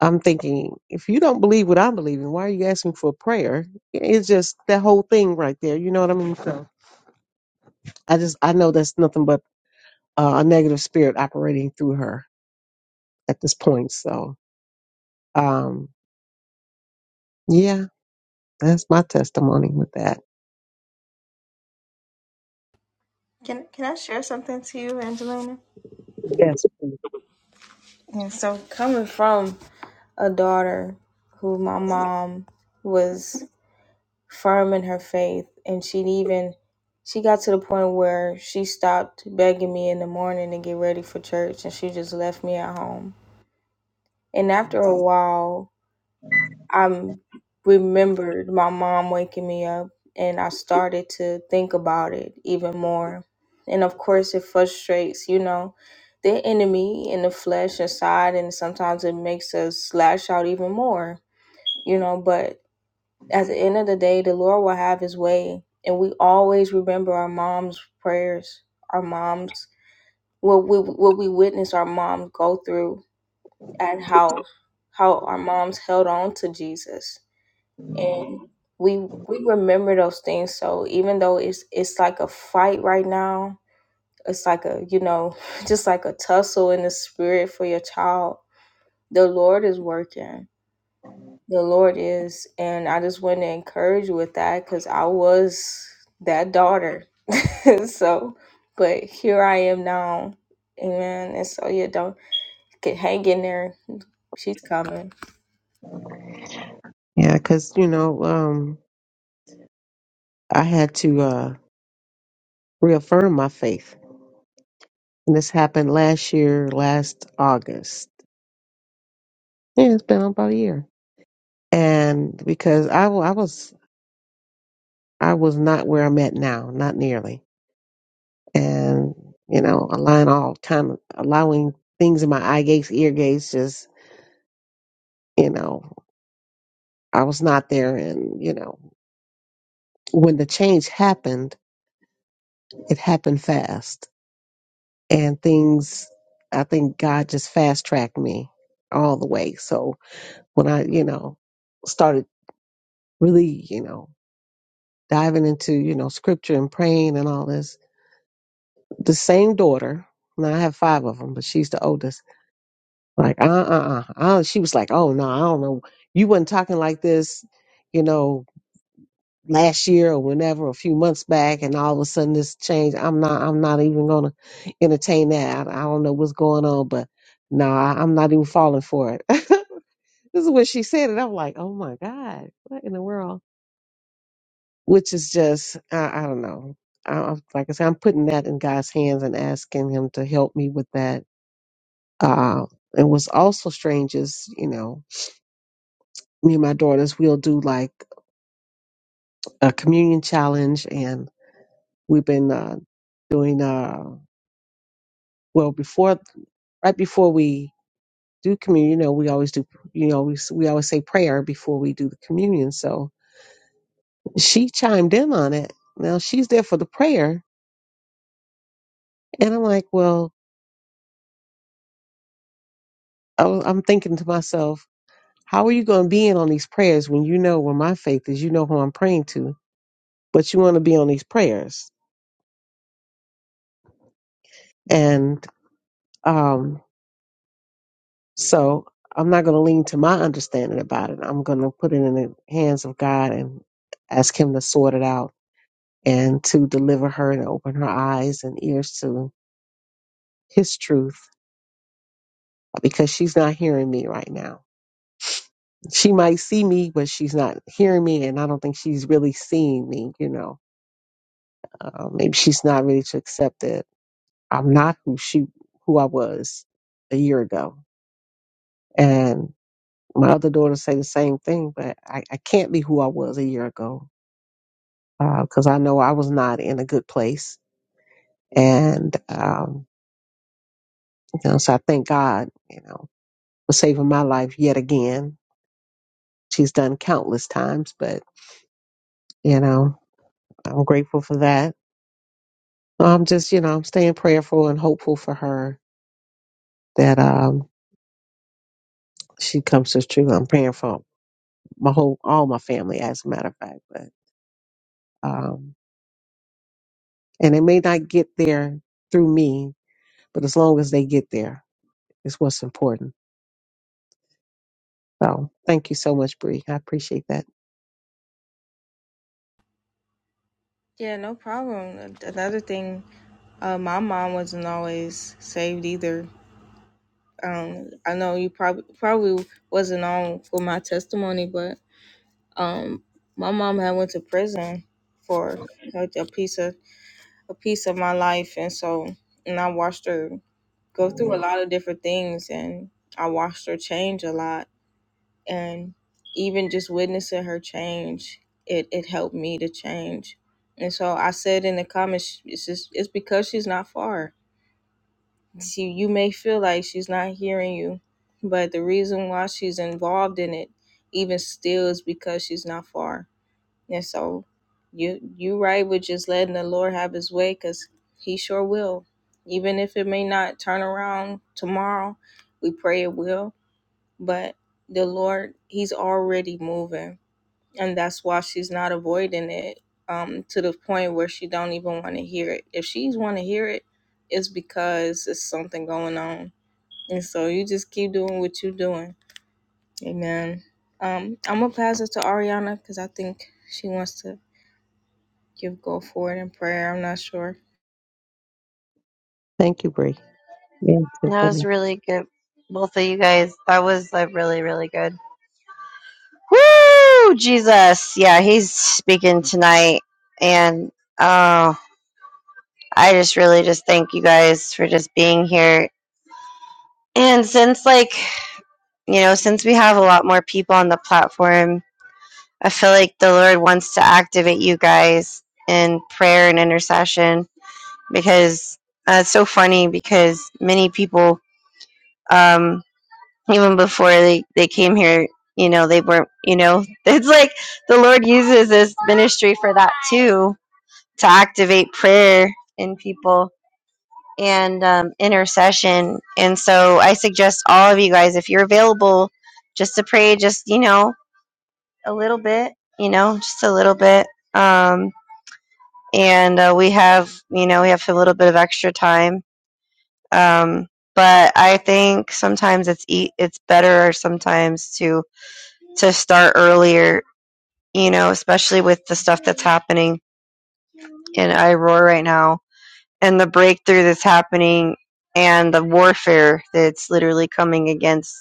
Speaker 7: I'm thinking, if you don't believe what I'm believing, why are you asking for prayer? Yeah, It's just that whole thing right there. You know what I mean? So I just, I know that's nothing but uh, a negative spirit operating through her at this point. So, um, yeah, that's my testimony with that.
Speaker 1: Can can I share something to you, Angelina?
Speaker 7: Yes.
Speaker 1: And so coming from a daughter who my mom was firm in her faith and she'd even she got to the point where she stopped begging me in the morning to get ready for church and she just left me at home and after a while i remembered my mom waking me up and i started to think about it even more and of course it frustrates you know the enemy and the flesh inside and sometimes it makes us lash out even more you know but at the end of the day, the Lord will have his way. And we always remember our mom's prayers, our mom's what we what we witness our mom go through and how how our moms held on to Jesus. And we we remember those things. So even though it's it's like a fight right now, it's like a, you know, just like a tussle in the spirit for your child. The Lord is working The Lord is. And I just want to encourage you with that because I was that daughter. so, but here I am now. Amen. And so, yeah, don't get hang in there. She's coming.
Speaker 7: Yeah, because, you know, um, I had to uh, reaffirm my faith. And this happened last year, last August. Yeah, it's been about a year. And because I, wa- I was I was not where I'm at now, not nearly. And, you know, allowing all kind of allowing things in my eye gates, ear gates, just, you know, I was not there. And, you know, when the change happened, it happened fast and things i think god just fast tracked me all the way so when i you know started really you know diving into you know scripture and praying and all this the same daughter now i have five of them but she's the oldest like uh-uh uh uh, uh, she was like oh no i don't know you wasn't talking like this you know last year or whenever, a few months back, and all of a sudden this change. I'm not. I'm not even gonna entertain that. I, I don't know what's going on, but no, I, I'm not even falling for it. this is what she said, and I'm like, oh my god, what in the world? Which is just, I, I don't know. I, I'm, like I said, I'm putting that in God's hands and asking Him to help me with that. Uh, and what's also strange is, you know, me and my daughters, we'll do like a communion challenge, and we've been uh, doing. uh, well before right before we do communion you know we always do you know we, we always say prayer before we do the communion so she chimed in on it now she's there for the prayer and i'm like well I w- i'm thinking to myself how are you going to be in on these prayers when you know where my faith is you know who i'm praying to but you want to be on these prayers and um so i'm not going to lean to my understanding about it i'm going to put it in the hands of god and ask him to sort it out and to deliver her and open her eyes and ears to his truth because she's not hearing me right now. She might see me, but she's not hearing me, and I don't think she's really seeing me. You know, uh, maybe she's not ready to accept that I'm not who she, who I was a year ago. And my other daughters say the same thing, but I, I can't be who I was a year ago because I know I was not in a good place. And um, you know, so I thank God. You know, for saving my life yet again. She's done countless times, but you know, I'm grateful for that. I'm just, you know, I'm staying prayerful and hopeful for her that um she comes to true. I'm praying for my whole all my family as a matter of fact, but um and they may not get there through me, but as long as they get there is what's important. So thank you so much, Bree. I appreciate that.
Speaker 1: Yeah, no problem. Another thing, uh, my mom wasn't always saved either. Um, I know you probably probably wasn't on for my testimony, but um, my mom had went to prison for like, a piece of. a piece of my life and so and I watched her go through a lot of different things and I watched her change a lot and even just witnessing her change it it helped me to change and so I said in the comments it's just it's because she's not far she you may feel like she's not hearing you but the reason why she's involved in it even still is because she's not far and so you you right with just letting the Lord have his way cuz he sure will. Even if it may not turn around tomorrow, we pray it will, but the Lord he's already moving. And that's why she's not avoiding it um to the point where she don't even want to hear it. If she's want to hear it, it's because it's something going on. And so you just keep doing what you're doing. Amen. Um, I'm gonna pass it to Ariana because I think she wants to you go forward in prayer. I'm not sure.
Speaker 7: Thank you, Bree. Yes,
Speaker 2: That was
Speaker 7: definitely.
Speaker 2: really good. Both of you guys, that was like really, really good. Woo! Jesus. Yeah, he's speaking tonight. And oh, I just really just thank you guys for just being here. And since, like, you know, since we have a lot more people on the platform, I feel like the Lord wants to activate you guys in prayer and intercession because uh, it's so funny because many people, um, even before they, they came here, you know, they weren't, you know, it's like the Lord uses this ministry for that too to activate prayer in people and um, intercession. And so I suggest all of you guys, if you're available, just to pray, just, you know, a little bit, you know, just a little bit. Um, and uh, we have you know we have a little bit of extra time um, but i think sometimes it's e- it's better sometimes to to start earlier you know especially with the stuff that's happening in iroar right now and the breakthrough that's happening and the warfare that's literally coming against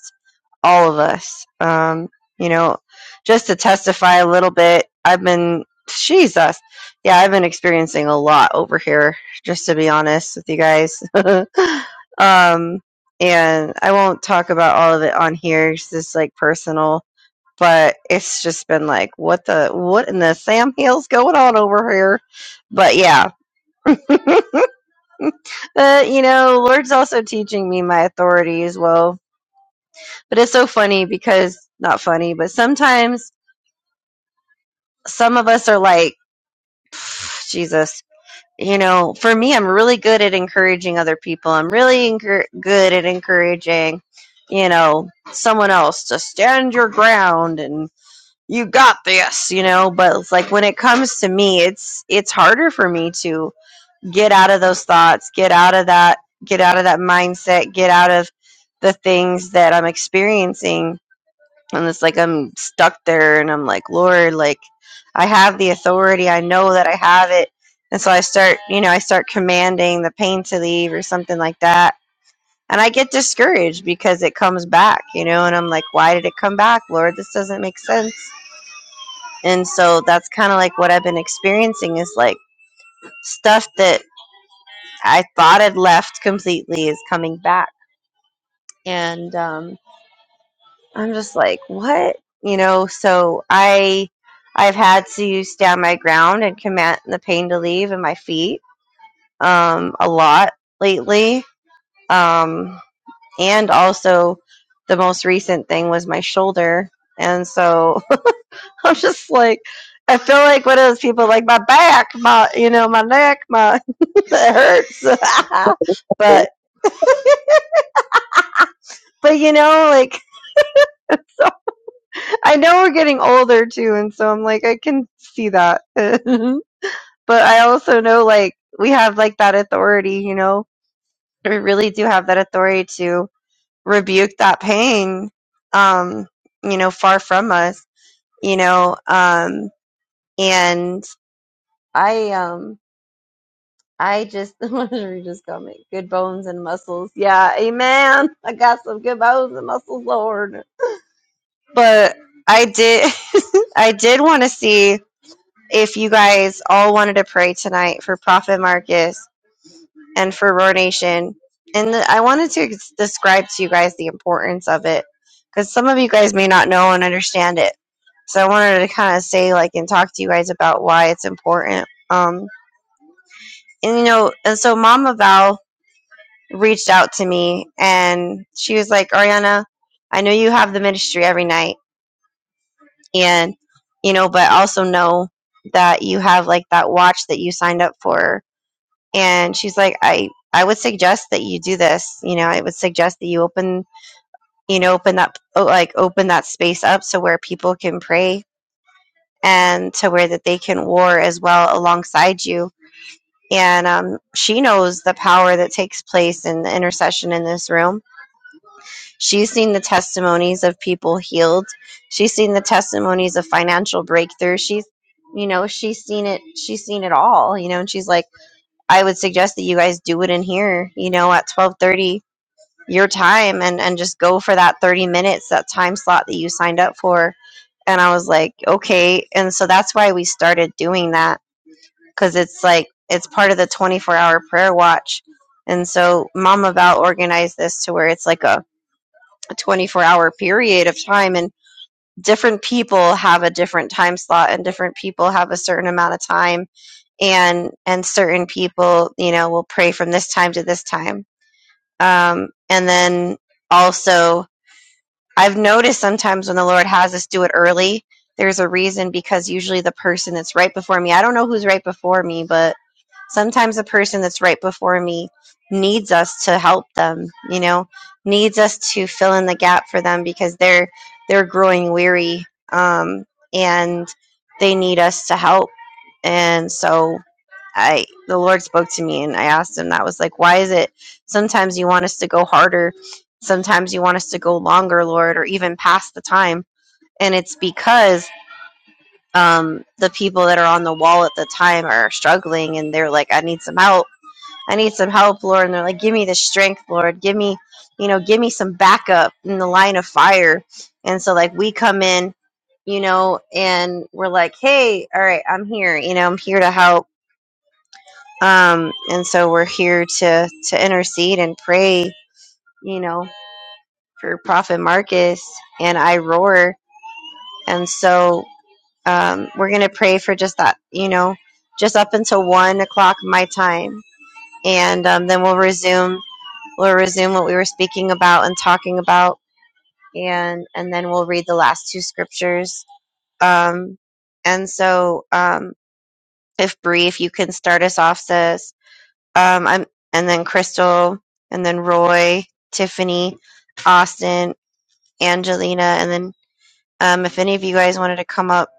Speaker 2: all of us. Um, you know, just to testify a little bit, I've been, Jesus, yeah, I've been experiencing a lot over here, just to be honest with you guys. um, and I won't talk about all of it on here, it's just like personal. But it's just been like, what the, what in the Sam Hill's going on over here? But yeah, but you know, Lord's also teaching me my authority as well. But it's so funny because not funny, but sometimes some of us are like, "Pff, Jesus. You know, for me, I'm really good at encouraging other people. I'm really encour good at encouraging, you know, someone else to stand your ground and you got this, you know. But it's like when it comes to me, it's it's harder for me to get out of those thoughts get out of that get out of that mindset get out of the things that i'm experiencing and it's like i'm stuck there and i'm like lord like i have the authority i know that i have it and so i start you know i start commanding the pain to leave or something like that and i get discouraged because it comes back you know and i'm like why did it come back lord this doesn't make sense and so that's kind of like what i've been experiencing is like stuff that I thought had left completely is coming back. And um, I'm just like, what? You know, so I I've had to stand my ground and command the pain to leave in my feet um, a lot lately. Um, and also the most recent thing was my shoulder. And so I'm just like I feel like one of those people like my back, my you know, my neck, my it hurts.
Speaker 7: Thank
Speaker 2: but but you know, like so I know we're getting older too, and so I'm like, I can see that. but I also know like we have like that authority, you know, we really do have that authority to rebuke that pain, um, you know, far from us, you know, um, and I, um, I just what did we just call me? Good bones and muscles. Yeah, amen. I got some good bones and muscles, Lord. But I did, I did want to see. if you guys all wanted to pray tonight for Prophet Marcus and for Roar Nation. And the, I wanted to ex- describe to you guys the importance of it because some of you guys may not know and understand it. So I wanted to kind of say, like, and talk to you guys about why it's important. Um, and you know, and so Mama Val reached out to me and she was like, Ariana, I know you have the ministry every night, and you know, but also know that you have like that watch that you signed up for and she's like i i would suggest that you do this you know i would suggest that you open you know open that oh, like open that space up so where people can pray and to where that they can war as well alongside you and um, she knows the power that takes place in the intercession in this room she's seen the testimonies of people healed she's seen the testimonies of financial breakthrough she's you know she's seen it she's seen it all you know and she's like I would suggest that you guys do it in here, you know, at 12:30 your time and and just go for that 30 minutes, that time slot that you signed up for. And I was like, okay. And so that's why we started doing that cuz it's like it's part of the 24-hour prayer watch. And so Mama Val organized this to where it's like a 24-hour period of time and different people have a different time slot and different people have a certain amount of time and and certain people you know will pray from this time to this time um and then also I've noticed sometimes when the Lord has us do it early, there's a reason because usually the person that's right before me, I don't know who's right before me, but sometimes the person that's right before me needs us to help them, you know, needs us to fill in the gap for them because they're they're growing weary um, and they need us to help. And so I the Lord spoke to me and I asked him that was like, why is it sometimes you want us to go harder Sometimes you want us to go longer, Lord, or even past the time. And it's because um, the people that are on the wall at the time are struggling and they're like, I need some help. I need some help, Lord. And they're like, Give me the strength, Lord. Give me, you know, give me some backup in the line of fire. And so, like, we come in, you know, and we're like, Hey, all right, I'm here. You know, I'm here to help. Um, and so we're here to to intercede and pray, you know, for Prophet Marcus and I Roar. And so um, we're going to pray for just that, you know, just up until one o'clock my time. And um, then we'll resume, we'll resume what we were speaking about and talking about. And, and then we'll read the last two scriptures. Um, and so, um, if Bree, if you can start us off, sis. Um, I'm, and then Crystal, and then Roy, Tiffany, Austin, Angelina, and then. Um, if any of you guys wanted to come up,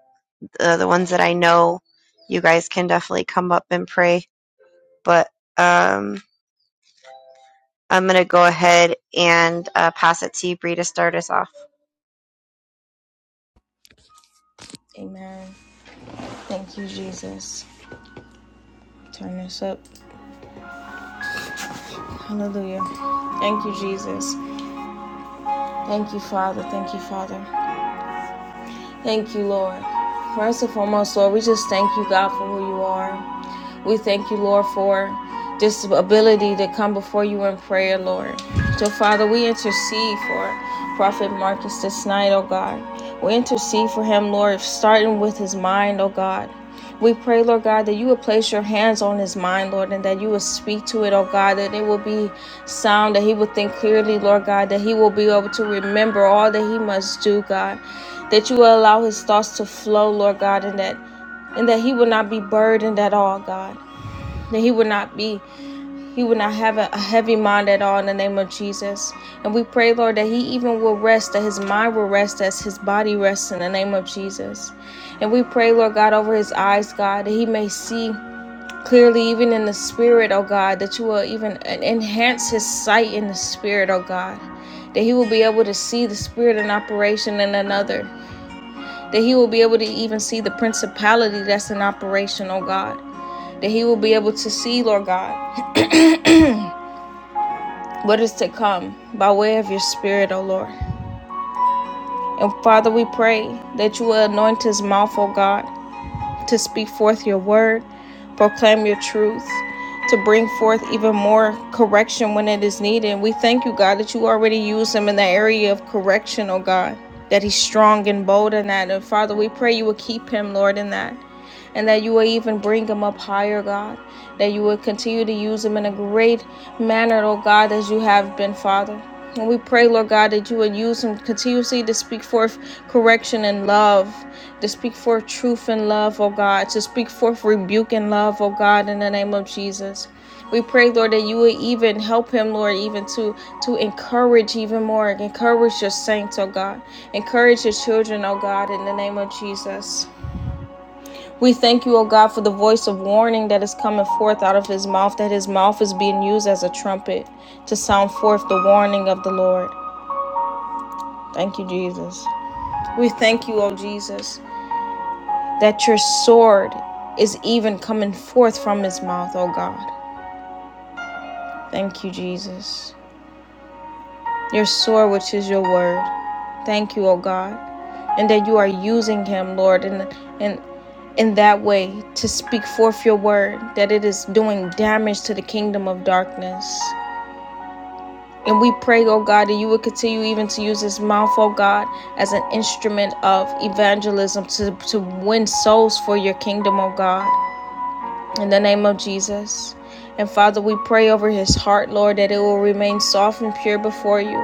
Speaker 2: uh, the ones that I know, you guys can definitely come up and pray. But um, I'm going to go ahead and uh, pass it to you, Bree, to start us off.
Speaker 1: Amen. Thank you, Jesus. Turn this up. Hallelujah. Thank you, Jesus. Thank you, Father. Thank you, Father. Thank you, Lord. First and foremost, Lord, we just thank you, God, for who you are. We thank you, Lord, for this ability to come before you in prayer, Lord. So, Father, we intercede for Prophet Marcus this night, oh God. We intercede for him, Lord, starting with his mind, oh God. We pray, Lord God, that you would place your hands on his mind, Lord, and that you would speak to it, oh God, that it will be sound, that he will think clearly, Lord God, that he will be able to remember all that he must do, God. That you will allow his thoughts to flow, Lord God, and that and that he will not be burdened at all, God that he would not be, he would not have a, a heavy mind at all in the name of Jesus. And we pray, Lord, that he even will rest, that his mind will rest as his body rests in the name of Jesus. And we pray, Lord God, over his eyes, God, that he may see clearly, even in the spirit, oh God, that you will even enhance his sight in the spirit, oh God. That he will be able to see the spirit in operation in another. That he will be able to even see the principality that's in operation, oh God. That he will be able to see, Lord God. what is to come by way of your Spirit, O Lord. And Father, we pray that you will anoint his mouth, O God, to speak forth your word, proclaim your truth, to bring forth even more correction when it is needed. And we thank you, God, that you already use him in the area of correction, O God, that he's strong and bold in that. And Father, we pray you will keep him, Lord, in that and that you will even bring him up higher, God. That you will continue to use him in a great manner, oh God, as you have been, Father. And we pray, Lord God, that you would use him continuously to speak forth correction and love, to speak forth truth and love, oh God, to speak forth rebuke and love, oh God, in the name of Jesus. We pray, Lord, that you would even help him, Lord, even to to encourage even more, encourage your saints, oh God, encourage your children, oh God, in the name of Jesus. We thank you, O God, for the voice of warning that is coming forth out of his mouth, that his mouth is being used as a trumpet to sound forth the warning of the Lord. Thank you, Jesus. We thank you, O Jesus, that your sword is even coming forth from his mouth, O God. Thank you, Jesus. your sword, which is your word. Thank you, O God, and that you are using him, Lord, in, in, in that way to speak forth your word, that it is doing damage to the kingdom of darkness. And we pray, oh God, that you would continue even to use this mouth, oh God, as an instrument of evangelism to, to win souls for your kingdom, oh God in the name of Jesus. And Father, we pray over his heart, Lord, that it will remain soft and pure before you.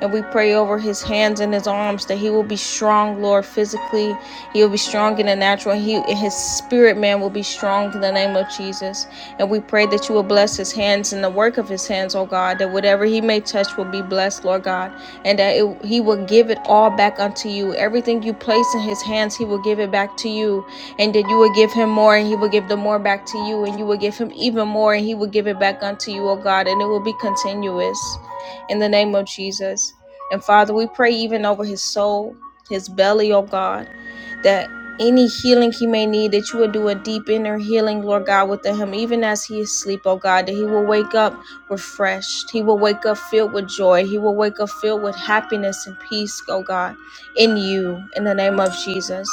Speaker 1: And we pray over his hands and his arms that he will be strong, Lord, physically. He will be strong in the natural. And, he, and his spirit, man, will be strong in the name of Jesus. And we pray that you will bless his hands and the work of his hands, oh God, that whatever he may touch will be blessed, Lord God. And that it, he will give it all back unto you. Everything you place in his hands, he will give it back to you and then you will give him more and he will give the more back to you and you will give him even more and he will give it back unto you O god and it will be continuous in the name of jesus and father we pray even over his soul his belly O god that any healing he may need, that you will do a deep inner healing, Lord God, within him, even as he is asleep, oh God, that he will wake up refreshed. He will wake up filled with joy. He will wake up filled with happiness and peace, oh God, in you, in the name of Jesus.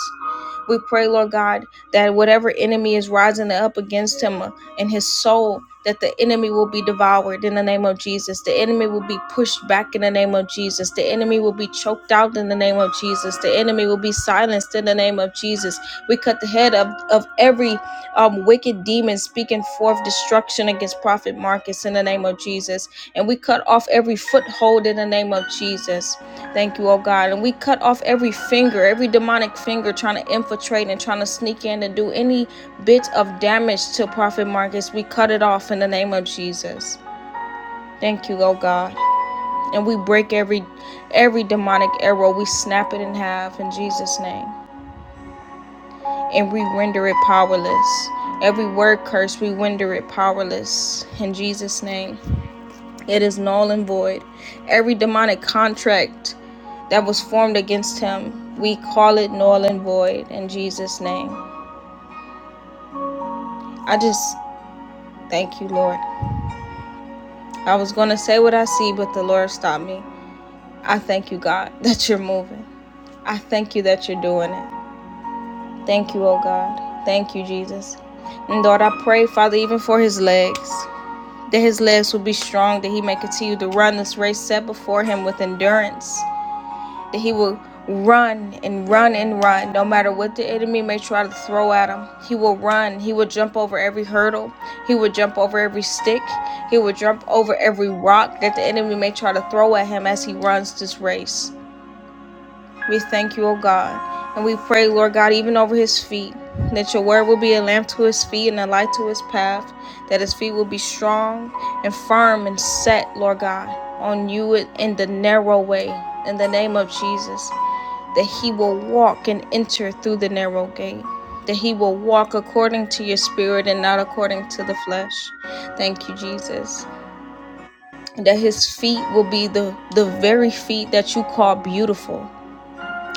Speaker 1: We pray, Lord God, that whatever enemy is rising up against him and his soul, that the enemy will be devoured in the name of Jesus. The enemy will be pushed back in the name of Jesus. The enemy will be choked out in the name of Jesus. The enemy will be silenced in the name of Jesus. We cut the head of, of every um, wicked demon speaking forth destruction against Prophet Marcus in the name of Jesus. And we cut off every foothold in the name of Jesus. Thank you, oh God. And we cut off every finger, every demonic finger trying to infiltrate and trying to sneak in and do any bit of damage to Prophet Marcus. We cut it off in the name of Jesus. Thank you, oh God. And we break every every demonic arrow. We snap it in half in Jesus' name. And we render it powerless. Every word curse, we render it powerless in Jesus' name. It is null and void. Every demonic contract that was formed against him. We call it null and void in Jesus' name. I just thank you, Lord. I was going to say what I see, but the Lord stopped me. I thank you, God, that you're moving. I thank you that you're doing it. Thank you, oh God. Thank you, Jesus. And Lord, I pray, Father, even for his legs, that his legs will be strong, that he may continue to run this race set before him with endurance. that he will run and run and run no matter what the enemy may try to throw at him he will run he will jump over every hurdle he will jump over every stick he will jump over every rock that the enemy may try to throw at him as he runs this race we thank you o god and we pray lord god even over his feet that your word will be a lamp to his feet and a light to his path that his feet will be strong and firm and set lord god on you in the narrow way in the name of jesus that he will walk and enter through the narrow gate, that he will walk according to your spirit and not according to the flesh. Thank you, Jesus. That his feet will be the, the very feet that you call beautiful.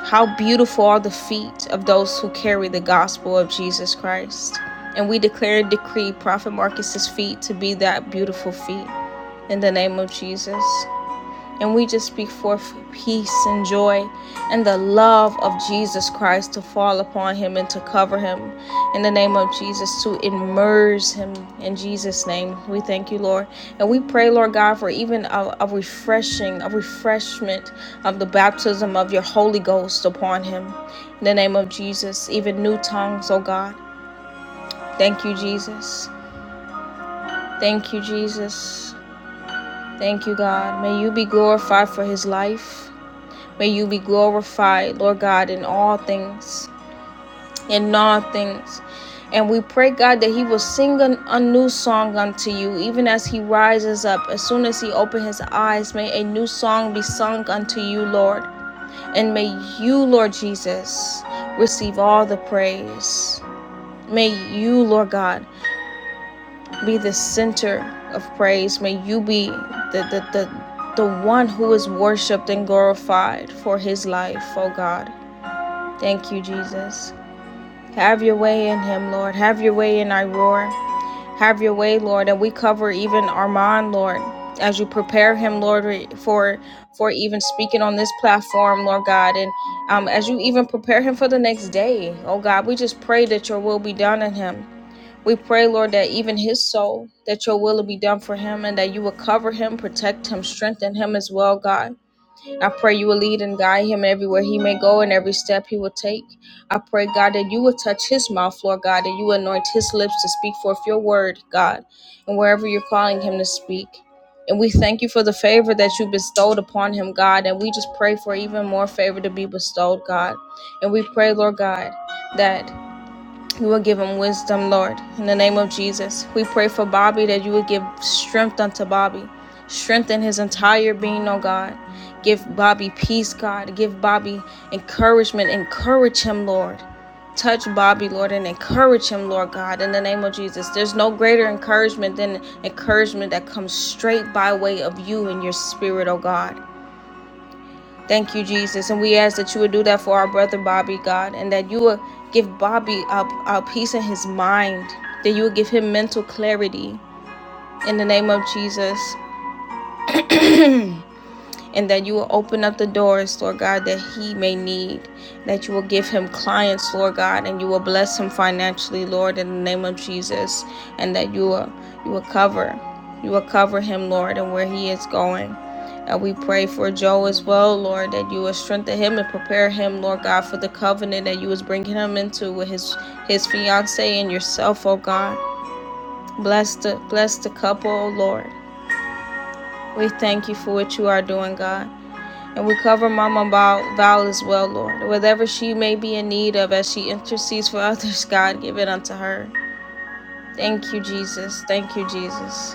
Speaker 1: How beautiful are the feet of those who carry the gospel of Jesus Christ. And we declare and decree Prophet Marcus's feet to be that beautiful feet in the name of Jesus. And we just speak forth peace and joy and the love of Jesus Christ to fall upon him and to cover him in the name of Jesus, to immerse him in Jesus' name. We thank you, Lord. And we pray, Lord God, for even a, a refreshing, a refreshment of the baptism of your Holy Ghost upon him in the name of Jesus, even new tongues, oh God. Thank you, Jesus. Thank you, Jesus. Thank you, God. May you be glorified for his life. May you be glorified, Lord God, in all things, in all things. And we pray, God, that he will sing an, a new song unto you, even as he rises up. As soon as he opens his eyes, may a new song be sung unto you, Lord. And may you, Lord Jesus, receive all the praise. May you, Lord God, be the center of praise. May you be the, the, the, the one who is worshiped and glorified for his life, oh God. Thank you, Jesus. Have your way in him, Lord. Have your way in Iroar. Have your way, Lord. And we cover even Armand, Lord, as you prepare him, Lord, for for even speaking on this platform, Lord God. And um, as you even prepare him for the next day, oh God, we just pray that your will be done in him. We pray, Lord, that even his soul, that your will will be done for him and that you will cover him, protect him, strengthen him as well, God. I pray you will lead and guide him everywhere he may go and every step he will take. I pray, God, that you will touch his mouth, Lord God, that you anoint his lips to speak forth your word, God, and wherever you're calling him to speak. And we thank you for the favor that you bestowed upon him, God. And we just pray for even more favor to be bestowed, God. And we pray, Lord God, that you will give him wisdom, Lord. In the name of Jesus, we pray for Bobby that you would give strength unto Bobby. Strengthen his entire being, oh God. Give Bobby peace, God. Give Bobby encouragement. Encourage him, Lord. Touch Bobby, Lord, and encourage him, Lord God, in the name of Jesus. There's no greater encouragement than encouragement that comes straight by way of you and your spirit, oh God. Thank you, Jesus. And we ask that you would do that for our brother Bobby, God, and that you would give Bobby a, a peace in his mind, that you would give him mental clarity in the name of Jesus. and that you will open up the doors, Lord God, that he may need, that you will give him clients, Lord God, and you will bless him financially, Lord, in the name of Jesus, and that you will you will cover, you will cover him, Lord, and where he is going. And we pray for Joe as well, Lord, that you will strengthen him and prepare him, Lord God, for the covenant that you was bringing him into with his his fiance and yourself, oh God. Bless the bless the couple, oh Lord. We thank you for what you are doing, God. And we cover Mama Val, as well, Lord. Whatever she may be in need of as she intercedes for others, God, give it unto her. Thank you, Jesus. Thank you, Jesus.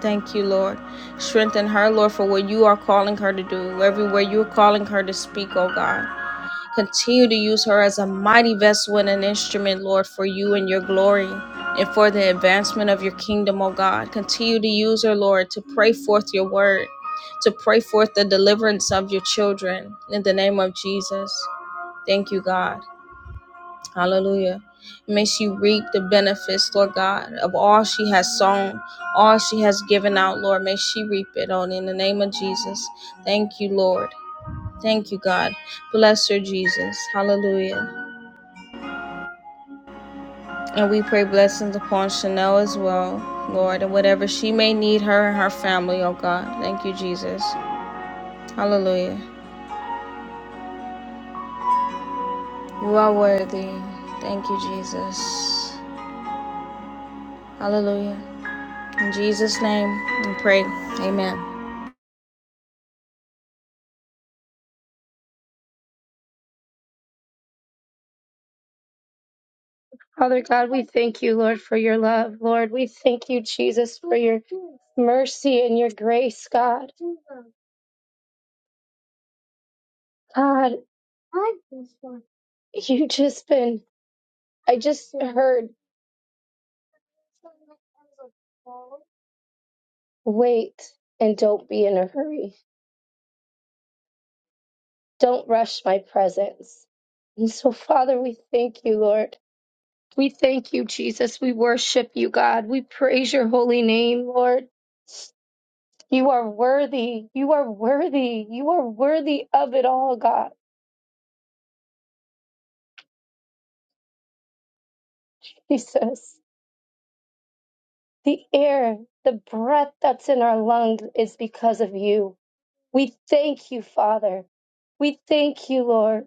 Speaker 1: Thank you, Lord. Strengthen her, Lord, for what you are calling her to do, everywhere you're calling her to speak, oh God. Continue to use her as a mighty vessel and an instrument, Lord, for you and your glory and for the advancement of your kingdom, O God. Continue to use her, Lord, to pray forth your word, to pray forth the deliverance of your children in the name of Jesus. Thank you, God. Hallelujah. May she reap the benefits, Lord God, of all she has sown, all she has given out, Lord. May she reap it on in the name of Jesus. Thank you, Lord. Thank you, God. Bless her, Jesus. Hallelujah. And we pray blessings upon Chanel as well, Lord, and whatever she may need, her and her family, oh God. Thank you, Jesus. Hallelujah. You are worthy. Thank you, Jesus. Hallelujah. In Jesus' name, we pray. Amen.
Speaker 4: Father God, we thank you, Lord, for your love. Lord, we thank you, Jesus, for your mercy and your grace, God. God, You just been, I just heard, wait and don't be in a hurry. Don't rush my presence. And so, Father, we thank you, Lord. We thank you, Jesus. We worship you, God. We praise your holy name, Lord. You are worthy. You are worthy. You are worthy of it all, God. Jesus, the air, the breath that's in our lungs is because of you. We thank you, Father. We thank you, Lord.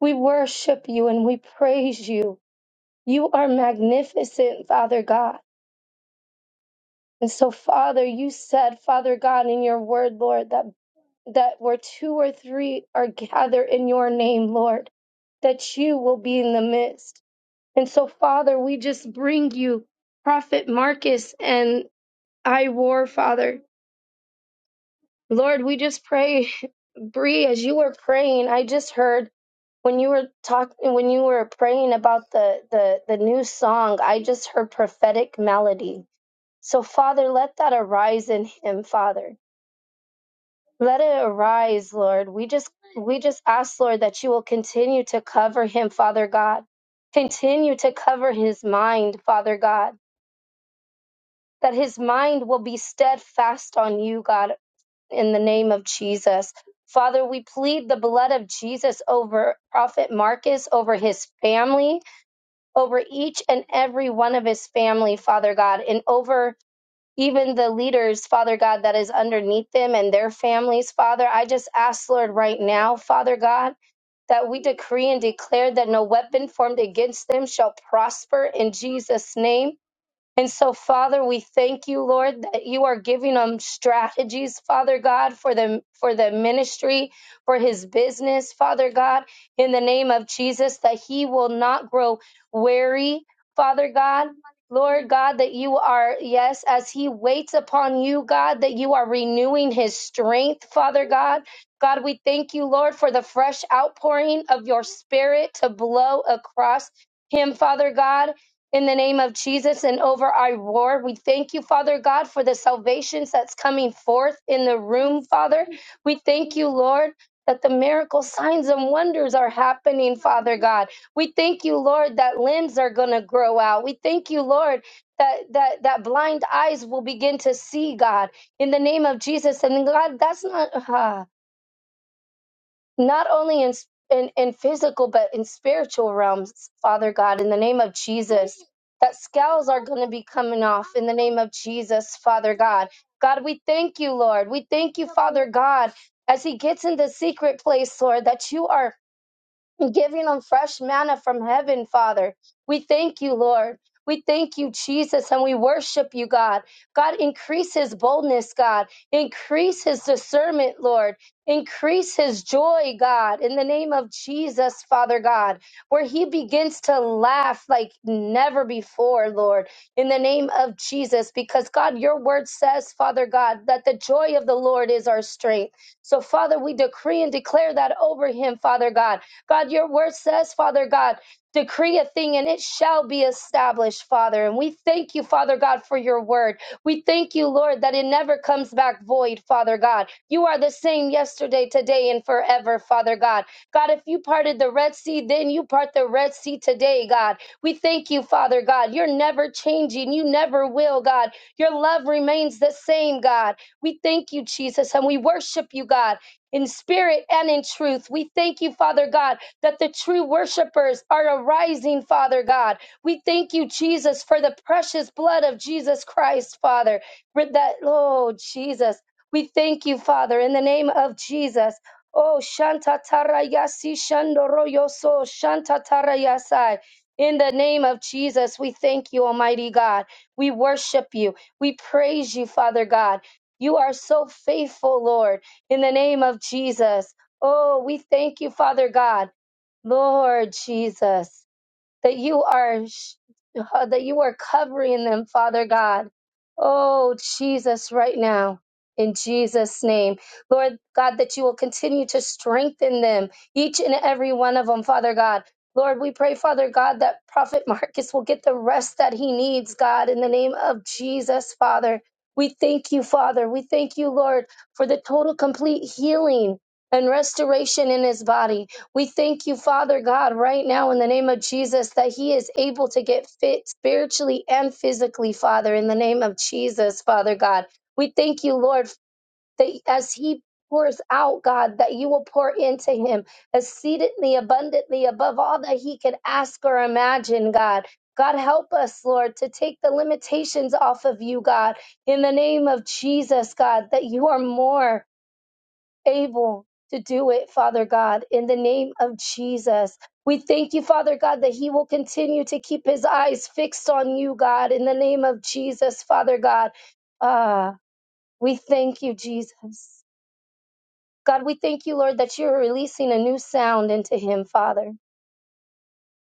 Speaker 4: We worship you and we praise you. You are magnificent, Father God. And so, Father, you said, Father God, in your word, Lord, that that where two or three are gathered in your name, Lord, that you will be in the midst. And so, Father, we just bring you Prophet Marcus and I War, Father. Lord, we just pray, Bree, as you were praying, I just heard when you were talking, when you were praying about the, the, the new song, I just heard prophetic melody. So, Father, let that arise in him, Father. Let it arise, Lord. We just, we just ask, Lord, that you will continue to cover him, Father God. Continue to cover his mind, Father God. That his mind will be steadfast on you, God. in the name of Jesus. Father, we plead the blood of Jesus over Prophet Marcus, over his family, over each and every one of his family, Father God, and over even the leaders, Father God, that is underneath them and their families, Father. I just ask, Lord, right now, Father God, that we decree and declare that no weapon formed against them shall prosper in Jesus' name and so, Father, we thank you, Lord, that you are giving him strategies, Father God, for the for the ministry, for his business, Father God, in the name of Jesus, that he will not grow weary, Father God. Lord God, that you are, yes, as he waits upon you, God, that you are renewing his strength, Father God. God, we thank you, Lord, for the fresh outpouring of your spirit to blow across him, Father God in the name of Jesus and over our war. We thank you, Father God, for the salvations that's coming forth in the room, Father. We thank you, Lord. That the miracle signs and wonders are happening, Father God. We thank you, Lord, that limbs are gonna grow out. We thank you, Lord, that that that blind eyes will begin to see, God, in the name of Jesus. And God, that's not. Uh, not only in, in in physical but in spiritual realms father god in the name of jesus that scales are going to be coming off in the name of jesus father god god we thank you lord we thank you father god as he gets in the secret place lord that you are giving them fresh manna from heaven, Father. We thank you, Lord. We thank you, Jesus, and we worship you, God. God, increase his boldness, God. Increase his discernment, Lord. Increase his joy, God, in the name of Jesus, Father God, where he begins to laugh like never before, Lord, in the name of Jesus, because God, your word says, Father God, that the joy of the Lord is our strength. So, Father, we decree and declare that over him, Father God God, your word says, Father God, decree a thing and it shall be established, Father. And we thank you, Father God, for your word. We thank you, Lord, that it never comes back void, Father God. You are the same yesterday, today, and forever, Father God. God, if you parted the Red Sea, then you part the Red Sea today, God. We thank you, Father God. You're never changing. You never will, God. Your love remains the same, God. We thank you, Jesus, and we worship you, God, in spirit and in truth. We thank you, Father God, that the true worshipers are arising, Father God. We thank you, Jesus, for the precious blood of Jesus Christ, Father. For that, oh, Jesus. We thank you, Father, in the name of Jesus. Oh, Shanta Tarayasi Shandoroyoso, Shanta Tarayasai. In the name of Jesus, we thank you, Almighty God. We worship you. We praise you, Father God. You are so faithful, Lord, in the name of Jesus. Oh, we thank you, Father God. Lord Jesus, that you are sh- uh, that you are covering them, Father God. Oh, Jesus, right now. In Jesus' name, Lord God, that you will continue to strengthen them, each and every one of them, Father God. Lord, we pray, Father God, that Prophet Marcus will get the rest that he needs, God, in the name of Jesus, Father. We thank you, Father. We thank you, Lord, for the total, complete healing and restoration in his body. We thank you, Father God, right now in the name of Jesus, that he is able to get fit spiritually and physically, Father, in the name of Jesus, Father God. We thank you, Lord, that as he pours out, God, that you will pour into him exceedingly abundantly above all that he could ask or imagine, God. God, help us, Lord, to take the limitations off of you, God, in the name of Jesus, God, that you are more able to do it, Father God, in the name of Jesus. We thank you, Father God, that he will continue to keep his eyes fixed on you, God, in the name of Jesus, Father God. Ah, we thank you, Jesus. God, we thank you, Lord, that you're releasing a new sound into him, Father.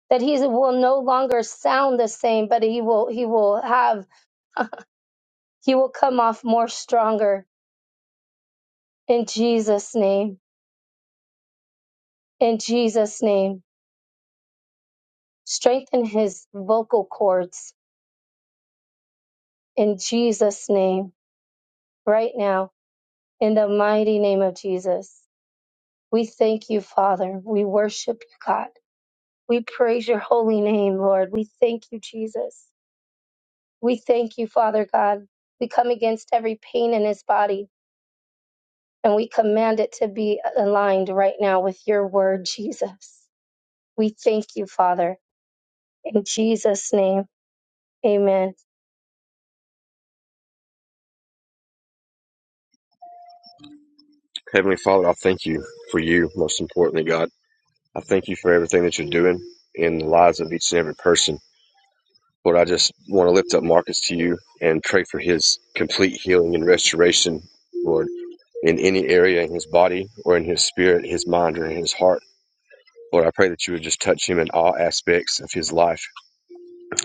Speaker 4: That he will no longer sound the same, but he will he will have he will come off more stronger in Jesus' name. In Jesus' name. Strengthen his vocal cords in Jesus' name right now, in the mighty name of Jesus. We thank you, Father. We worship you, God. We praise your holy name, Lord. We thank you, Jesus. We thank you, Father God. We come against every pain in his body and we command it to be aligned right now with your word, Jesus. We thank you, Father. In Jesus' name, amen.
Speaker 6: Heavenly Father, I thank you for you. Most importantly, God, I thank you for everything that you're doing in the lives of each and every person. Lord, I just want to lift up Marcus to you and pray for his complete healing and restoration. Lord, in any area in his body or in his spirit, his mind, or in his heart. Lord, I pray that you would just touch him in all aspects of his life.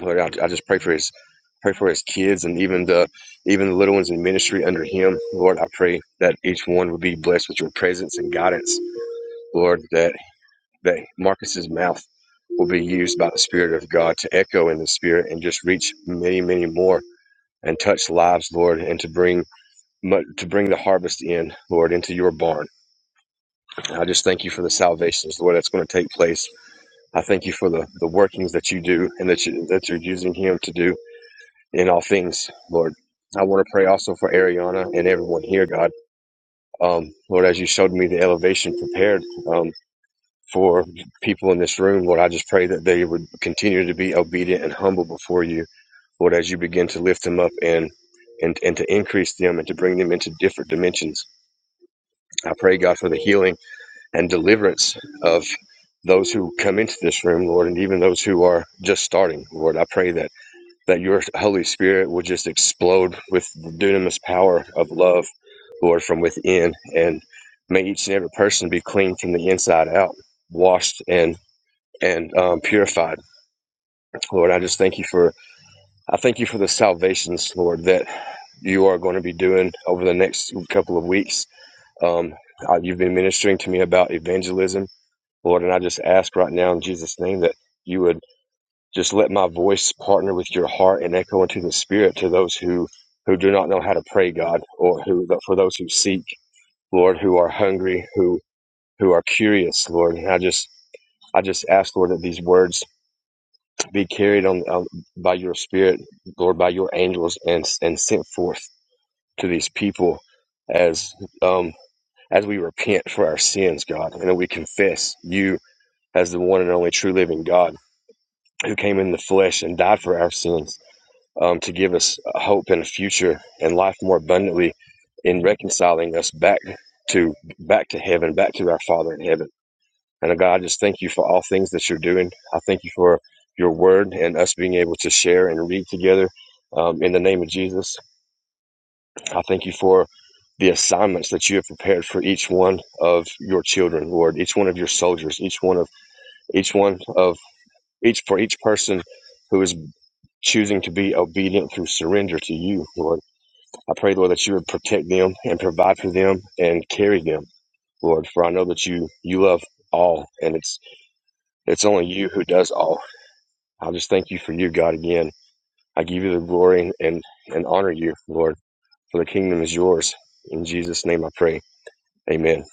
Speaker 6: Lord, I, I just pray for his pray for his kids and even the even the little ones in ministry under him. Lord, I pray that each one would be blessed with your presence and guidance. Lord, that that Marcus's mouth will be used by the Spirit of God to echo in the Spirit and just reach many, many more and touch lives, Lord, and to bring mu- to bring the harvest in, Lord, into your barn. I just thank you for the salvations, Lord, that's going to take place. I thank you for the, the workings that you do and that, you, that you're using him to do in all things, Lord. I want to pray also for Ariana and everyone here, God. Um, Lord, as you showed me the elevation prepared um, for people in this room, Lord, I just pray that they would continue to be obedient and humble before you, Lord, as you begin to lift them up and and, and to increase them and to bring them into different dimensions. I pray, God, for the healing and deliverance of those who come into this room, Lord, and even those who are just starting, Lord. I pray that that your Holy Spirit will just explode with the dunamis power of love, Lord, from within, and may each and every person be clean from the inside out, washed and and um, purified, Lord. I just thank you for I thank you for the salvations, Lord, that you are going to be doing over the next couple of weeks. Um, uh, you've been ministering to me about evangelism Lord, and I just ask right now in Jesus' name that you would just let my voice partner with your heart and echo into the spirit to those who who do not know how to pray, God, or who for those who seek, Lord, who are hungry, who who are curious, Lord. And I just I just ask, Lord, that these words be carried on, on by your spirit, Lord, by your angels, and and sent forth to these people as um as we repent for our sins, God, and that we confess you as the one and only true living God who came in the flesh and died for our sins um, to give us hope and a future and life more abundantly in reconciling us back to back to heaven back to our father in heaven and uh, god I just thank you for all things that you're doing i thank you for your word and us being able to share and read together um, in the name of jesus i thank you for the assignments that you have prepared for each one of your children lord each one of your soldiers each one of each one of each for each person who is. choosing to be obedient through surrender to you, Lord. I pray, Lord, that you would protect them and provide for them and carry them, Lord, for I know that you you love all and it's it's only you who does all. I just thank you for you, God, again. I give you the glory and, and honor you, Lord, for the kingdom is yours. In Jesus' name I pray. Amen.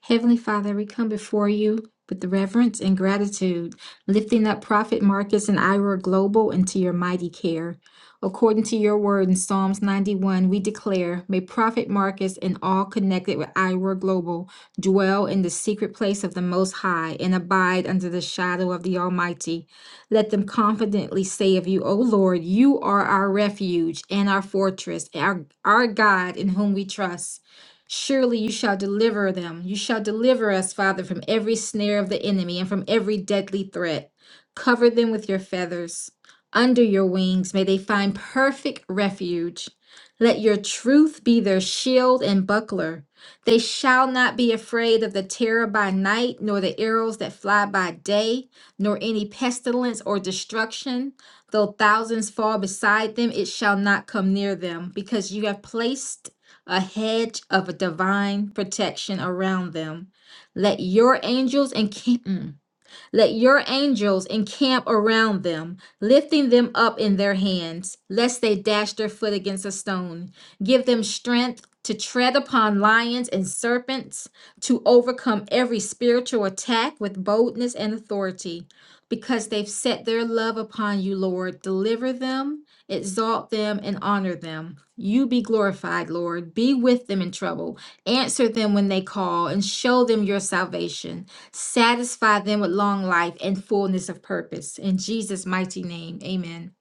Speaker 3: Heavenly Father, we come before you with reverence and gratitude, lifting up Prophet Marcus and Ira Global into your mighty care. According to your word in Psalms 91, we declare, may Prophet Marcus and all connected with Ira Global dwell in the secret place of the Most High and abide under the shadow of the Almighty. Let them confidently say of you, O Lord, you are our refuge and our fortress, our, our God in whom we trust. Surely you shall deliver them. You shall deliver us, Father, from every snare of the enemy and from every deadly threat. Cover them with your feathers. Under your wings may they find perfect refuge. Let your truth be their shield and buckler. They shall not be afraid of the terror by night, nor the arrows that fly by day, nor any pestilence or destruction. Though thousands fall beside them, it shall not come near them, because you have placed a hedge of divine protection around them. Let your angels encamp. mm, let your angels encamp around them, lifting them up in their hands, lest they dash their foot against a stone. Give them strength to tread upon lions and serpents, to overcome every spiritual attack with boldness and authority. Because they've set their love upon you, Lord, deliver them, exalt them, and honor them. You be glorified, Lord. Be with them in trouble. Answer them when they call and show them your salvation. Satisfy them with long life and fullness of purpose. In Jesus' mighty name, amen.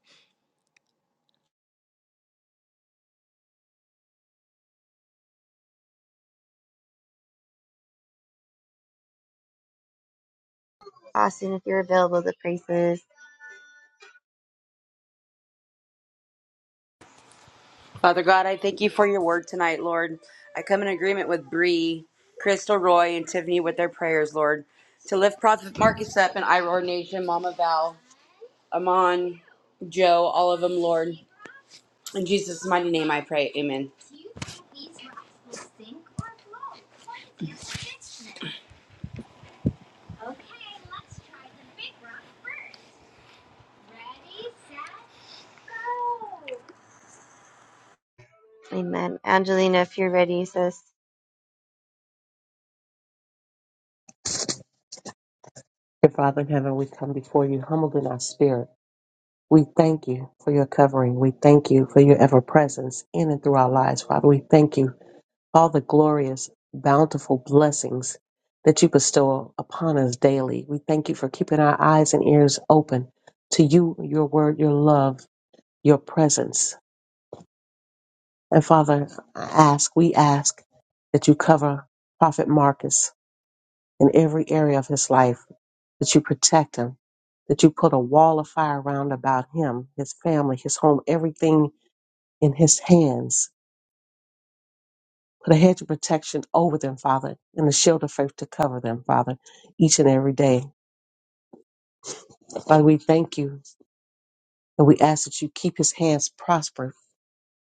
Speaker 2: Austin, if you're available, the praises.
Speaker 5: Father God, I thank you for your word tonight, Lord. I come in agreement with Bree, Crystal Roy, and Tiffany with their prayers, Lord, to lift Prophet Marcus up and Iroar Nation, Mama Val, Amon, Joe, all of them, Lord. In Jesus' mighty name, I pray. Amen.
Speaker 2: Amen. Angelina, if you're ready, sis.
Speaker 7: you, Father in heaven, we come before you humbled in our spirit We thank you for your covering. We thank you for your ever presence in and through our lives, Father. We thank you for all the glorious, bountiful blessings that you bestow upon us daily. We thank you for keeping our eyes and ears open to you, your word, your love, your presence. And Father, I ask, we ask that you cover Prophet Marcus in every area of his life, that you protect him, that you put a wall of fire round about him, his family, his home, everything in his hands. Put a hedge of protection over them, Father, and a shield of faith to cover them, Father, each and every day. Father, we thank you and we ask that you keep his hands prosper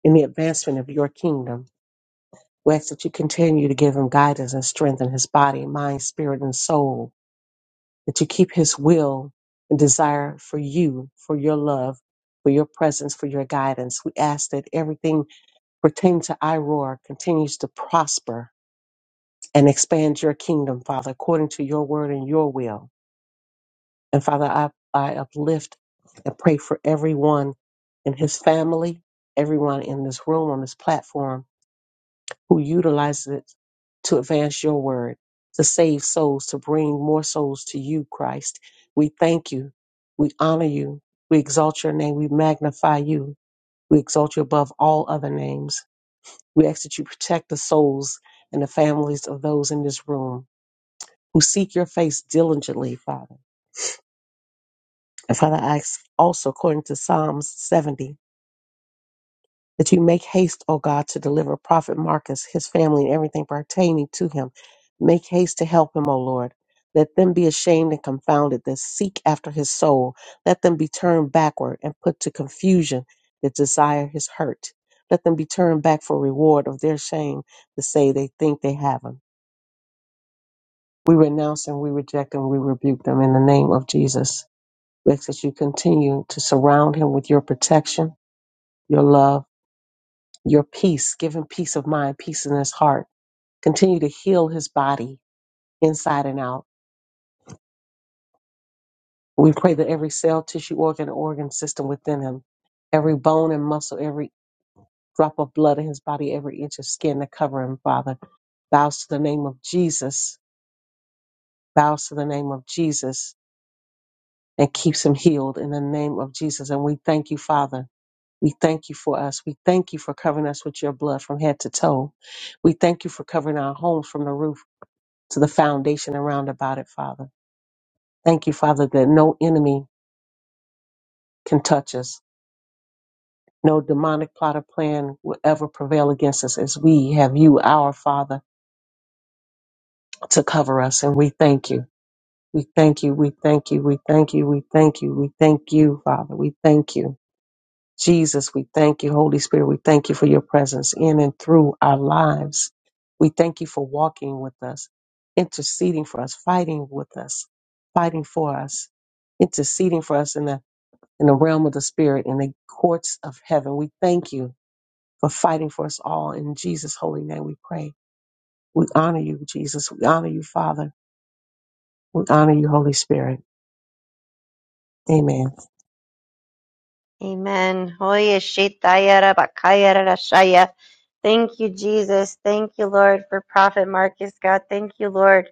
Speaker 7: in the advancement of your kingdom. We ask that you continue to give him guidance and strength in his body, mind, spirit, and soul, that you keep his will and desire for you, for your love, for your presence, for your guidance. We ask that everything pertaining to Iroar continues to prosper and expand your kingdom, Father, according to your word and your will. And Father, I, I uplift and pray for everyone in his family, everyone in this room, on this platform who utilizes it to advance your word, to save souls, to bring more souls to you, Christ. We thank you. We honor you. We exalt your name. We magnify you. We exalt you above all other names. We ask that you protect the souls and the families of those in this room who seek your face diligently, Father. And Father, I ask also according to Psalms 70 that you make haste, O God, to deliver Prophet Marcus, his family, and everything pertaining to him. Make haste to help him, O Lord. Let them be ashamed and confounded that seek after his soul. Let them be turned backward and put to confusion that desire his hurt. Let them be turned back for reward of their shame to say they think they have him. We renounce and we reject and we rebuke them in the name of Jesus. We ask that you continue to surround him with your protection, your love, your peace. Give him peace of mind, peace in his heart. Continue to heal his body inside and out. We pray that every cell, tissue, organ, organ system within him, every bone and muscle, every drop of blood in his body, every inch of skin that cover him, Father, bows to the name of Jesus, bows to the name of Jesus, and keeps him healed in the name of Jesus. And we thank you, Father We thank you for us. We thank you for covering us with your blood from head to toe. We thank you for covering our homes from the roof to the foundation around about it, Father. Thank you, Father, that no enemy can touch us. No demonic plot or plan will ever prevail against us as we have you, our Father, to cover us. And we thank you. We thank you. We thank you. We thank you. We thank you. We thank you, Father. We thank you. Jesus, we thank you. Holy Spirit, we thank you for your presence in and through our lives. We thank you for walking with us, interceding for us, fighting with us, fighting for us, interceding for us in the in the realm of the spirit, in the courts of heaven. We thank you for fighting for us all. In Jesus' holy name we pray. We honor you, Jesus. We honor you, Father. We honor you, Holy Spirit. Amen.
Speaker 2: Amen. Hoya shetaya rabakaya rarashaya. Thank you, Jesus. Thank you, Lord, for Prophet Marcus, God. Thank you, Lord.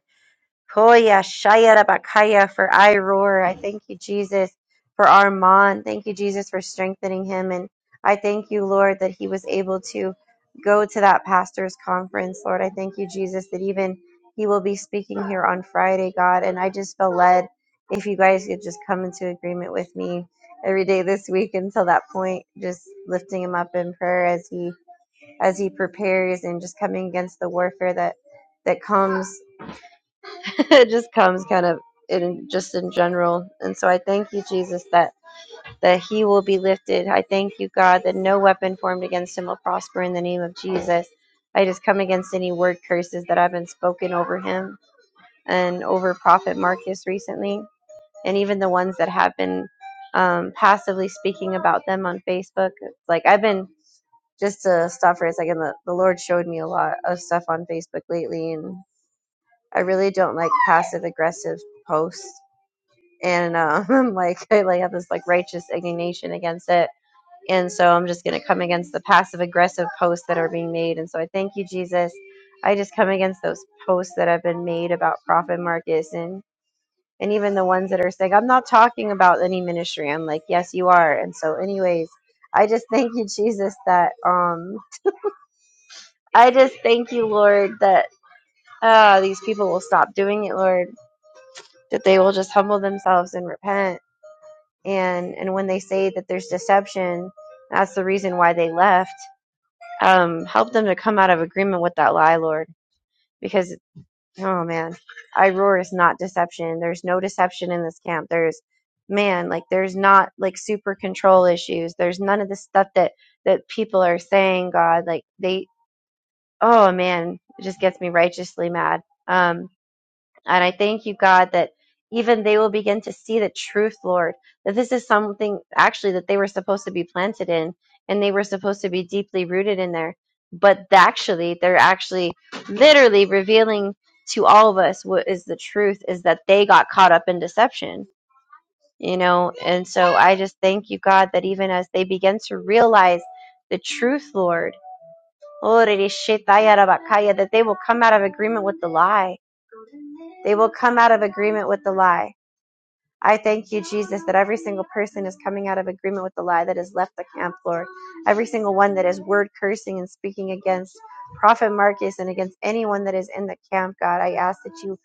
Speaker 2: Hoya Shaya Rabakaya for I Roar. I thank you, Jesus, for Armand. Thank you, Jesus, for strengthening him. And I thank you, Lord, that he was able to go to that pastor's conference. Lord, I thank you, Jesus, that even he will be speaking here on Friday, God. And I just feel led if you guys could just come into agreement with me every day this week until that point, just lifting him up in prayer as he as he prepares and just coming against the warfare that that comes it just comes kind of in just in general. And so I thank you, Jesus, that that he will be lifted. I thank you, God, that no weapon formed against him will prosper in the name of Jesus. I just come against any word curses that have been spoken over him and over Prophet Marcus recently, and even the ones that have been um, passively speaking about them on Facebook. Like I've been just to stop for a second. The, the Lord showed me a lot of stuff on Facebook lately, and I really don't like passive aggressive posts and um, I'm like I like have this like righteous indignation against it. And so I'm just gonna come against the passive aggressive posts that are being made. And so I thank you, Jesus. I just come against those posts that have been made about Prophet Marcus and and even the ones that are saying I'm not talking about any ministry. I'm like, yes, you are. And so, anyways, I just thank you, Jesus, that um I just thank you, Lord, that uh, these people will stop doing it, Lord, that they will just humble themselves and repent and and when they say that there's deception that's the reason why they left um help them to come out of agreement with that lie lord because oh man i roar is not deception there's no deception in this camp there's man like there's not like super control issues there's none of the stuff that that people are saying god like they oh man it just gets me righteously mad um and I thank you, God, that even they will begin to see the truth, Lord, that this is something actually that they were supposed to be planted in and they were supposed to be deeply rooted in there. But th- actually, they're actually literally revealing to all of us what is the truth is that they got caught up in deception, you know? And so I just thank you, God, that even as they begin to realize the truth, Lord, that they will come out of agreement with the lie. They will come out of agreement with the lie I thank you, Jesus, that every single person is coming out of agreement with the lie that has left the camp, Lord. Every single one that is word cursing and speaking against Prophet Marcus and against anyone that is in the camp, God, I ask that you,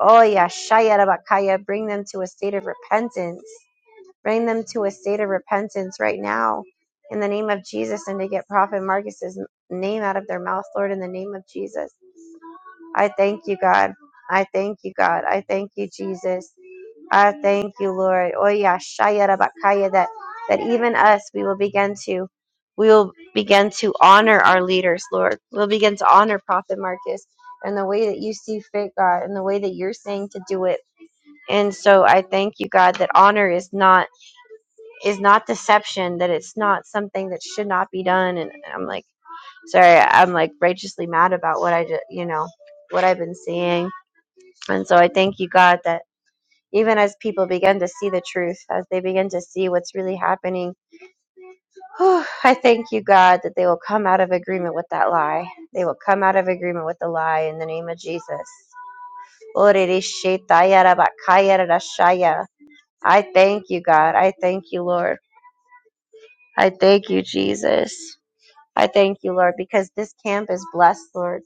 Speaker 2: oh yeah, Shayarabakaya, bring them to a state of repentance. Bring them to a state of repentance right now in the name of Jesus and to get Prophet Marcus's name out of their mouth, Lord, in the name of Jesus. I thank you, God. I thank you, God. I thank you, Jesus. I thank you, Lord. Oya shaya rabakaya, That that even us, we will begin to, we will begin to honor our leaders, Lord. We'll begin to honor Prophet Marcus and the way that you see fit, God, and the way that you're saying to do it. And so I thank you, God, that honor is not is not deception. That it's not something that should not be done. And I'm like, sorry, I'm like righteously mad about what I just, you know, what I've been seeing. And so I thank you, God, that even as people begin to see the truth, as they begin to see what's really happening. whew, I thank you, God, that they will come out of agreement with that lie. They will come out of agreement with the lie in the name of Jesus. I thank you, God. I thank you, Lord. I thank you, Jesus. I thank you, Lord, because this camp is blessed, Lord.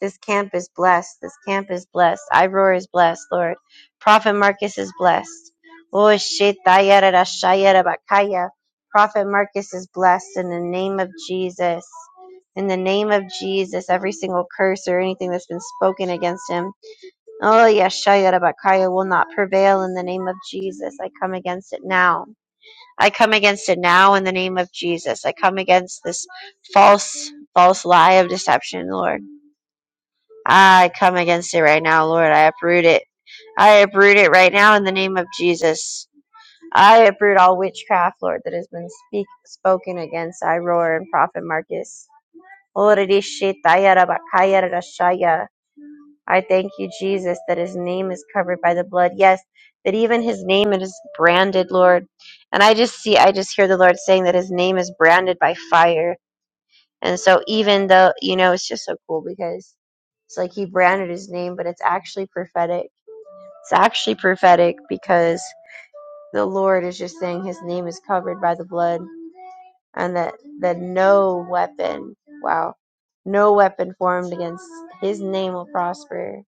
Speaker 2: This camp is blessed. This camp is blessed. Iroar is blessed, Lord. Prophet Marcus is blessed. Oh, shit, dayarara, bakaya. Prophet Marcus is blessed in the name of Jesus. In the name of Jesus, every single curse or anything that's been spoken against him, oh, yes, shayara, bakaya will not prevail in the name of Jesus. I come against it now. I come against it now in the name of Jesus. I come against this false, false lie of deception, Lord. I come against it right now, Lord. I uproot it. I uproot it right now in the name of Jesus. I uproot all witchcraft, Lord, that has been speak, spoken against Iroar and Prophet Marcus. I thank you, Jesus, that his name is covered by the blood. Yes, that even his name is branded, Lord. And I just see, I just hear the Lord saying that his name is branded by fire. And so even though, you know, it's just so cool because it's like he branded his name, but it's actually prophetic. It's actually prophetic because the Lord is just saying his name is covered by the blood and that, that no weapon, wow, no weapon formed against his name will prosper.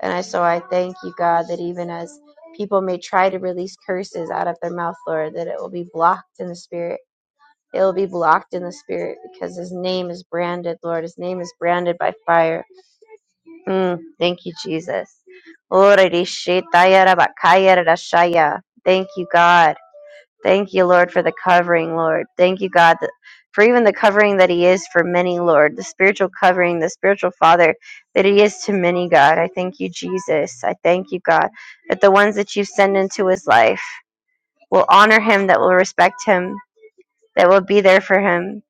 Speaker 2: And I, so I thank you, God, that even as people may try to release curses out of their mouth, Lord, that it will be blocked in the spirit it will be blocked in the spirit because his name is branded, Lord. His name is branded by fire. Mm, thank you, Jesus. Orerishitayarabakayarashaya. Thank you, God. Thank you, Lord, for the covering, Lord. Thank you, God, that, for even the covering that He is for many, Lord, the spiritual covering, the spiritual Father that He is to many, God. I thank you, Jesus. I thank you, God, that the ones that you send into His life will honor Him, that will respect Him, that will be there for Him,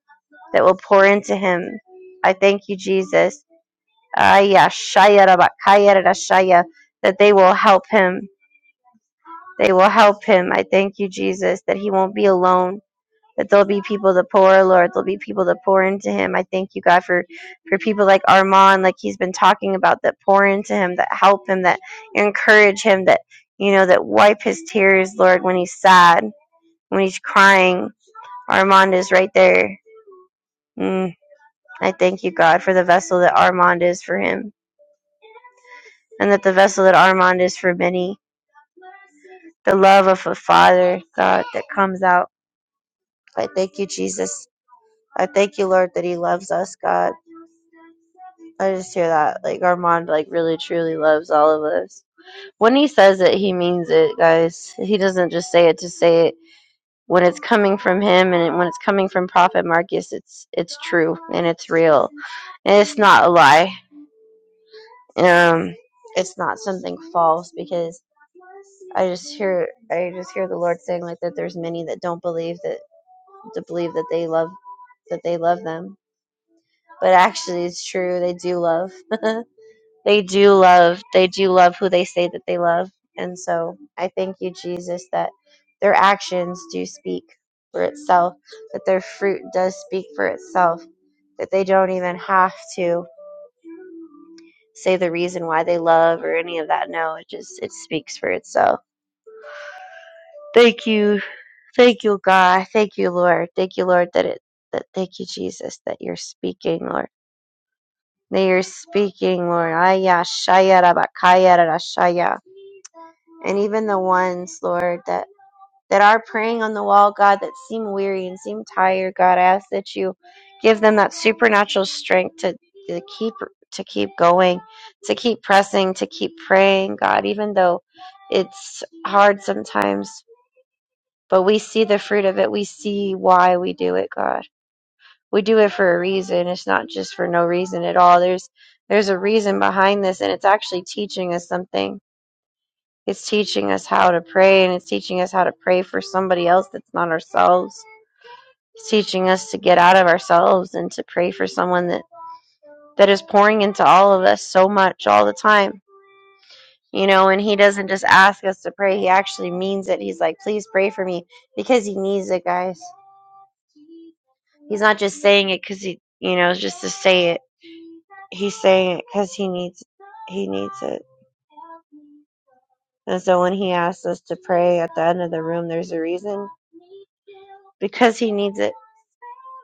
Speaker 2: that will pour into him. I thank you, Jesus. Aya, shaya, raba, kaya, That they will help him. They will help him. I thank you, Jesus, that he won't be alone. That there'll be people to pour, Lord. There'll be people to pour into him. I thank you, God, for, for people like Armand, like he's been talking about, that pour into him, that help him, that encourage him, that, you know, that wipe his tears, Lord, when he's sad, when he's crying. Armand is right there. Mm. I thank you, God, for the vessel that Armand is for him, and that the vessel that Armand is for many. The love of a father, God, that comes out. I thank you, Jesus. I thank you, Lord, that he loves us, God. I just hear that. Like, Armand, like, really, truly loves all of us. When he says it, he means it, guys. He doesn't just say it to say it. When it's coming from him and when it's coming from Prophet Marcus, it's it's true and it's real. And it's not a lie. Um, it's not something false because I just hear I just hear the Lord saying like that there's many that don't believe that to believe that they love that they love them. But actually it's true, they do love. they do love. They do love who they say that they love. And so I thank you, Jesus, that their actions do speak for itself, that their fruit does speak for itself, that they don't even have to say the reason why they love or any of that. No, it just it speaks for itself. Thank you Thank you, God. Thank you, Lord. Thank you, Lord, that it that thank you, Jesus, that you're speaking, Lord. That you're speaking, Lord. Aya shaya rabakaya rarashaya. And even the ones, Lord, that that are praying on the wall, God, that seem weary and seem tired, God, I ask that you give them that supernatural strength to, to keep to keep going, to keep pressing, to keep praying, God, even though it's hard sometimes, but we see the fruit of it. We see why we do it, God we do it for a reason. It's not just for no reason at all. There's there's a reason behind this and it's actually teaching us something. It's teaching us how to pray and it's teaching us how to pray for somebody else that's not ourselves. It's teaching us to get out of ourselves and to pray for someone that that is pouring into all of us so much all the time. You know, and he doesn't just ask us to pray, he actually means it. He's like, "Please pray for me" because he needs it, guys. He's not just saying it cuz he, you know, just to say it he's saying it because he needs he needs it. And so when he asks us to pray at the end of the room, there's a reason because he needs it.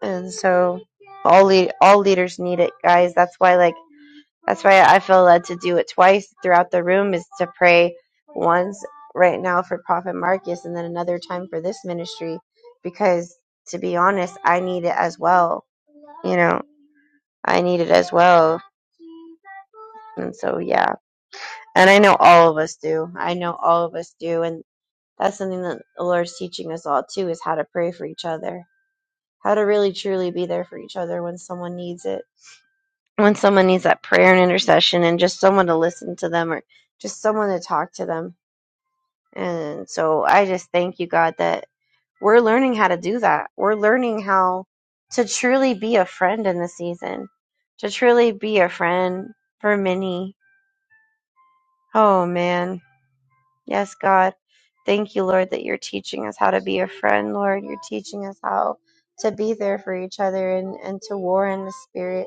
Speaker 2: And so all lead, all leaders need it, guys. That's why like that's why I feel led to do it twice throughout the room is to pray once right now for Prophet Marcus and then another time for this ministry because to be honest, I need it as well. You know, I need it as well. And so yeah. And I know all of us do. I know all of us do. And That's something that the Lord's teaching us all too is how to pray for each other, how to really truly be there for each other when someone needs it, when someone needs that prayer and intercession, and just someone to listen to them or just someone to talk to them. And so I just thank you, God, that we're learning how to do that. We're learning how to truly be a friend in the season, to truly be a friend for many. Oh man, Yes, God. Thank you, Lord, that you're teaching us how to be a friend, Lord. You're teaching us how to be there for each other and, and to war in the spirit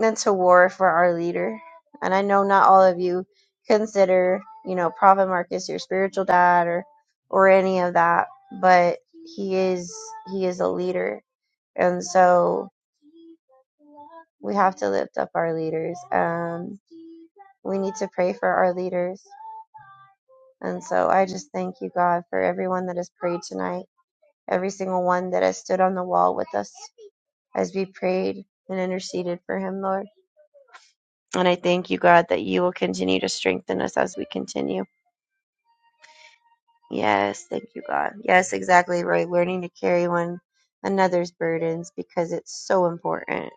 Speaker 2: and to war for our leader. And I know not all of you consider, you know, Prophet Marcus your spiritual dad or or any of that, but he is he is a leader. And so we have to lift up our leaders. Um we need to pray for our leaders. And so I just thank you, God, for everyone that has prayed tonight. every single one that has stood on the wall with us as we prayed and interceded for him, Lord. And I thank you, God, that you will continue to strengthen us as we continue. Yes, thank you, God. Yes, exactly right. Learning to carry one another's burdens because it's so important.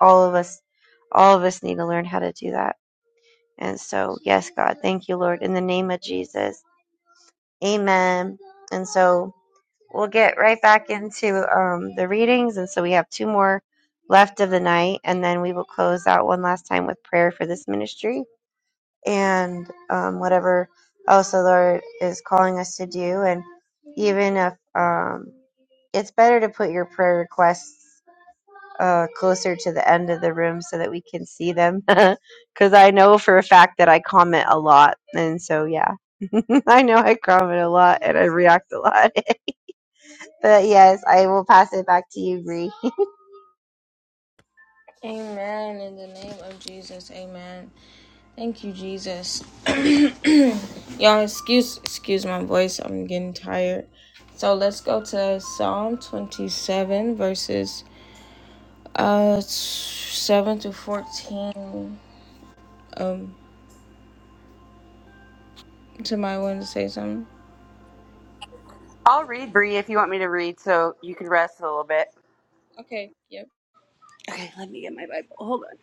Speaker 2: All of us, all of us need to learn how to do that. And so, yes, God, thank you, Lord, in the name of Jesus. Amen. And so, we'll get right back into um, the readings. And so we have two more left of the night. And then we will close out one last time with prayer for this ministry and um, whatever else the Lord is calling us to do. And even if um, it's better to put your prayer requests uh, closer to the end of the room so that we can see them. Because I know for a fact that I comment a lot. And so, yeah. I know I comment a lot and I react a lot. But yes, I will pass it back to you, Bree.
Speaker 1: Amen. In the name of Jesus, amen. Thank you, Jesus. Y'all, excuse excuse my voice. I'm getting tired. So let's go to Psalm 27, verses Uh, seven to fourteen. Um, somebody wanted to say something.
Speaker 5: I'll read, Bree, if you want me to read, so you can rest a little bit.
Speaker 1: Okay. Yep.
Speaker 5: Okay, let me get my Bible. Hold on.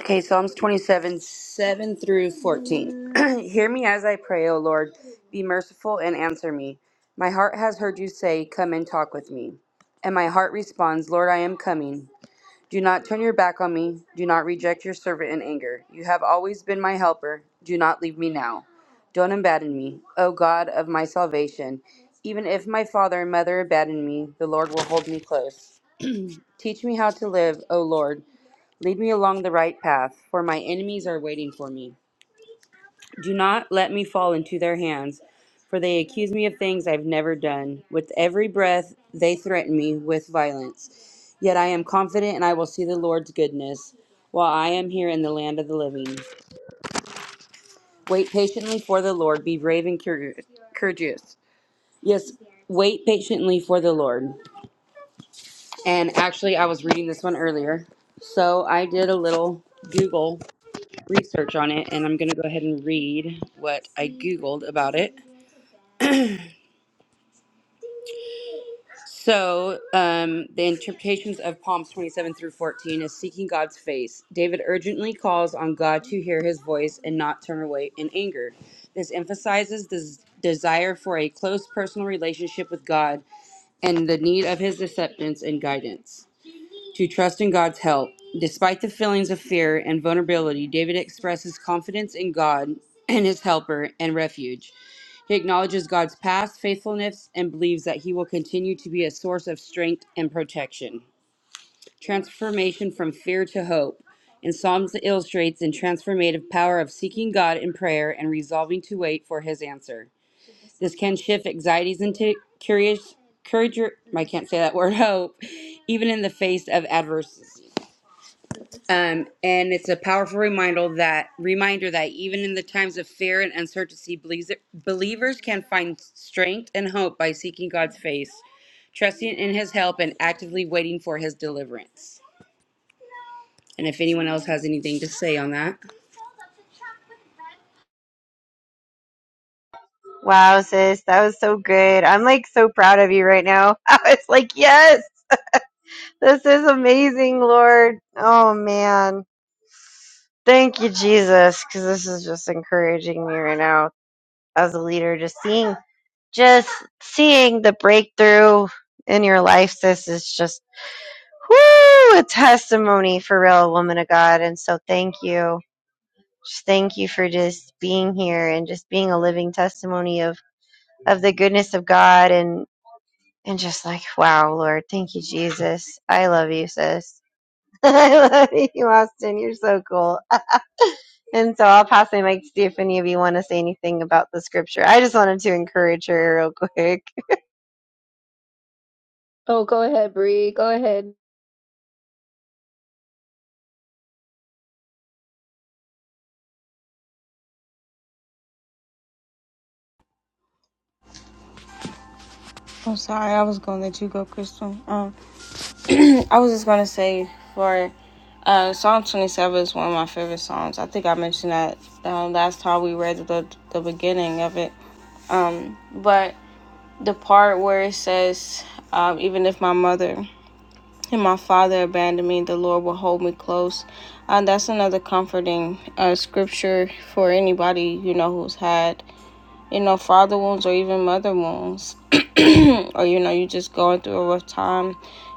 Speaker 5: Okay, Psalms 27, 7 through 14. Hear me as I pray, O Lord. Be merciful and answer me. My heart has heard you say, Come and talk with me. And my heart responds, Lord, I am coming. Do not turn your back on me. Do not reject your servant in anger. You have always been my helper. Do not leave me now. Don't abandon me, O God of my salvation. Even if my father and mother abandon me, the Lord will hold me close. Teach me how to live, O Lord. Lead me along the right path, for my enemies are waiting for me. Do not let me fall into their hands, for they accuse me of things I've never done. With every breath, they threaten me with violence. Yet I am confident and I will see the Lord's goodness while I am here in the land of the living. Wait patiently for the Lord, be brave and cour- courageous. Yes, wait patiently for the Lord. And actually, I was reading this one earlier, so I did a little Google research on it and I'm going to go ahead and read what I Googled about it. So, um, the interpretations of Psalms 27 through 14 is seeking God's face. David urgently calls on God to hear his voice and not turn away in anger. This emphasizes the z- desire for a close personal relationship with God and the need of his acceptance and guidance. to trust in God's help. Despite the feelings of fear and vulnerability, David expresses confidence in God and his helper and refuge. He acknowledges God's past faithfulness and believes that he will continue to be a source of strength and protection. Transformation from fear to hope. In Psalms illustrates the transformative power of seeking God in prayer and resolving to wait for his answer. This can shift anxieties into curious courage I can't say that word hope, even in the face of adversity. Um, and it's a powerful reminder that reminder that even in the times of fear and uncertainty, believes- believers can find strength and hope by seeking God's face, trusting in His help, and actively waiting for His deliverance. And if anyone else has anything to say on that,
Speaker 2: Wow, sis, that was so good. I'm like so proud of you right now. I was like, yes, this is amazing, Lord. Oh man, thank you, Jesus, because this is just encouraging me right now as a leader. Just seeing, just seeing the breakthrough in your life, sis, is just whoo, a testimony for real, woman of God. And so, thank you. Just thank you for just being here and just being a living testimony of of the goodness of God and and just like wow, Lord, thank you, Jesus. I love you, sis. I love you, Austin. You're so cool. And so I'll pass my mic to see if any of you want to say anything about the scripture. I just wanted to encourage her real quick.
Speaker 4: Oh, go ahead, Bree. Go ahead.
Speaker 1: I'm sorry. I was gonna let you go, Crystal. Um, I was just gonna say for, uh, Psalm 27 is one of my favorite songs. I think I mentioned that um, last time we read the the beginning of it, but the part where it says, um, even if my mother and my father abandoned me, the Lord will hold me close. Uh, that's another comforting uh, scripture for anybody you know who's had you know father wounds or even mother wounds, or you know you just going through a rough time,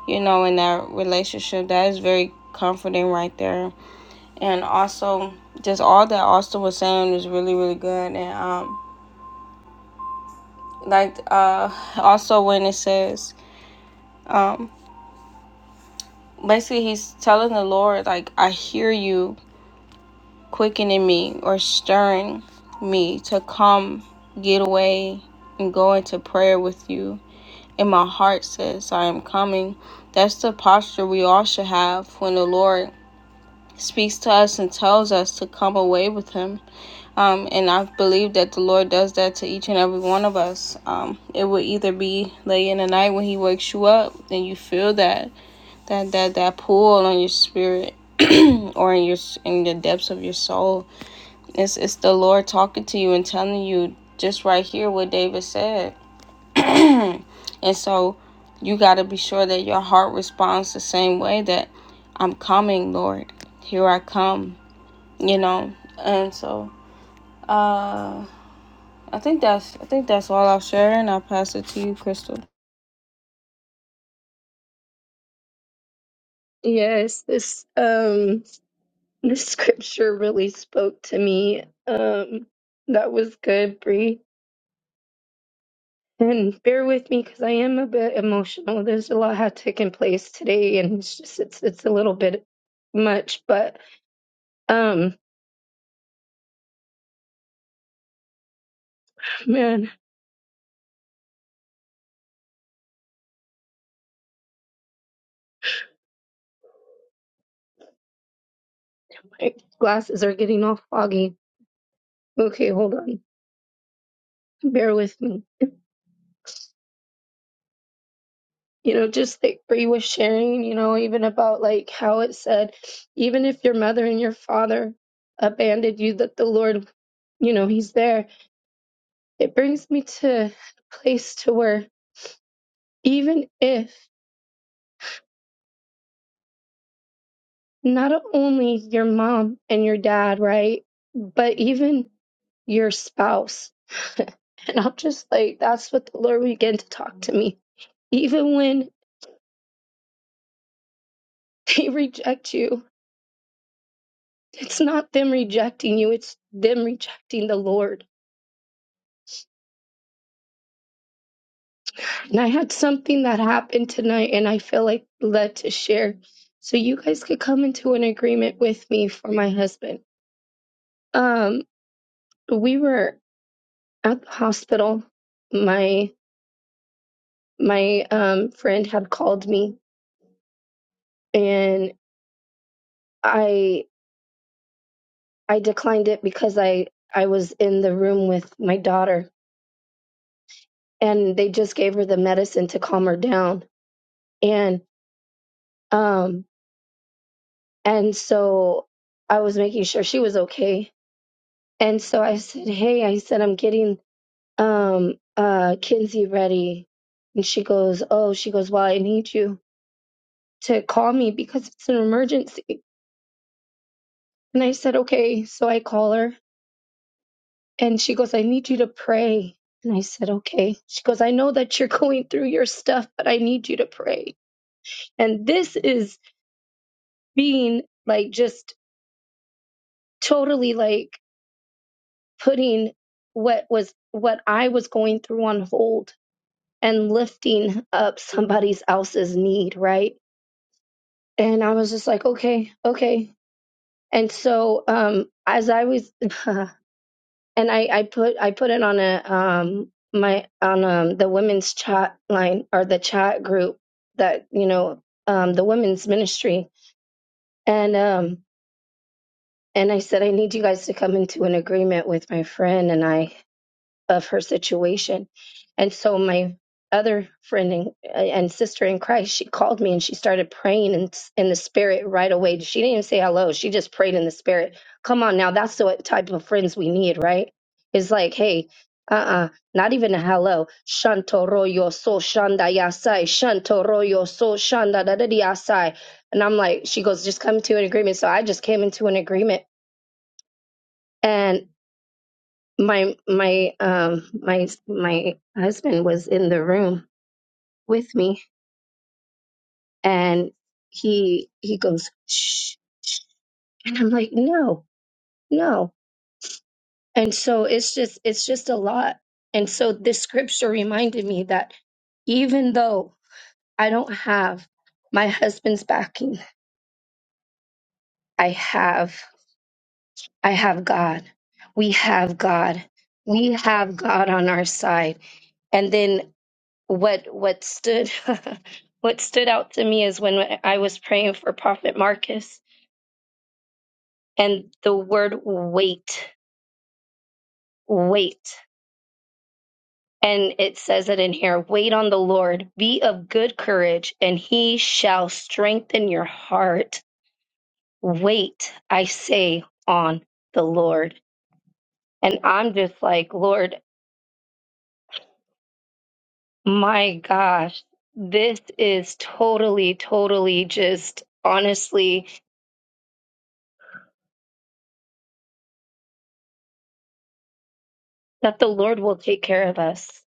Speaker 1: you know in that relationship. That is very comforting right there, and also just all that Austin was saying was really really good, and um like uh also when it says um basically he's telling the Lord like I hear you quickening me or stirring me to come get away and go into prayer with you. And my heart says, I am coming. That's the posture we all should have when the Lord speaks to us and tells us to come away with Him. Um, and I believe that the Lord does that to each and every one of us. Um, it will either be late in the night when He wakes you up and you feel that that that that pull on your spirit or in your in the depths of your soul it's it's the Lord talking to you and telling you just right here what David said. and so you got to be sure that your heart responds the same way that I'm coming, Lord. Here I come, you know. And so uh I think that's I think that's all I'll share and I'll pass it to you, Crystal.
Speaker 4: Yes, this um this scripture really spoke to me. Um that was good, Bree. And bear with me because I am a bit emotional. There's a lot had taken place today and it's just it's it's a little bit much, but um man, my glasses are getting all foggy. Okay, hold on. Bear with me. you know, just like Bree was sharing, you know, even about like how it said, even if your mother and your father abandoned you, that the Lord, you know, He's there. It brings me to a place to where even if not only your mom and your dad, right, but even your spouse. and I'm just like, that's what the Lord began to talk to me. Even when they reject you, it's not them rejecting you, it's them rejecting the Lord And I had something that happened tonight and I feel like led to share. So you guys could come into an agreement with me for my husband. Um we were at the hospital. My my um friend had called me and I I declined it because I I was in the room with my daughter and they just gave her the medicine to calm her down and um and so I was making sure she was okay And so I said, Hey, I said, I'm getting um uh Kinsey ready. And she goes, Oh, she goes, Well, I need you to call me because it's an emergency. And I said, Okay. So I call her and she goes, I need you to pray. And I said, Okay. She goes, I know that you're going through your stuff, but I need you to pray. And this is being like just totally like putting what was what I was going through on hold and lifting up somebody else's need, right? And I was just like, okay, okay. And so um as I was and I I put I put it on a um my on um the women's chat line or the chat group that, you know, um the women's ministry and um and I said I need you guys to come into an agreement with my friend and I of her situation. And so my other friend and, and sister in Christ, she called me and she started praying in, in the spirit right away. She didn't even say hello. She just prayed in the spirit. Come on now. That's the type of friends we need, right? It's like, hey, uh-uh, not even a hello. Shanto royo so shanda yasai. Shanto royo so shanda da da di yasai. And I'm like, she goes, just come to an agreement. So I just came into an agreement. and my my um my my husband was in the room with me and he he goes shh, shh and i'm like no no and so it's just it's just a lot and so this scripture reminded me that even though i don't have my husband's backing i have i have god we have god we have god on our side and then what what stood what stood out to me is when I was praying for Prophet Marcus and the word wait, wait. And it says it in here, wait on the Lord, be of good courage, and he shall strengthen your heart. Wait, I say, on the Lord. And I'm just like, Lord, my gosh, this is totally, totally just honestly that the Lord will take care of us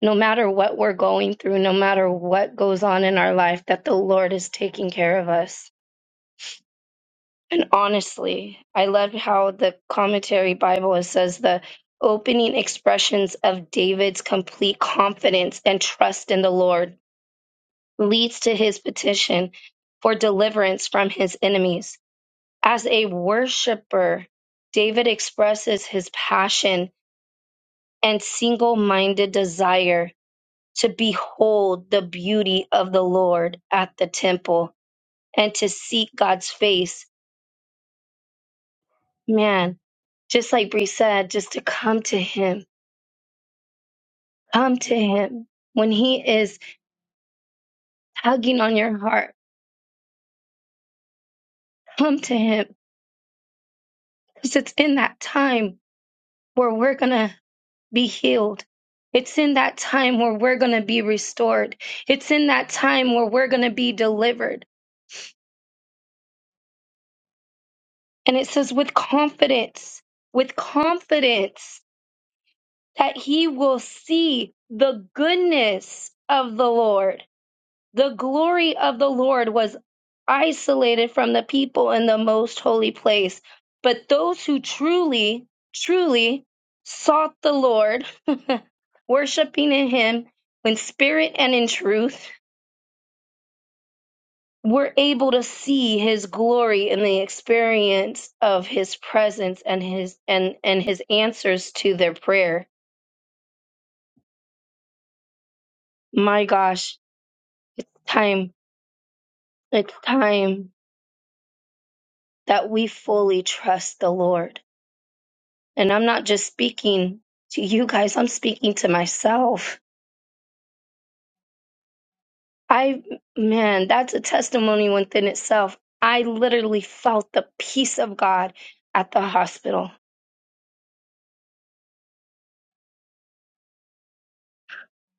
Speaker 4: no matter what we're going through, no matter what goes on in our life, that the Lord is taking care of us. And honestly, I love how the commentary Bible says the opening expressions of David's complete confidence and trust in the Lord leads to his petition for deliverance from his enemies. As a worshiper, David expresses his passion and single minded desire to behold the beauty of the Lord at the temple and to seek God's face. Man, just like Bree said, just to come to Him, come to Him. When He is tugging on your heart, come to Him. Because it's in that time where we're going to be healed. It's in that time where we're going to be restored. It's in that time where we're going to be delivered. And it says, with confidence, with confidence. that he will see the goodness of the Lord. The glory of the Lord was isolated from the people in the most holy place. But those who truly, truly sought the Lord, worshiping in him in spirit and in truth, were able to see his glory in the experience of his presence and his and and his answers to their prayer. My gosh, it's time It's time that we fully trust the Lord. And I'm not just speaking to you guys, I'm speaking to myself. I, man, that's a testimony within itself. I literally felt the peace of God at the hospital.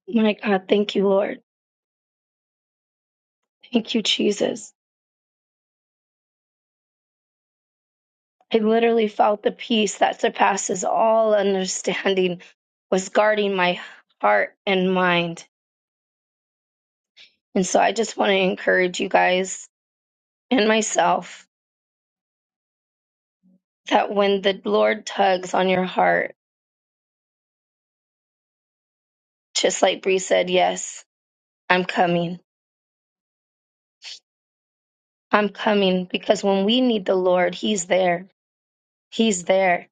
Speaker 4: My God, thank you, Lord. Thank you, Jesus. I literally felt the peace that surpasses all understanding was guarding my heart and mind. And so I just want to encourage you guys and myself that when the Lord tugs on your heart, just like Bree said, yes, I'm coming. I'm coming because when we need the Lord, He's there. He's there.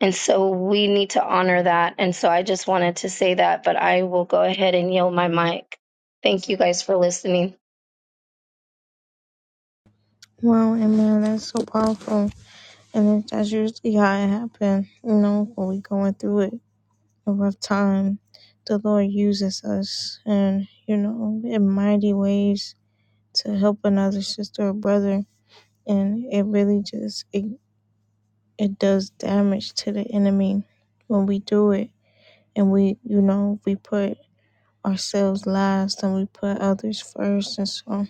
Speaker 4: And so we need to honor that. And so I just wanted to say that, but I will go ahead and yield my mic. Thank you guys for listening.
Speaker 1: Wow, amen. That's so powerful. And it- that's usually how it happens, you know, when we going through it. over time, the Lord uses us and, you know, in mighty ways to help another sister or brother. And it really just, it, it does damage to the enemy when we do it. And we, you know, we put ourselves last and we put others first. And so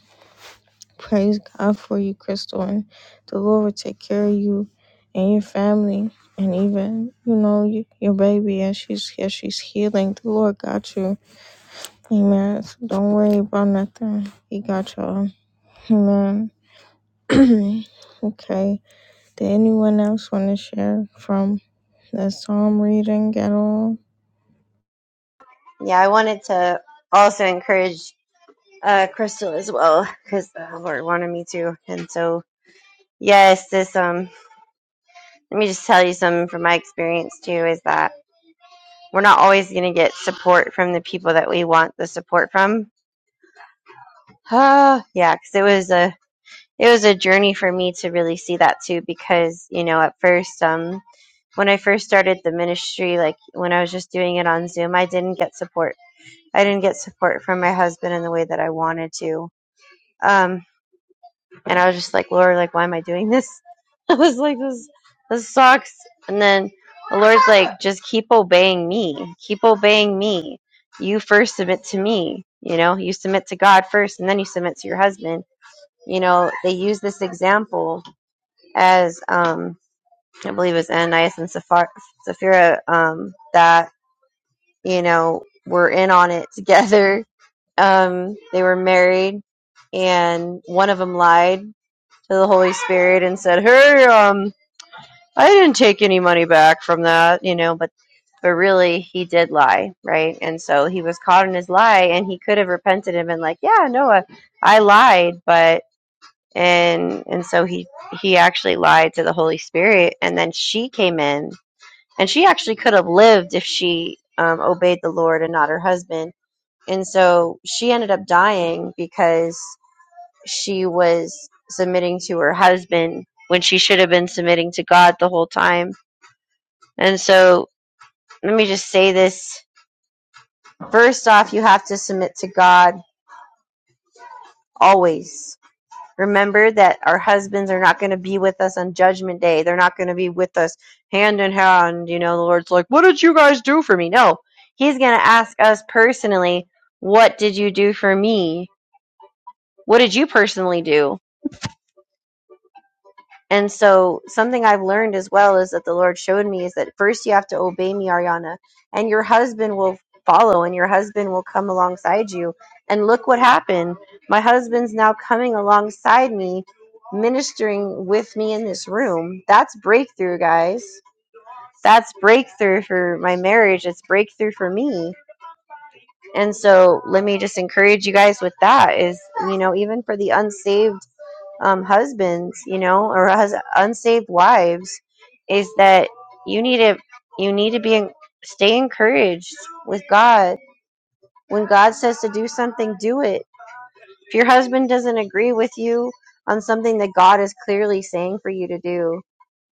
Speaker 1: praise God for you, Crystal. And the Lord will take care of you and your family. And even, you know, y- your baby as she's, as she's healing, the Lord got you Amen. So don't worry about nothing. He got y'all. Amen. okay. Did anyone else want to share from the psalm reading at all?
Speaker 2: Yeah, I wanted to also encourage uh, Crystal as well because the Lord wanted me to. And so, yes, this um, let me just tell you something from my experience too is that we're not always going to get support from the people that we want the support from Uh, yeah, because it was a it was a journey for me to really see that too. Because you know, at first, um, when I first started the ministry, like when I was just doing it on Zoom, I didn't get support. I didn't get support from my husband in the way that I wanted to. Um, and I was just like, Lord, like, why am I doing this? I was like, this this sucks. And then the Lord's like, just keep obeying me. Keep obeying me. You first submit to me. You know, you submit to God first, and then you submit to your husband you know, they use this example as um, I believe it's Ananias and Sapphira, Sapphira um, that you know were in on it together. Um, they were married, and one of them lied to the Holy Spirit and said, "Hey, um, I didn't take any money back from that," you know, but. But really, he did lie, right? And so he was caught in his lie, and he could have repented and been like, "Yeah, no, I, I lied, but and and so he he actually lied to the holy spirit and then she came in and she actually could have lived if she um, obeyed the lord and not her husband and so she ended up dying because she was submitting to her husband when she should have been submitting to god the whole time and so let me just say this first off you have to submit to god always Remember that our husbands are not going to be with us on judgment day. They're not going to be with us hand in hand. You know, the Lord's like, What did you guys do for me? No, He's going to ask us personally, What did you do for me? What did you personally do? And so, something I've learned as well is that the Lord showed me is that first you have to obey me, Ariana, and your husband will follow and your husband will come alongside you. And look what happened. My husband's now coming alongside me, ministering with me in this room. That's breakthrough, guys. That's breakthrough for my marriage. It's breakthrough for me. And so, let me just encourage you guys with that is, you know, even for the unsaved um, husbands, you know, or hus- unsaved wives, is that you need to you need to be en- stay encouraged with God. When God says to do something, do it. If your husband doesn't agree with you on something that God is clearly saying for you to do,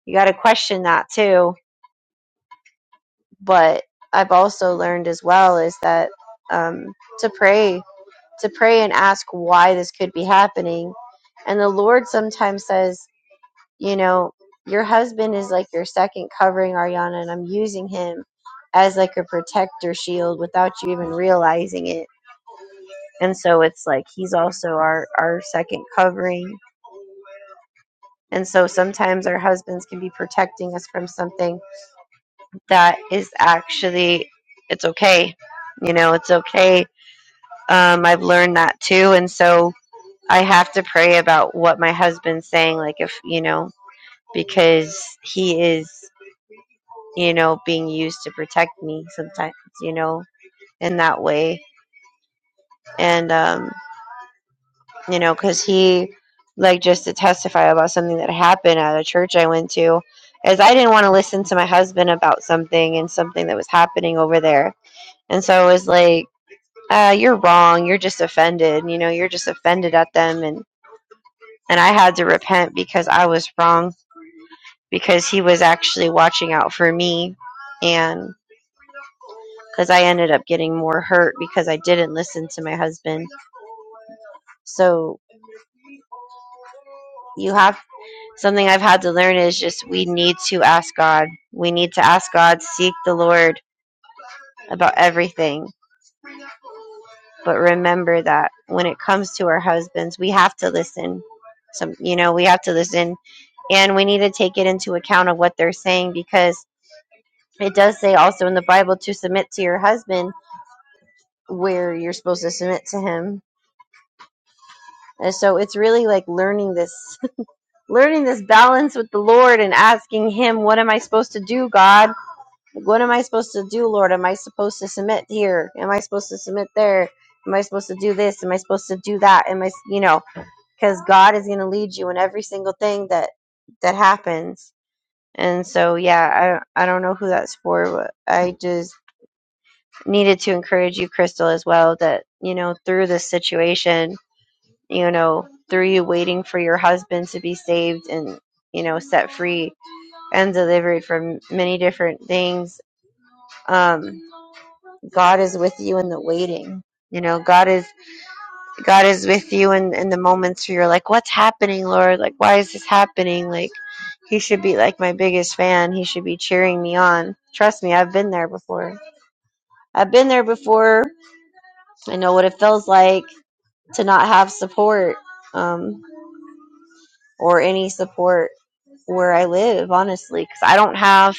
Speaker 2: you got to question that too. But I've also learned as well is that um, to pray, to pray and ask why this could be happening. And the Lord sometimes says, you know, your husband is like your second covering, Ariana, and I'm using him as like a protector shield without you even realizing it. And so it's like he's also our, our second covering. And so sometimes our husbands can be protecting us from something that is actually, it's okay. You know, it's okay. Um, I've learned that too. And so I have to pray about what my husband's saying. Like, if, you know, because he is. you know, being used to protect me sometimes, you know, in that way. And, um, you know, because he, like, just to testify about something that happened at a church I went to, is I didn't want to listen to my husband about something and something that was happening over there. And so it was like, uh, you're wrong. You're just offended. You know, you're just offended at them. And, and I had to repent because I was wrong because he was actually watching out for me. and. because I ended up getting more hurt because I didn't listen to my husband. So you have something I've had to learn is just we need to ask God. We need to ask God, seek the Lord about everything. But remember that when it comes to our husbands, we have to listen. Some you know, we have to listen and we need to take it into account of what they're saying because it does say also in the Bible to submit to your husband where you're supposed to submit to him. And so it's really like learning this learning this balance with the Lord and asking Him, What am I supposed to do, God? Like, What am I supposed to do, Lord? Am I supposed to submit here? Am I supposed to submit there? Am I supposed to do this? Am I supposed to do that? Am I, you know, because God is going to lead you in every single thing that that happens. And so, yeah, I I don't know who that's for, but I just needed to encourage you, Crystal, as well, that you know, through this situation, you know, through you waiting for your husband to be saved and you know set free and delivered from many different things. Um, God is with you in the waiting. You know, God is God is with you in, in the moments where you're like, What's happening, Lord? Like why is this happening? Like he should be like my biggest fan. He should be cheering me on. Trust me, I've been there before. I've been there before. I know what it feels like to not have support um, or any support where I live, honestly, because I don't have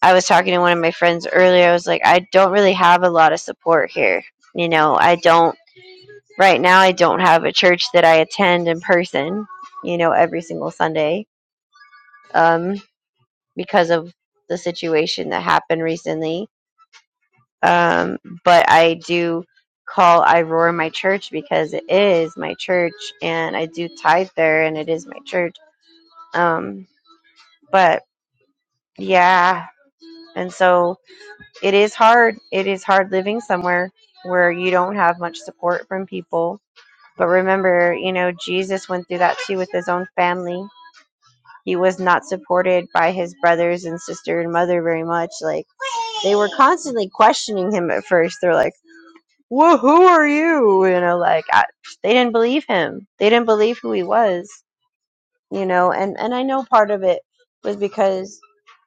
Speaker 2: I was talking to one of my friends earlier. I was like, I don't really have a lot of support here. You know, I don't, right now, I don't have a church that I attend in person, you know, every single Sunday um, because of the situation that happened recently. Um, but I do call I R O A R my church because it is my church and I do tithe there and it is my church. Um, but yeah. And so it is hard. It is hard living somewhere where you don't have much support from people. But remember, you know, Jesus went through that too with his own family. He was not supported by his brothers and sister and mother very much. Like, they were constantly questioning him at first. They're like, Whoa, who are you? You know, like, I, they didn't believe him. They didn't believe who he was you know and and i know part of it was because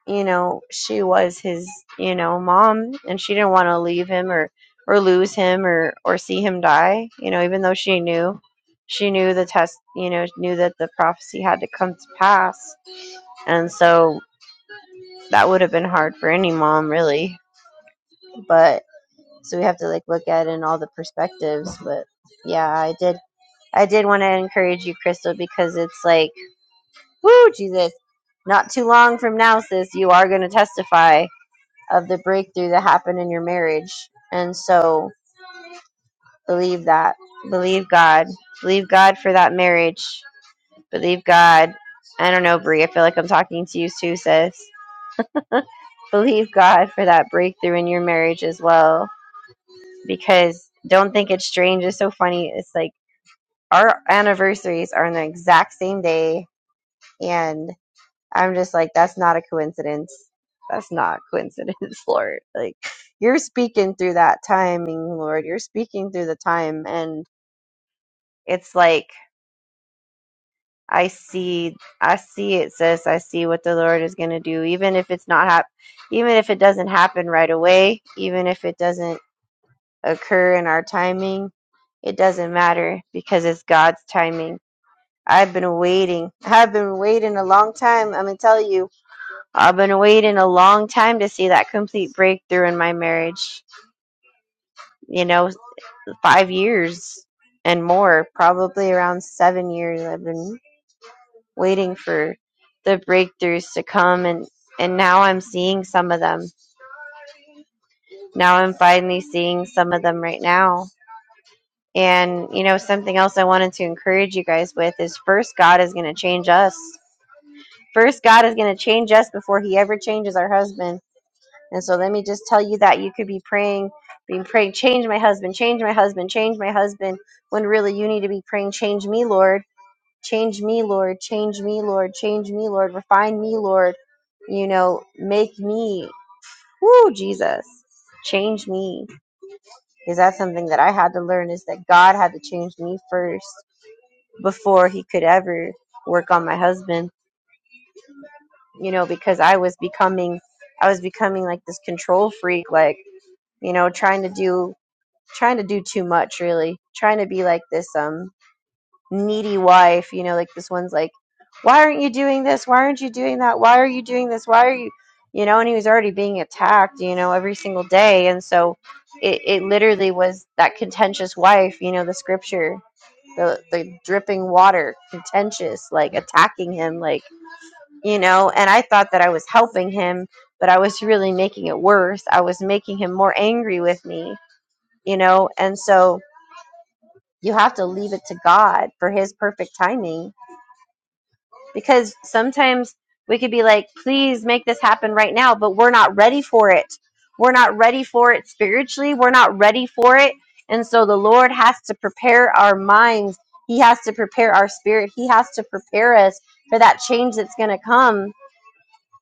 Speaker 2: you know she was his you know mom and she didn't want to leave him or or lose him or or see him die you know even though she knew she knew the test you know knew that the prophecy had to come to pass and so that would have been hard for any mom really but so we have to like look at it in all the perspectives but yeah i did i did want to encourage you crystal because it's like Woo, Jesus. Not too long from now, sis, you are going to testify of the breakthrough that happened in your marriage. And so believe that. Believe God. Believe God for that marriage. Believe God. I don't know, Brie. I feel like I'm talking to you too, sis. Believe God for that breakthrough in your marriage as well. Because don't think it's strange. It's so funny. It's like our anniversaries are on the exact same day. and I'm just like, that's not a coincidence. That's not a coincidence, Lord. Like, you're speaking through that timing, Lord. You're speaking through the time. And it's like, I see, I see it, sis. I see what the Lord is going to do. Even if it's not hap- even if it doesn't happen right away, even if it doesn't occur in our timing, it doesn't matter because it's God's timing. I've been waiting. I've been waiting a long time. I'm going to tell you. I've been waiting a long time to see that complete breakthrough in my marriage. You know, five years and more, probably around seven years. I've been waiting for the breakthroughs to come, and and now I'm seeing some of them. Now I'm finally seeing some of them right now. And you know, something else I wanted to encourage you guys with is first, God is going to change us. First, God is going to change us before He ever changes our husband And so let me just tell you that you could be praying, being praying, change my husband, change my husband, change my husband, when really you need to be praying, change me, Lord, change me, Lord, change me, Lord, change me, Lord, refine me, Lord, you know, make me, woo, Jesus, change me. Because that's something that I had to learn is that God had to change me first before he could ever work on my husband, you know, because I was becoming, I was becoming like this control freak, like, you know, trying to do trying to do too much really trying to be like this um needy wife you know like this one's like why aren't you doing this why aren't you doing that why are you doing this why are you you know and he was already being attacked you know every single day and so it, it literally was that contentious wife you know the scripture the, the dripping water contentious like attacking him like you know and i thought that i was helping him but i was really making it worse i was making him more angry with me you know and so you have to leave it to God for His perfect timing. Because sometimes we could be like, please make this happen right now, but we're not ready for it. We're not ready for it spiritually. We're not ready for it. And so the Lord has to prepare our minds, He has to prepare our spirit, He has to prepare us for that change that's going to come.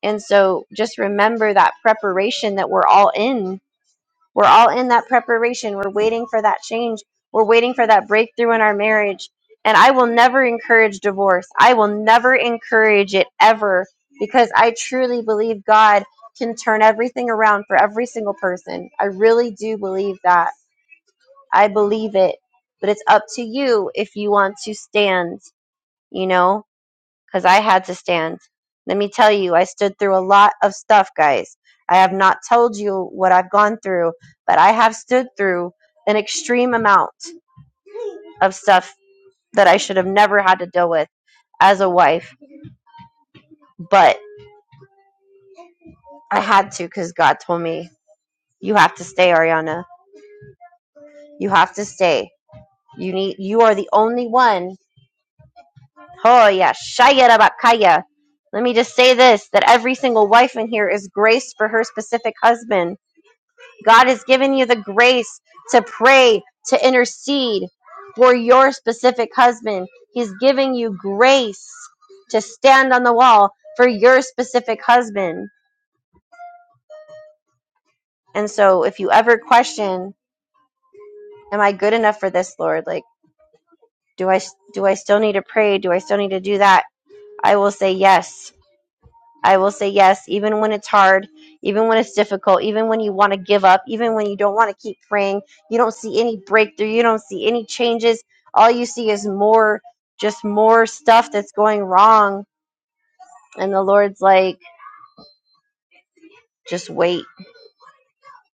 Speaker 2: And so just remember that preparation that we're all in. We're all in that preparation. We're waiting for that change. We're waiting for that breakthrough in our marriage. And I will never encourage divorce. I will never encourage it ever because I truly believe God can turn everything around for every single person. I really do believe that. I believe it. But it's up to you if you want to stand, you know? because I had to stand. Let me tell you, I stood through a lot of stuff, guys. I have not told you what I've gone through, but I have stood through an extreme amount of stuff that I should have never had to deal with as a wife. But I had to because God told me, you have to stay, Ariana. You have to stay. You need, you are the only one. Oh, yeah. Shayarabakaya. Let me just say this that every single wife in here is graced for her specific husband God has given you the grace to pray, to intercede for your specific husband. He's giving you grace to stand on the wall for your specific husband. And so if you ever question, am I good enough for this, Lord? Like, do I do I still need to pray? Do I still need to do that? I will say yes. I will say yes, even when it's hard, even when it's difficult, even when you want to give up, even when you don't want to keep praying, you don't see any breakthrough, you don't see any changes. All you see is more, just more stuff that's going wrong. And the Lord's like, just wait,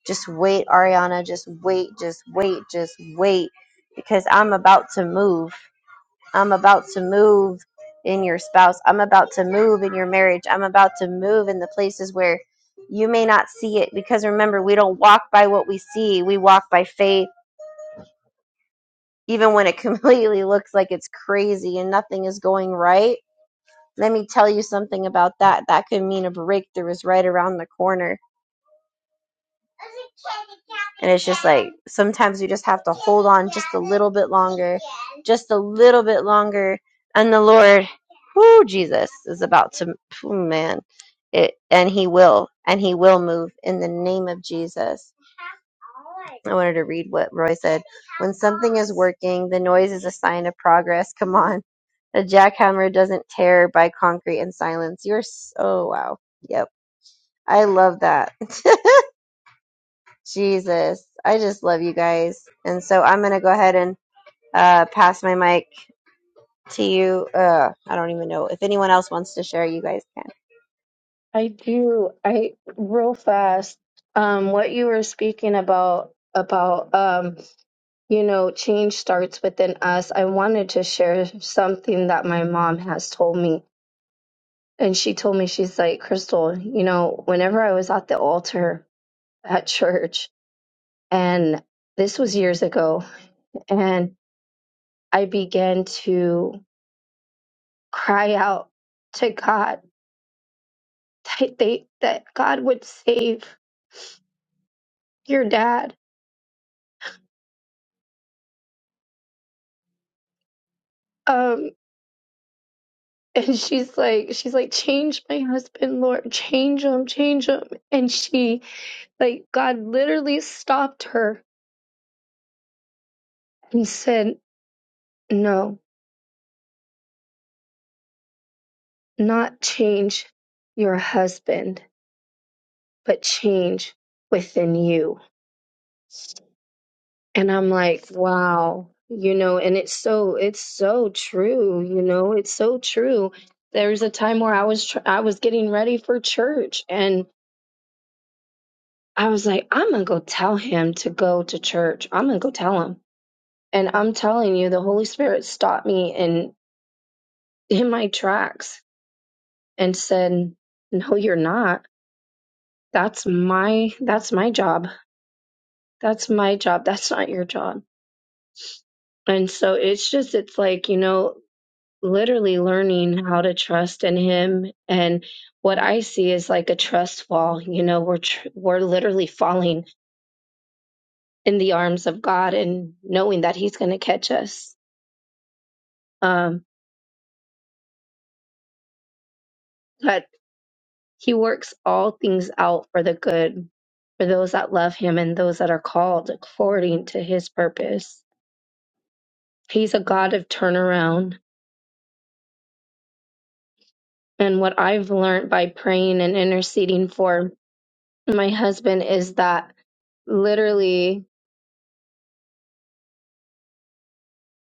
Speaker 2: just wait, Ariana, just wait, just wait, just wait, because I'm about to move. I'm about to move in your spouse. I'm about to move in your marriage. I'm about to move in the places where you may not see it. Because remember, we don't walk by what we see, we walk by faith, even when it completely looks like it's crazy and nothing is going right. Let me tell you something about that. That could mean a breakthrough is right around the corner And it's just like sometimes you just have to hold on just a little bit longer, just a little bit longer. And the Lord, whoo, Jesus is about to, oh man, it, and He will, and He will move in the name of Jesus. I wanted to read what Roy said. When something is working, the noise is a sign of progress. Come on. A jackhammer doesn't tear by concrete in silence. You're so, oh, wow. Yep. I love that. Jesus, I just love you guys. And so I'm going to go ahead and uh, pass my mic to you. Uh, I don't even know. If anyone else wants to share, you guys can.
Speaker 4: I do. I real fast. Um, what you were speaking about about um, you know, change starts within us. I wanted to share something that my mom has told me And she told me, she's like, Crystal, you know, whenever I was at the altar at church, and this was years ago, and I began to cry out to God that they that God would save your dad. Um, and she's like, she's like, change my husband, Lord, change him, change him. And she, like, God literally stopped her and said, No, not change your husband but change within you. And I'm like, wow, you know, and it's so it's so true, you know, it's so true. There was a time where I was tr- I was getting ready for church and I was like, I'm going to go tell him to go to church. I'm going to go tell him. And I'm telling you the Holy Spirit stopped me in in my tracks and said, "No, you're not. That's my that's my job. That's my job. That's not your job." And so it's just, it's like, you know, literally learning how to trust in him. And what I see is like a trust fall, you know, we're, tr- we're literally falling in the arms of God and knowing that he's going to catch us. Um, but he works all things out for the good for those that love him and those that are called according to his purpose. He's a God of turnaround. And what I've learned by praying and interceding for my husband is that literally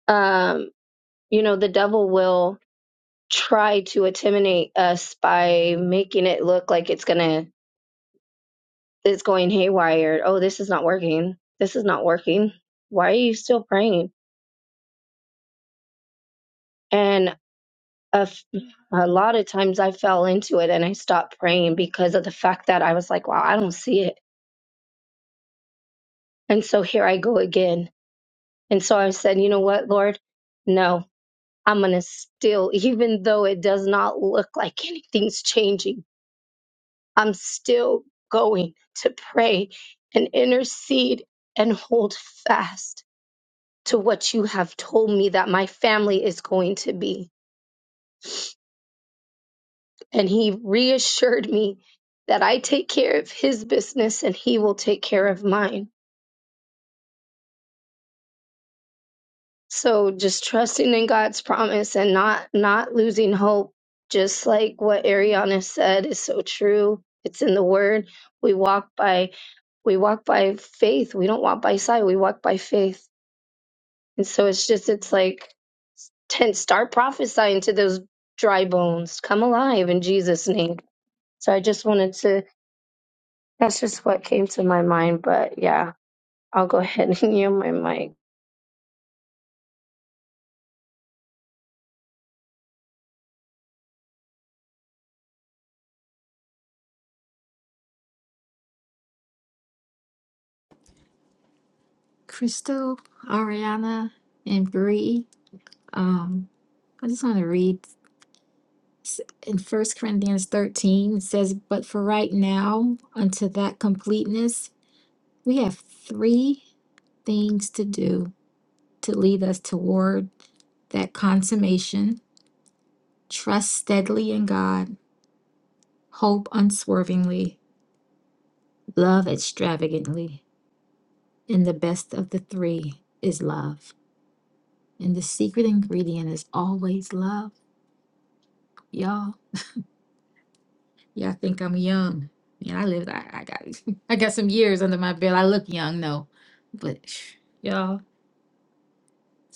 Speaker 4: um you know the devil will try to intimidate us by making it look like it's gonna it's going haywire oh this is not working this is not working why are you still praying and a, f- a lot of times i fell into it and i stopped praying because of the fact that i was like wow i don't see it and so here i go again and so i said you know what lord no I'm going to still, even though it does not look like anything's changing, I'm still going to pray and intercede and hold fast to what you have told me that my family is going to be. And he reassured me that I take care of his business and he will take care of mine. So just trusting in God's promise and not not losing hope, just like what Ariana said is so true. It's in the word. We walk by we walk by faith. We don't walk by sight. We walk by faith. And so it's just it's like ten start prophesying to those dry bones. Come alive in Jesus' name. So I just wanted to that's just what came to my mind. But yeah, I'll go ahead and yield my mic.
Speaker 3: Crystal, Ariana, and Bree, um, I just want to read s- in First Corinthians 13, it says, But for right now, unto that completeness, we have three things to do to lead us toward that consummation, trust steadily in God, hope unswervingly, love extravagantly. And the best of the three is love. And the secret ingredient is always love, y'all. Y'all think I'm young. Man, I lived I, I got I got some years under my belt. I look young, no. But y'all,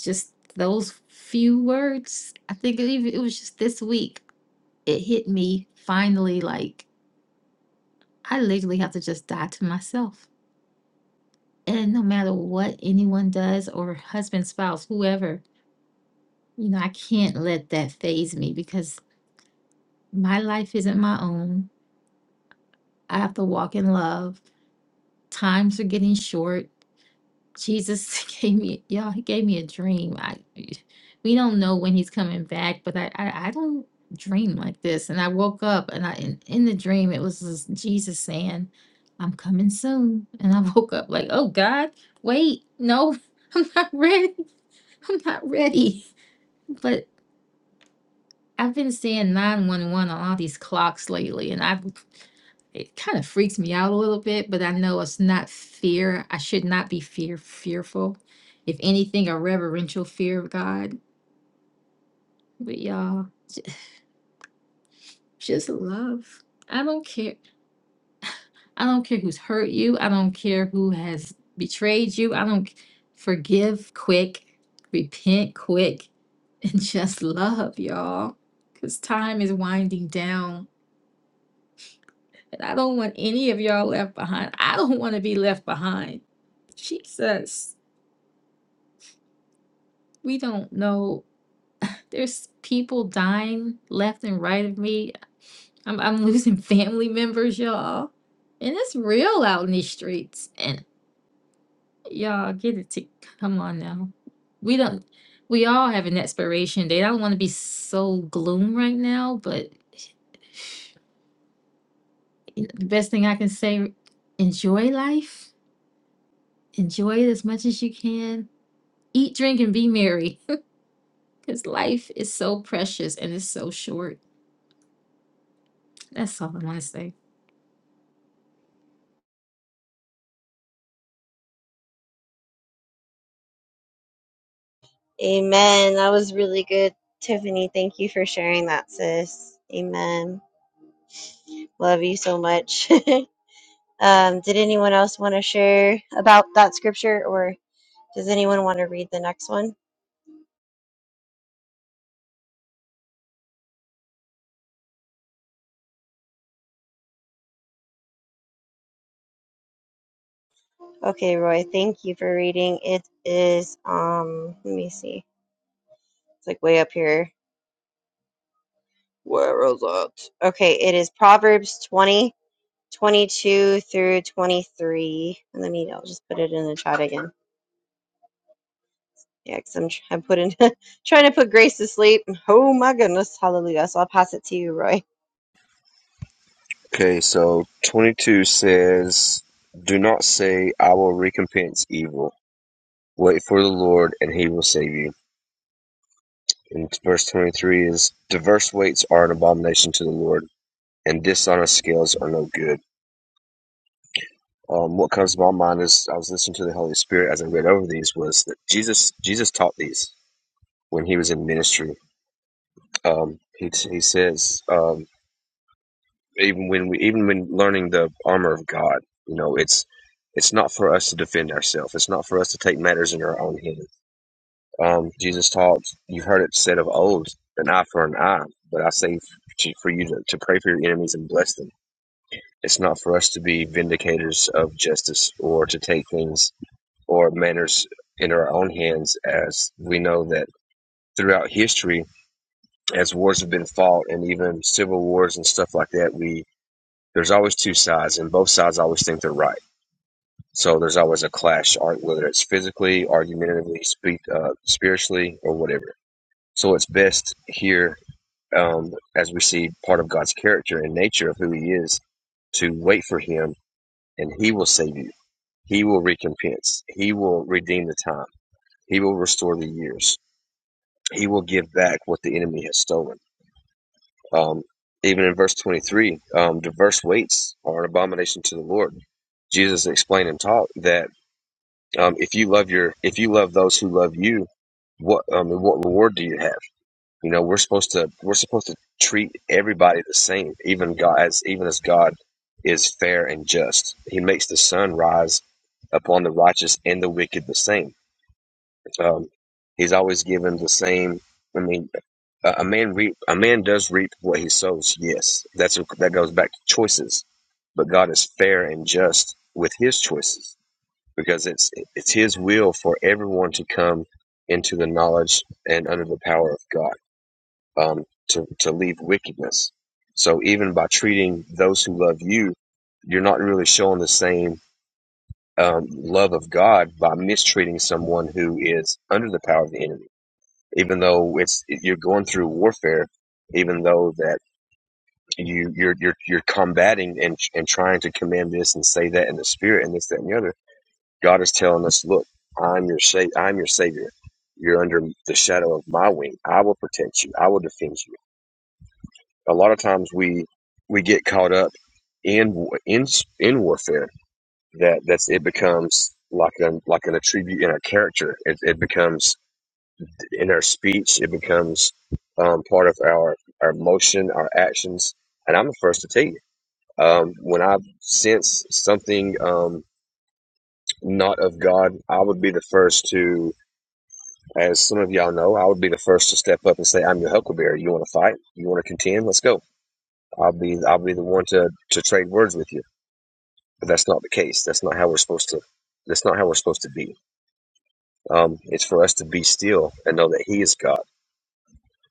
Speaker 3: just those few words. I think it even it was just this week. It hit me finally like I literally have to just die to myself. And no matter what anyone does or husband, spouse, whoever, you know, I can't let that phase me because My life isn't my own. I have to walk in love. Times are getting short. Jesus gave me, y'all, he gave me a dream. I, we don't know when he's coming back, but I, I, I don't dream like this. And I woke up and I, in, in the dream, it was this Jesus saying, I'm coming soon. And I woke up like, oh God, wait, no, I'm not ready. I'm not ready. But. I've been seeing 911 on all these clocks lately, and I've it kind of freaks me out a little bit, but I know it's not fear. I should not be fear fearful. If anything, a reverential fear of God. But y'all, just love. I don't care. I don't care who's hurt you. I don't care who has betrayed you. I don't c- forgive quick, repent quick, and just love, y'all. Because time is winding down And I don't want any of y'all left behind. I don't want to be left behind. Jesus, we don't know. There's people dying left and right of me. I'm, I'm losing family members, y'all. And it's real out in these streets. And y'all get it to come on now. We don't we all have an expiration date. I don't want to be so gloom right now, but you know, the best thing I can say, enjoy life. Enjoy it as much as you can Eat, drink, and be merry because life is so precious and it's so short. That's all I want to say.
Speaker 2: Amen. That was really good, Tiffany. Thank you for sharing that, sis. Amen. Love you so much. um, did anyone else want to share about that scripture or Does anyone want to read the next one? Okay, Roy, thank you for reading. It is um let me see. It's like way up here. Where is it? Okay, it is Proverbs 20, 22 through 23. And let me I'll just put it in the chat again. Yeah, because I'm, I'm putting, trying to put Grace to sleep. Oh my goodness, hallelujah. So I'll pass it to you, Roy.
Speaker 6: Okay, so 22 says, Do not say, I will recompense evil. Wait for the Lord, and he will save you. In verse 23 is diverse weights are an abomination to the Lord, and dishonest scales are no good. Um, what comes to my mind is I was listening to the Holy Spirit as I read over these was that Jesus Jesus taught these when he was in ministry. Um, he he says um, even when we even when learning the armor of God, you know, it's it's not for us to defend ourselves. It's not for us to take matters in our own hands Um, Jesus taught, you've heard it said of old, an eye for an eye, but I say f- for you to, to pray for your enemies and bless them. It's not for us to be vindicators of justice or to take things or manners in our own hands, as we know that throughout history, as wars have been fought and even civil wars and stuff like that, we there's always two sides, and both sides always think they're right. So there's always a clash, whether it's physically, argumentatively, speak, uh, spiritually, or whatever. So it's best here um, as we see part of God's character and nature of who He is, to wait for Him and He will save you. He will recompense. He will redeem the time. He will restore the years. He will give back what the enemy has stolen. Um, even in verse 23, um, diverse weights are an abomination to the Lord. Jesus explained and taught that um, if you love your if you love those who love you, what um, what reward do you have? You know, we're supposed to we're supposed to treat everybody the same, even God as even as God is fair and just. He makes the sun rise upon the righteous and the wicked the same. Um, he's always given the same. I mean, a, a man reap a man does reap what he sows. Yes, that's what, that goes back to choices. But God is fair and just with His choices because it's it's His will for everyone to come into the knowledge and under the power of God um, to, to leave wickedness. So even by treating those who love you, you're not really showing the same um, love of God by mistreating someone who is under the power of the enemy. Even though it's you're going through warfare, even though that you you're you're, you're combating and and trying to command this and say that in the spirit and this that and the other, God is telling us, look, I'm your sa- I'm your savior. You're under the shadow of my wing. I will protect you. I will defend you. a lot of times we we get caught up in in in warfare that that's it becomes like an like an attribute in our character it, it becomes in our speech it becomes um, part of our our motion our actions and i'm the first to tell you um, when i sense something um, not of god i would be the first to as some of y'all know i would be the first to step up and say i'm your huckleberry you want to fight you want to contend let's go i'll be i'll be the one to to trade words with you but that's not the case. That's not how we're supposed to. That's not how we're supposed to be. Um, it's for us to be still and know that He is God,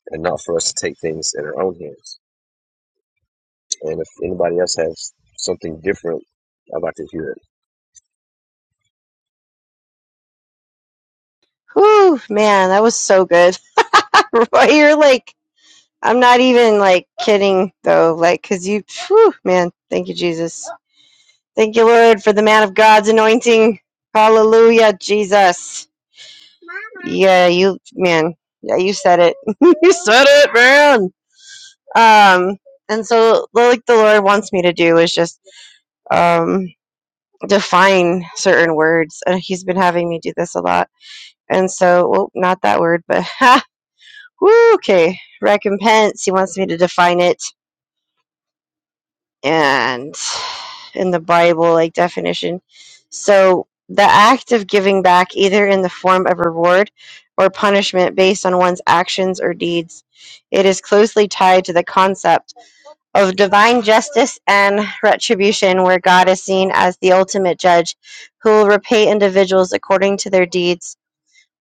Speaker 6: and not for us to take things in our own hands. And if anybody else has something different, I'd like to hear it.
Speaker 2: Whew, man, that was so good. Roy, you're like, I'm not even like kidding though, like, because you, whew, man, thank you, Jesus. Thank you, Lord, for the man of God's anointing. Hallelujah, Jesus. Mama. Yeah, you man. Yeah, you said it. you said it, man. Um, and so like the Lord wants me to do is just um define certain words. And he's been having me do this a lot. And so well, not that word, but woo, okay. Recompense. He wants me to define it and in the Bible, like definition. So the act of giving back, either in the form of reward or punishment based on one's actions or deeds, it is closely tied to the concept of divine justice and retribution, where God is seen as the ultimate judge who will repay individuals according to their deeds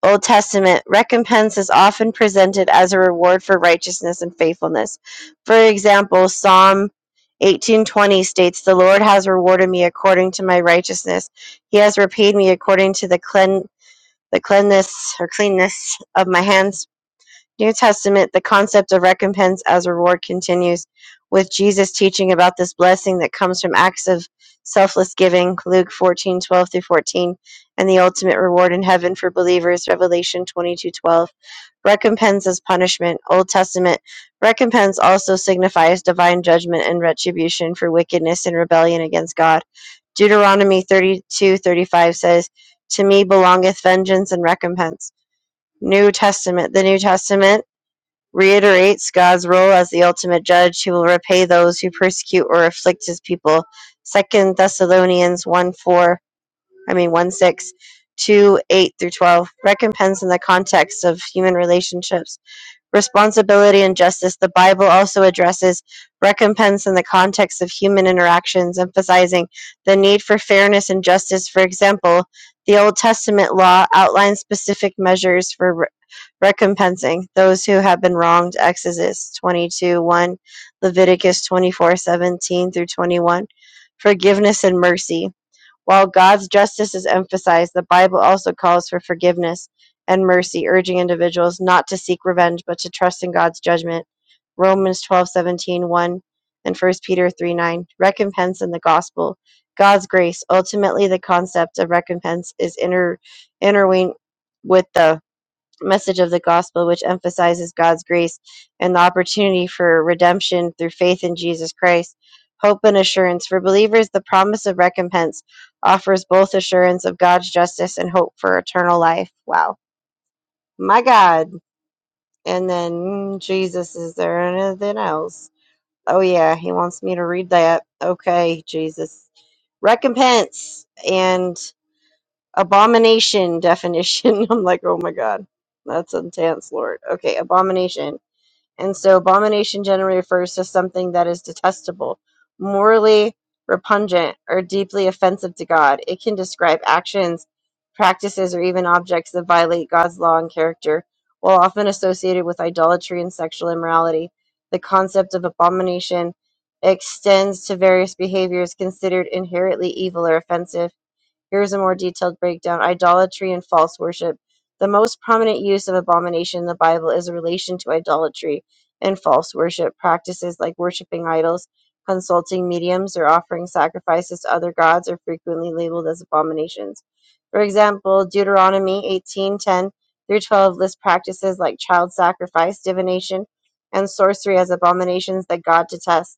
Speaker 2: Old Testament, recompense is often presented as a reward for righteousness and faithfulness. For example, Psalm 18:20 states, "The Lord has rewarded me according to my righteousness; He has repaid me according to the clean the cleanness or cleanness of my hands." New Testament, the concept of recompense as reward continues, with Jesus teaching about this blessing that comes from acts of selfless giving, Luke 1412 through 14, and the ultimate reward in heaven for believers, Revelation 22:12). Recompense as punishment, Old Testament. Recompense also signifies divine judgment and retribution for wickedness and rebellion against God. Deuteronomy 32:35 says, To me belongeth vengeance and recompense. New Testament. The New Testament reiterates God's role as the ultimate judge who will repay those who persecute or afflict his people. Second Thessalonians one four I mean one six two eight through twelve. Recompense in the context of human relationships responsibility and justice, the Bible also addresses recompense in the context of human interactions, emphasizing the need for fairness and justice. For example, the Old Testament law outlines specific measures for re- recompensing those who have been wronged. Exodus 22 1, Leviticus 24 17 through 21. Forgiveness and mercy. While God's justice is emphasized, the Bible also calls for forgiveness and mercy, urging individuals not to seek revenge but to trust in God's judgment. Romans twelve seventeen one, and First Peter 3, 9. Recompense in the gospel. God's grace. Ultimately, the concept of recompense is inter interwined with the message of the gospel, which emphasizes God's grace and the opportunity for redemption through faith in Jesus Christ. Hope and assurance. For believers, the promise of recompense offers both assurance of God's justice and hope for eternal life. Wow. My God. And then, mm, Jesus, is there anything else? Oh, yeah, he wants me to read that. Okay, Jesus. Recompense. And Abomination definition. I'm like, oh my god, that's intense, Lord. Okay, abomination. And so, abomination generally refers to something that is detestable, morally repugnant, or deeply offensive to God. It can describe actions, practices, or even objects that violate God's law and character, while often associated with idolatry and sexual immorality. The concept of abomination extends to various behaviors considered inherently evil or offensive here is a more detailed breakdown. Idolatry and false worship. The most prominent use of abomination in the Bible is a relation to idolatry and false worship. Practices like worshiping idols, consulting mediums, or offering sacrifices to other gods are frequently labeled as abominations. For example, Deuteronomy 18:10 through 12 lists practices like child sacrifice, divination, and sorcery as abominations that God detests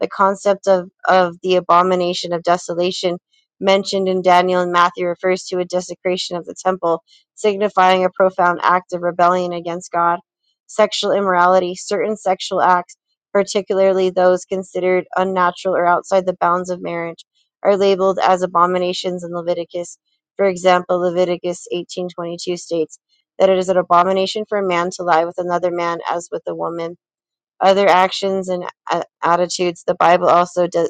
Speaker 2: the concept of, of the abomination of desolation mentioned in Daniel and Matthew refers to a desecration of the temple, signifying a profound act of rebellion against God. Sexual immorality, certain sexual acts, particularly those considered unnatural or outside the bounds of marriage, are labeled as abominations in Leviticus. For example, Leviticus 18:22 states that it is an abomination for a man to lie with another man as with a woman other actions and a- attitudes. The Bible also de-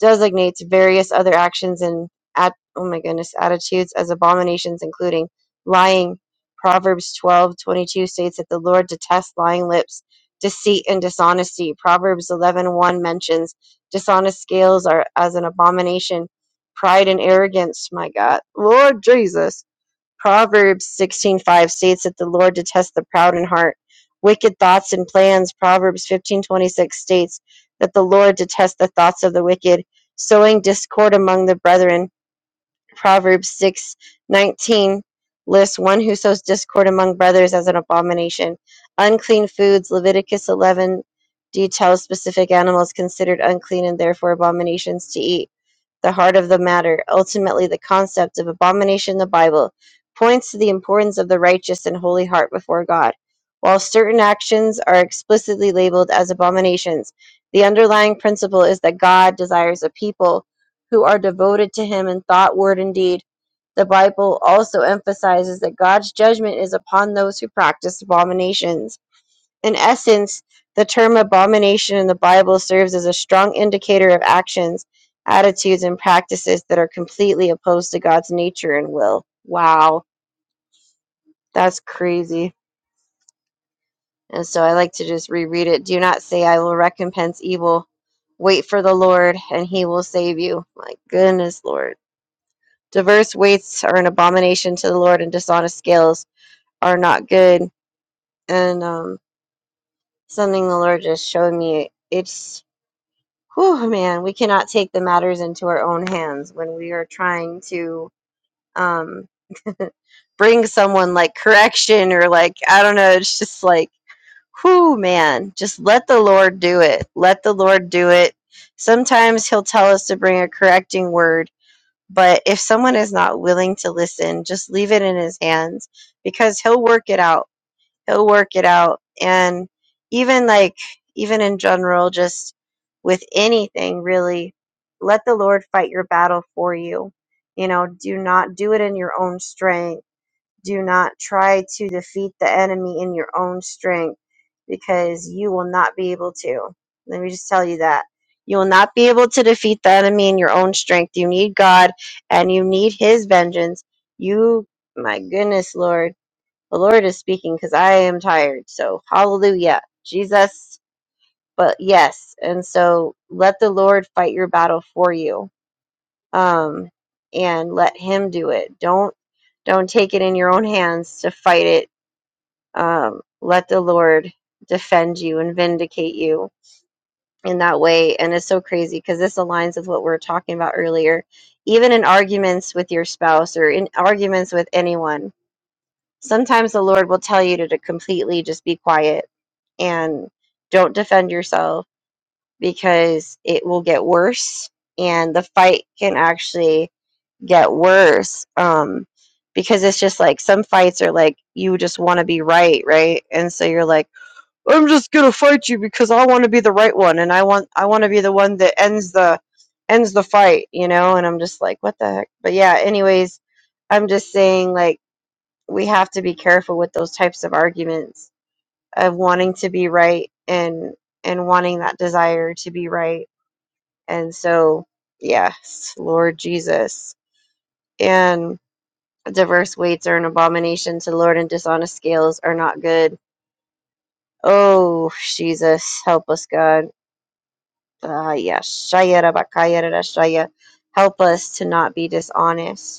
Speaker 2: designates various other actions and at oh my goodness attitudes as abominations, including lying. Proverbs twelve twenty two states that the Lord detests lying lips, deceit, and dishonesty. Proverbs eleven one mentions dishonest scales are as an abomination. Pride and arrogance, my God, Lord Jesus Proverbs sixteen five states that the Lord detests the proud in heart, wicked thoughts and plans. Proverbs fifteen twenty six states that the Lord detests the thoughts of the wicked, sowing discord among the brethren. Proverbs six nineteen lists one who sows discord among brothers as an abomination. Unclean foods. Leviticus eleven details specific animals considered unclean and therefore abominations to eat the heart of the matter. Ultimately, the concept of abomination in the Bible points to the importance of the righteous and holy heart before God. While certain actions are explicitly labeled as abominations, the underlying principle is that God desires a people who are devoted to Him in thought, word, and deed. The Bible also emphasizes that God's judgment is upon those who practice abominations. In essence, the term abomination in the Bible serves as a strong indicator of actions, attitudes, and practices that are completely opposed to God's nature and will. Wow, that's crazy. And so I like to just reread it. Do not say, I will recompense evil. Wait for the Lord, and he will save you. My goodness, Lord. Diverse weights are an abomination to the Lord, and dishonest scales are not good. And um, something the Lord just showed me. It's whew, man, we cannot take the matters into our own hands when we are trying to um, bring someone like correction or like, I don't know, it's just like, whew, man, just let the Lord do it. Let the Lord do it. Sometimes He'll tell us to bring a correcting word, but if someone is not willing to listen, just leave it in His hands because He'll work it out he'll work it out and even like even in general just with anything really let the lord fight your battle for you you know do not do it in your own strength do not try to defeat the enemy in your own strength because you will not be able to let me just tell you that you will not be able to defeat the enemy in your own strength you need god and you need his vengeance you my goodness lord the Lord is speaking because I am tired. So, hallelujah, Jesus. But yes, and so let the Lord fight your battle for you, um, and let Him do it. Don't don't take it in your own hands to fight it. Um, let the Lord defend you and vindicate you in that way. And it's so crazy because this aligns with what we were talking about earlier. Even in arguments with your spouse or in arguments with anyone, Sometimes the Lord will tell you to, to completely just be quiet and don't defend yourself because it will get worse and the fight can actually get worse um because it's just like some fights are like you just want to be right right and so you're like i'm just gonna fight you because i want to be the right one and i want i want to be the one that ends the ends the fight you know and i'm just like what the heck but yeah anyways i'm just saying like we have to be careful with those types of arguments of wanting to be right and and wanting that desire to be right and so yes lord jesus and diverse weights are an abomination to lord and dishonest scales are not good oh jesus help us god uh, yeah shaya rabakaya rarashaya. help us to not be dishonest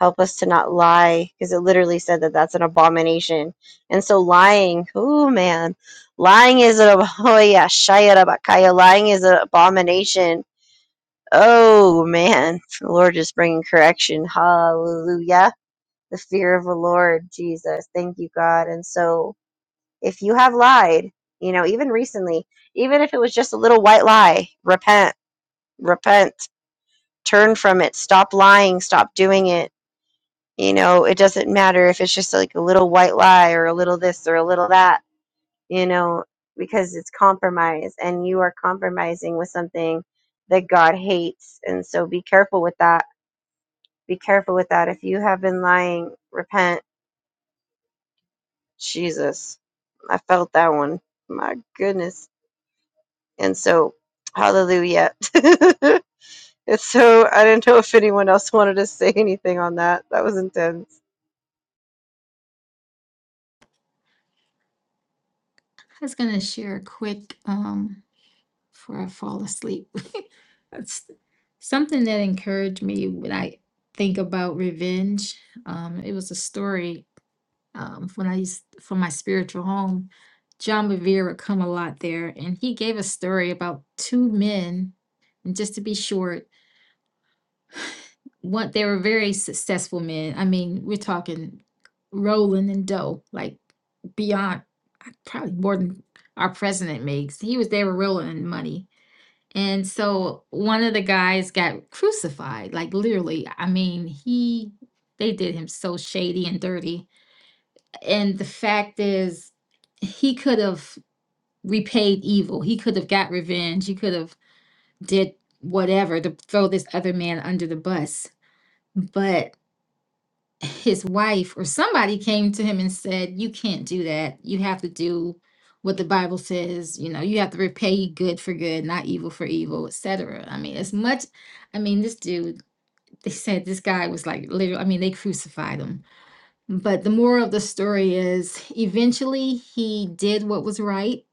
Speaker 2: Help us to not lie, because it literally said that that's an abomination. And so lying, oh man, lying is an ab- oh yeah, shayarabakaya, lying is an abomination. Oh man, the Lord is bringing correction. Hallelujah. The fear of the Lord, Jesus. Thank you, God. And so, if you have lied, you know, even recently, even if it was just a little white lie, repent, repent, turn from it, stop lying, stop doing it you know, it doesn't matter if it's just like a little white lie or a little this or a little that, you know, because it's compromise and you are compromising with something that God hates. And so be careful with that. Be careful with that. If you have been lying, repent. Jesus, I felt that one. My goodness. And so, hallelujah. it's so, I didn't know if anyone else wanted to say anything on that. That was intense.
Speaker 3: I was going to share a quick, um, before I fall asleep. That's something that encouraged me when I think about revenge. Um, it was a story um, when I used from my spiritual home. John Bevere would come a lot there, and he gave a story about two men. And just to be short, What they were very successful men. I mean, we're talking Roland and Doe, like beyond probably more than our president makes. He was they were rolling in money. And so one of the guys got crucified, like literally. I mean, he they did him so shady and dirty. And the fact is he could have repaid evil. He could have got revenge. He could have did whatever to throw this other man under the bus. But his wife or somebody came to him and said, You can't do that. You have to do what the Bible says. You know, you have to repay good for good, not evil for evil, etc. I mean, as much, I mean, this dude, they said this guy was like literally, I mean, they crucified him. But the moral of the story is eventually he did what was right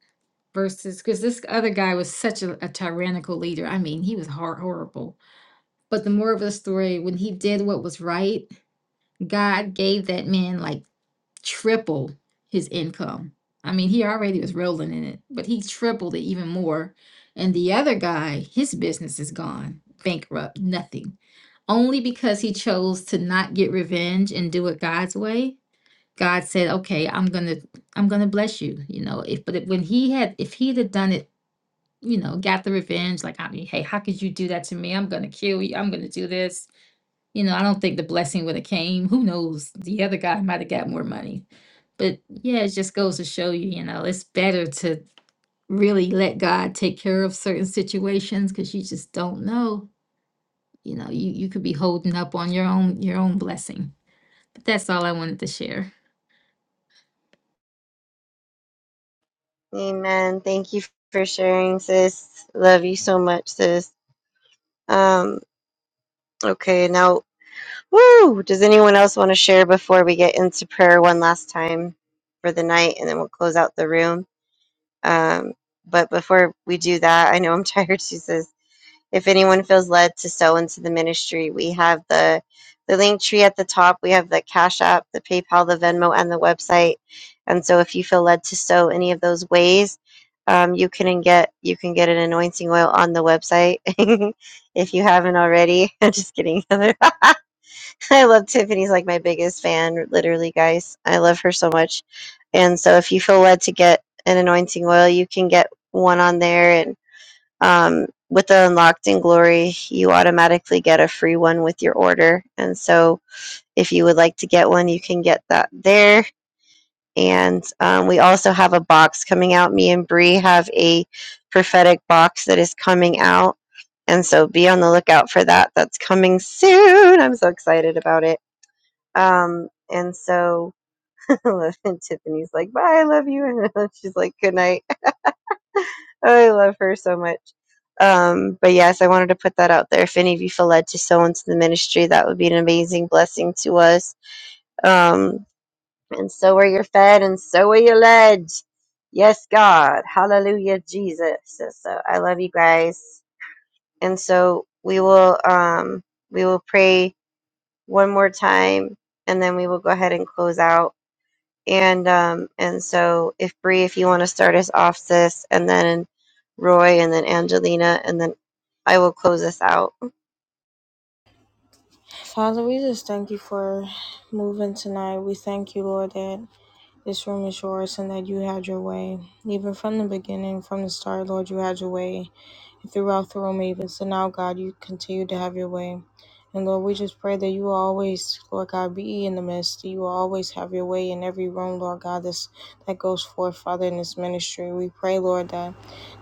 Speaker 3: versus because this other guy was such a, a tyrannical leader. I mean, he was hor- horrible. But the moral of the story, when he did what was right, God gave that man like tripled his income. I mean, he already was rolling in it, but he tripled it even more. And the other guy, his business is gone, bankrupt, nothing. Only because he chose to not get revenge and do it God's way. God said, "Okay, I'm going to I'm going to bless you." You know, if but if, when he had if he'd have done it, you know, got the revenge like, I mean, "Hey, how could you do that to me? I'm going to kill you. I'm going to do this." You know, I don't think the blessing would have came. Who knows? The other guy might have got more money. But yeah, it just goes to show you, you know, it's better to really let God take care of certain situations because you just don't know. You know, you, you could be holding up on your own your own blessing. But that's all I wanted to share.
Speaker 2: Amen. Thank you for sharing, sis. Love you so much, sis. Um, okay, now, woo! Does anyone else want to share before we get into prayer one last time for the night and then we'll close out the room? Um, but before we do that, I know I'm tired, too, sis if anyone feels led to sow into the ministry, we have the the link tree at the top. We have the Cash App, the PayPal, the Venmo, and the website. And so, if you feel led to sow any of those ways, um, you can get you can get an anointing oil on the website if you haven't already. I'm just kidding. I love Tiffany's like my biggest fan, literally, guys. I love her so much. And so, if you feel led to get an anointing oil, you can get one on there, and um, with the unlocked in glory you automatically get a free one with your order and so if you would like to get one you can get that there and um, we also have a box coming out me and Bree have a prophetic box that is coming out and so be on the lookout for that that's coming soon i'm so excited about it um, and so tiffany's like bye i love you and she's like good night I love her so much. Um, but yes, I wanted to put that out there. If any of you feel led to sow into the ministry, that would be an amazing blessing to us. Um, and so are you fed, and so are you led. Yes, God. Hallelujah, Jesus. So, so I love you guys. And so we will um, we will pray one more time, and then we will go ahead and close out. And um, and so if Bree, if you want to start us off, sis, and then Roy, and then Angelina, and then I will close us out.
Speaker 1: Father, we just thank you for moving tonight. We thank you, Lord, that This room is yours and that you had your way. Even from the beginning, from the start, Lord, you had your way. And throughout the room, even so now, God, you continue to have your way. And Lord, we just pray that you will always, Lord God, be in the midst. That You will always have your way in every room, Lord God, this, that goes forth, Father, in this ministry. We pray, Lord, that,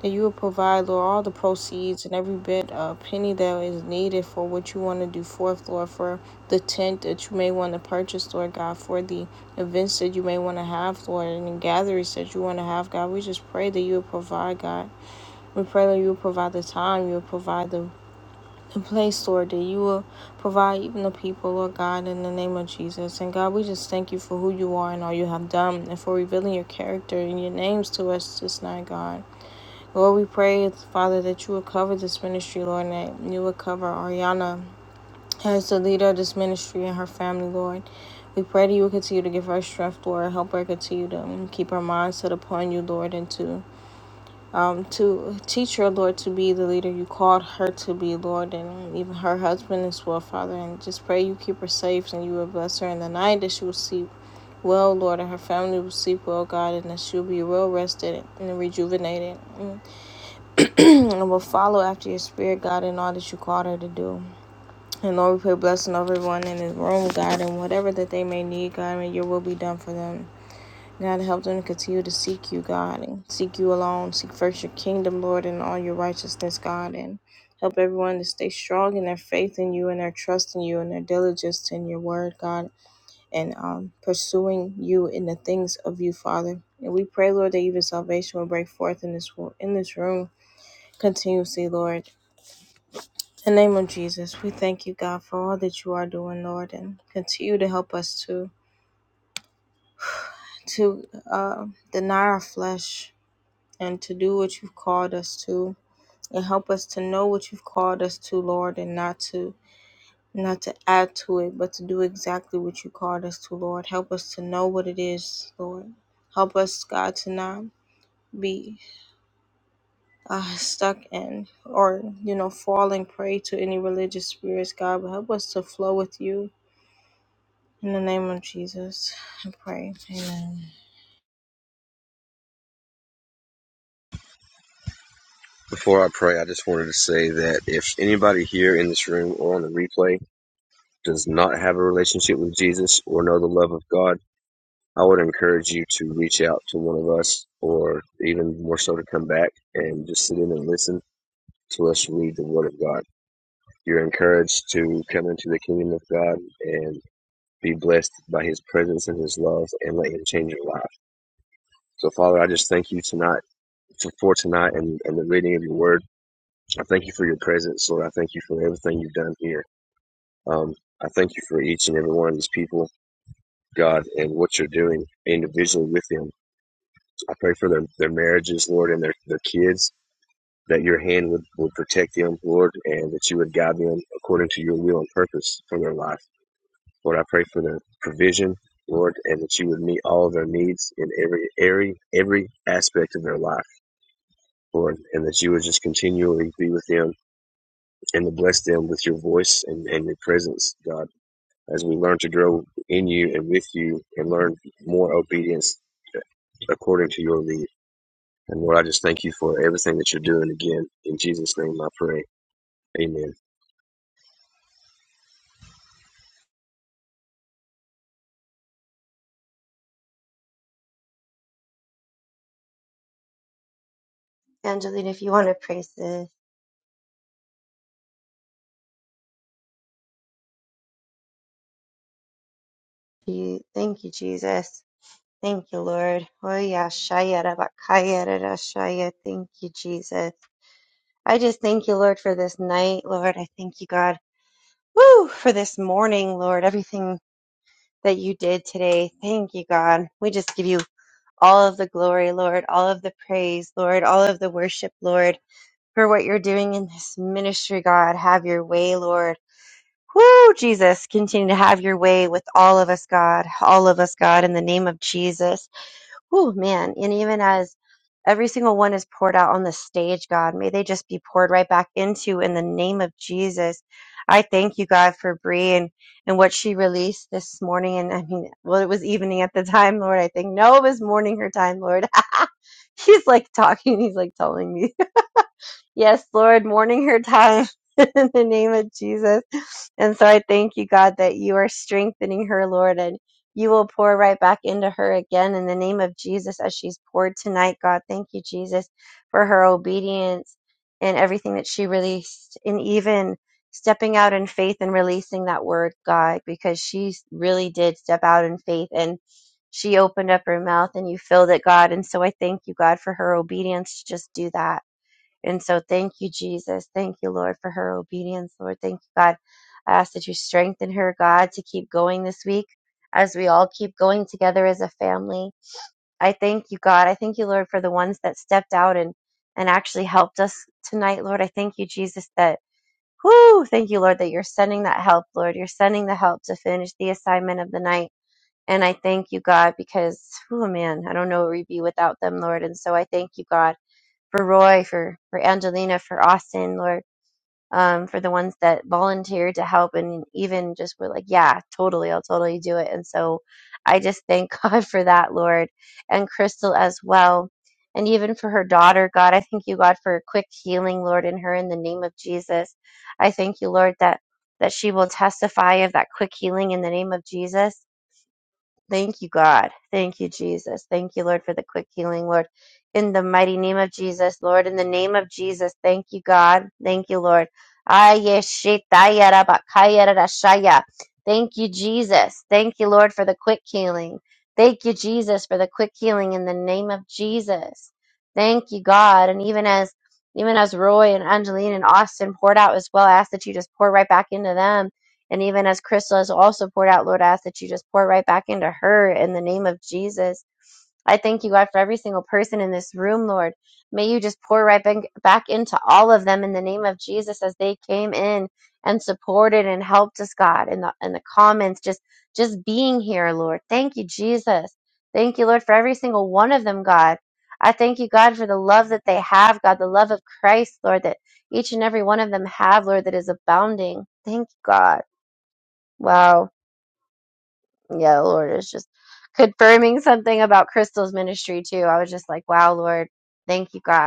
Speaker 1: that you will provide, Lord, all the proceeds and every bit of penny that is needed for what you want to do forth, Lord, for the tent that you may want to purchase, Lord God, for the events that you may want to have, Lord, and gatherings that you want to have, God. We just pray that you will provide, God. We pray that you will provide the time, you will provide the, the place, Lord, that you will provide even the people, Lord God, in the name of Jesus. And God, we just thank you for who you are and all you have done and for revealing your character and your names to us this night, God. Lord, we pray, Father, that you will cover this ministry, Lord, and that you will cover Ariana as the leader of this ministry and her family, Lord, we pray that you will continue to give her strength, Lord. Help her continue to um, keep her mind set upon you, Lord, and to um to teach her, Lord, to be the leader you called her to be, Lord, and even her husband as well, Father. And just pray you keep her safe and you will bless her in the night that she will sleep well, Lord, and her family will sleep well, God, and that she will be well rested and rejuvenated, Mm. and will follow after your spirit, God, in all that you called her to do. And Lord, we pray blessing over everyone in this room, God, and whatever that they may need, God, may your will be done for them. God, help them to continue to seek you, God, and seek you alone. Seek first your kingdom, Lord, and all your righteousness, God, and help everyone to stay strong in their faith in you and their trust in you and their diligence in your word, God, and um, pursuing you in the things of you, Father. And we pray, Lord, that even salvation will break forth in this wo- in this room continuously, Lord. In the name of Jesus, we thank you, God, for all that you are doing, Lord, and continue to help us to to uh, deny our flesh and to do what you've called us to, and help us to know what you've called us to, Lord, and not to not to add to it, but to do exactly what you called us to, Lord. Help us to know what it is, Lord. Help us, God, to not be uh, stuck in or you know falling prey to any religious spirits, God, but help us to flow with you In the name of Jesus, I pray. Amen.
Speaker 6: Before I pray, I just wanted to say that if anybody here in this room or on the replay does not have a relationship with Jesus or know the love of God, I would encourage you to reach out to one of us, or even more so to come back and just sit in and listen to us read the Word of God You're encouraged to come into the kingdom of God and be blessed by His presence and His love and let Him change your life. So, Father, I just thank you tonight for, for tonight and, and the reading of your word. I thank you for your presence, Lord. I thank you for everything you've done here. Um, I thank you for each and every one of these people, God, and what you're doing individually with them. I pray for their, their marriages, Lord, and their, their kids, that your hand would, would protect them, Lord, and that you would guide them according to your will and purpose for their life. Lord, I pray for the provision, Lord, and that you would meet all of their needs in every every every aspect of their life, Lord, and that you would just continually be with them and to bless them with your voice and, and your presence, God, as we learn to grow in you and with you and learn more obedience according to your lead. And Lord, I just thank you for everything that you're doing again. In Jesus' name I pray. Amen.
Speaker 2: Angelina, if you want to pray, sis, you thank you, Jesus. Thank you, Lord. Oh yeah, shaya rabba, kaya rara, shaya. Thank you, Jesus. I just thank you, Lord, for this night, Lord. I thank you, God. Woo! For this morning, Lord, everything that you did today. Thank you, God. We just give you all of the glory, Lord, all of the praise, Lord, all of the worship, Lord, for what you're doing in this ministry, God. Have your way, Lord. Woo, Jesus, continue to have your way with all of us, God, all of us, God, in the name of Jesus. Oh man, and even as every single one is poured out on the stage, God, may they just be poured right back into in the name of Jesus. I thank you, God, for Bree and, and what she released this morning. And I mean, well, it was evening at the time, Lord. I think no, it was morning her time, Lord. he's like talking, he's like telling me. Yes, Lord, morning her time in the name of Jesus. And so I thank you, God, that you are strengthening her, Lord, and you will pour right back into her again in the name of Jesus as she's poured tonight, God. Thank you, Jesus, for her obedience and everything that she released, and even stepping out in faith and releasing that word, God, because she really did step out in faith and she opened up her mouth and you filled it, God. And so I thank you, God, for her obedience to just do that. And so thank you, Jesus. Thank you, Lord, for her obedience, Lord. Thank you, God. I ask that you strengthen her, God, to keep going this week as we all keep going together as a family. I thank you, God. I thank you, Lord, for the ones that stepped out and, and actually helped us tonight, Lord. I thank you, Jesus, that, whoo, thank you, Lord, that you're sending that help, Lord. You're sending the help to finish the assignment of the night. And I thank you, God, because, oh man, I don't know where we'd be without them, Lord. And so I thank you, God for Roy, for for Angelina, for Austin, Lord, um, for the ones that volunteered to help and even just were like, yeah, totally, I'll totally do it. And so I just thank God for that, Lord, and Crystal as well. And even for her daughter, God, I thank you, God, for a quick healing, Lord, in her in the name of Jesus. I thank you, Lord, that that she will testify of that quick healing in the name of Jesus Thank you, God. Thank you, Jesus. Thank you, Lord, for the quick healing, Lord. In the mighty name of Jesus, Lord, in the name of Jesus, thank you, God. Thank you, Lord. Ayeshitayarabakayarashaya. Thank you, Jesus. Thank you, Lord, for the quick healing. Thank you, Jesus, for the quick healing in the name of Jesus. Thank you, God. And even as even as Roy and Angeline and Austin poured out as well, I ask that you just pour right back into them and even as Crystal has also poured out, Lord, I ask that you just pour right back into her in the name of Jesus. I thank you, God, for every single person in this room, Lord. May you just pour right back back into all of them in the name of Jesus as they came in and supported and helped us, God, in the in the comments, just just being here, Lord. Thank you, Jesus. Thank you, Lord, for every single one of them, God. I thank you, God, for the love that they have, God, the love of Christ, Lord, that each and every one of them have, Lord, that is abounding. Thank you, God. Wow. Yeah, Lord is just confirming something about Crystal's ministry too. I was just like, wow, Lord, thank you, God.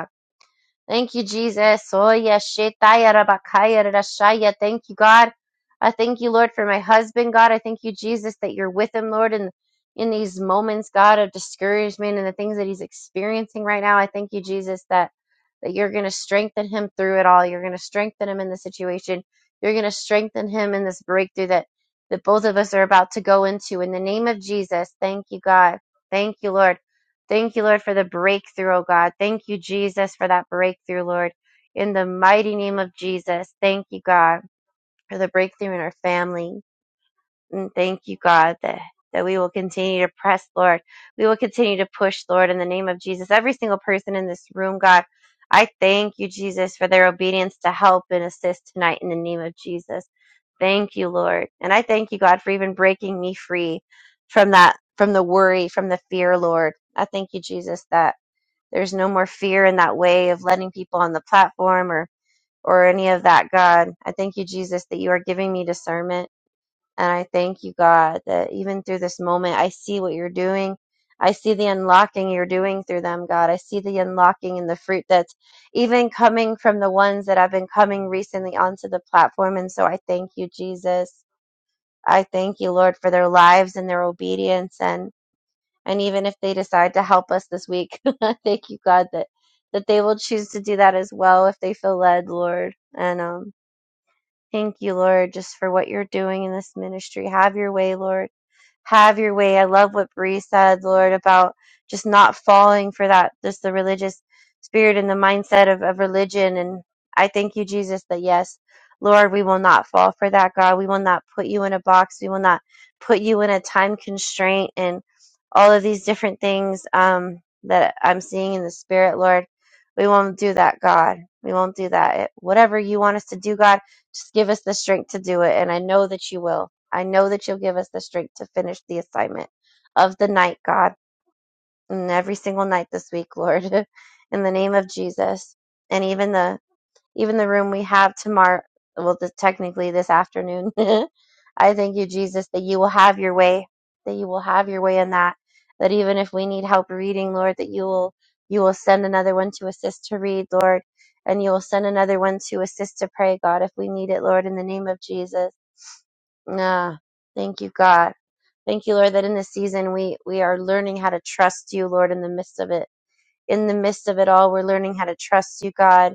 Speaker 2: Thank you, Jesus. Oh, yes. Shetaya rabakaya rarashaya. Thank you, God. I thank you, Lord, for my husband, God. I thank you, Jesus, that you're with him, Lord, in, in these moments, God, of discouragement and the things that he's experiencing right now. I thank you, Jesus, that, that you're going to strengthen him through it all. You're going to strengthen him in the situation. You're going to strengthen him in this breakthrough that, that both of us are about to go into. In the name of Jesus, thank you, God. Thank you, Lord. Thank you, Lord, for the breakthrough, oh God. Thank you, Jesus, for that breakthrough, Lord. In the mighty name of Jesus, thank you, God, for the breakthrough in our family. And thank you, God, that, that we will continue to press, Lord. We will continue to push, Lord, in the name of Jesus. Every single person in this room, God, I thank you, Jesus, for their obedience to help and assist tonight in the name of Jesus. Thank you, Lord. And I thank you, God, for even breaking me free from that, from the worry, from the fear, Lord. I thank you, Jesus, that. There's no more fear in that way of letting people on the platform or or any of that, God. I thank you, Jesus, that you are giving me discernment. And I thank you, God, that even through this moment, I see what you're doing. I see the unlocking you're doing through them, God. I see the unlocking and the fruit that's even coming from the ones that have been coming recently onto the platform. And so I thank you, Jesus. I thank you, Lord, for their lives and their obedience. and and even if they decide to help us this week thank you god that that they will choose to do that as well if they feel led lord and um thank you lord just for what you're doing in this ministry have your way lord have your way. I love what Bree said, Lord, about just not falling for that, just the religious spirit and the mindset of, of religion. And I thank you, Jesus, that yes, Lord, we will not fall for that, God. We will not put you in a box. We will not put you in a time constraint and all of these different things um, that I'm seeing in the spirit, Lord. We won't do that, God. We won't do that. Whatever you want us to do, God just give us the strength to do it. And I know that you will. I know that you'll give us the strength to finish the assignment of the night, God, and every single night this week, Lord, in the name of Jesus. And even the even the room we have tomorrow, well, the, technically this afternoon. I thank you, Jesus, that you will have your way, that you will have your way in that, that even if we need help reading, Lord, that you will, you will send another one to assist to read, Lord, and you will send another one to assist to pray, God, if we need it, Lord, in the name of Jesus. Ah, thank you, God. Thank you, Lord, that in this season we, we are learning how to trust you, Lord, in the midst of it. In the midst of it all, we're learning how to trust you, God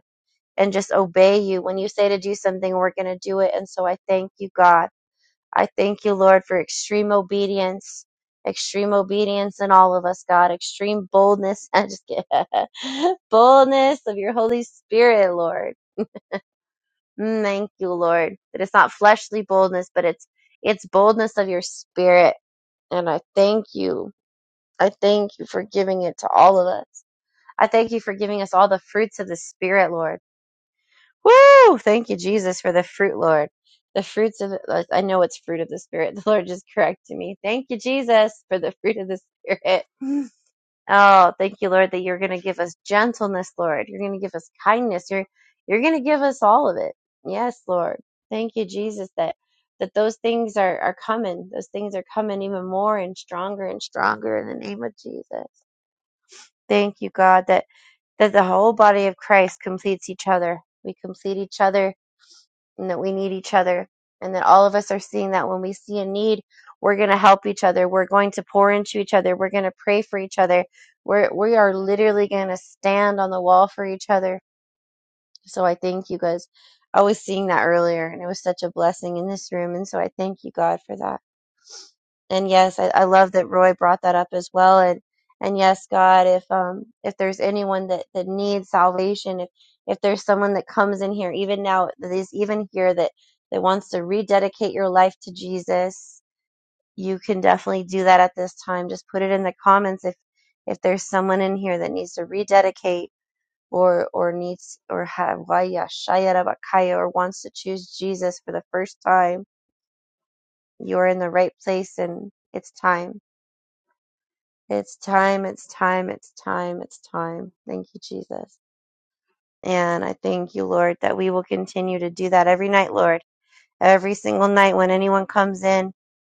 Speaker 2: and just obey you. When you say to do something, we're going to do it. And so I thank you, God. I thank you, Lord, for extreme obedience, extreme obedience in all of us, God, extreme boldness. I just get boldness of your Holy Spirit, Lord. Mm, Thank you, Lord, that it's not fleshly boldness, but it's it's boldness of your spirit. And I thank you. I thank you for giving it to all of us. I thank you for giving us all the fruits of the Spirit, Lord. Woo! Thank you, Jesus, for the fruit, Lord. The fruits of the, like, I know it's fruit of the Spirit. The Lord just corrected me. Thank you, Jesus, for the fruit of the Spirit. Oh, thank you, Lord, that you're going to give us gentleness, Lord. You're going to give us kindness. You're you're going to give us all of it. Yes, Lord. Thank you, Jesus, that that those things are are coming. Those things are coming even more and stronger and stronger in the name of Jesus. Thank you, God, that that the whole body of Christ completes each other. We complete each other and that we need each other and that all of us are seeing that when we see a need we're going to help each other we're going to pour into each other we're going to pray for each other we're we are literally going to stand on the wall for each other so i thank you guys i was seeing that earlier and it was such a blessing in this room and so i thank you god for that and yes, I, I love that Roy brought that up as well. And and yes, God, if um if there's anyone that that needs salvation, if if there's someone that comes in here, even now that is even here that that wants to rededicate your life to Jesus, you can definitely do that at this time. Just put it in the comments if if there's someone in here that needs to rededicate or or needs or have Waya Shaya Rabakaya or wants to choose Jesus for the first time, you are in the right place and it's time It's time, it's time, it's time, it's time. Thank you, Jesus. And I thank you, Lord, that we will continue to do that every night, Lord. Every single night when anyone comes in,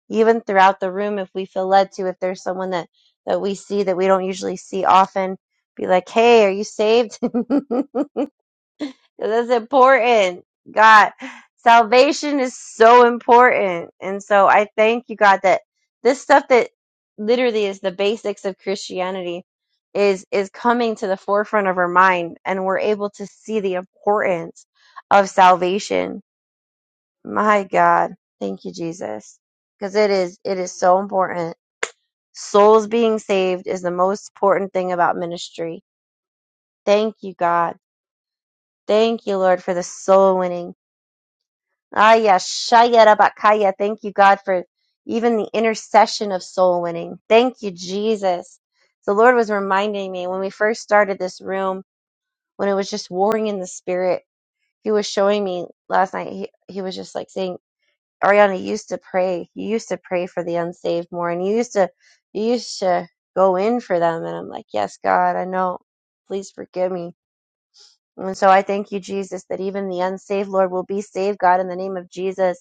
Speaker 2: even throughout the room, if we feel led to, if there's someone that, that we see that we don't usually see often, be like, hey, are you saved? 'Cause That's important. God, salvation is so important. And so I thank you, God, that this stuff that literally is the basics of Christianity is is coming to the forefront of our mind and we're able to see the importance of salvation. My God. Thank you, Jesus. Because it is it is so important. Souls being saved is the most important thing about ministry. Thank you, God. Thank you, Lord, for the soul winning. Aya Shayarabakaya. Thank you, God, for even the intercession of soul winning. Thank you, Jesus. The Lord was reminding me when we first started this room, when it was just warring in the spirit, He was showing me last night, He, he was just like saying, Ariana, you used to pray. You used to pray for the unsaved more, and you used to, you used to go in for them. And I'm like, yes, God, I know. Please forgive me. And so I thank you, Jesus, that even the unsaved, Lord, will be saved, God, in the name of Jesus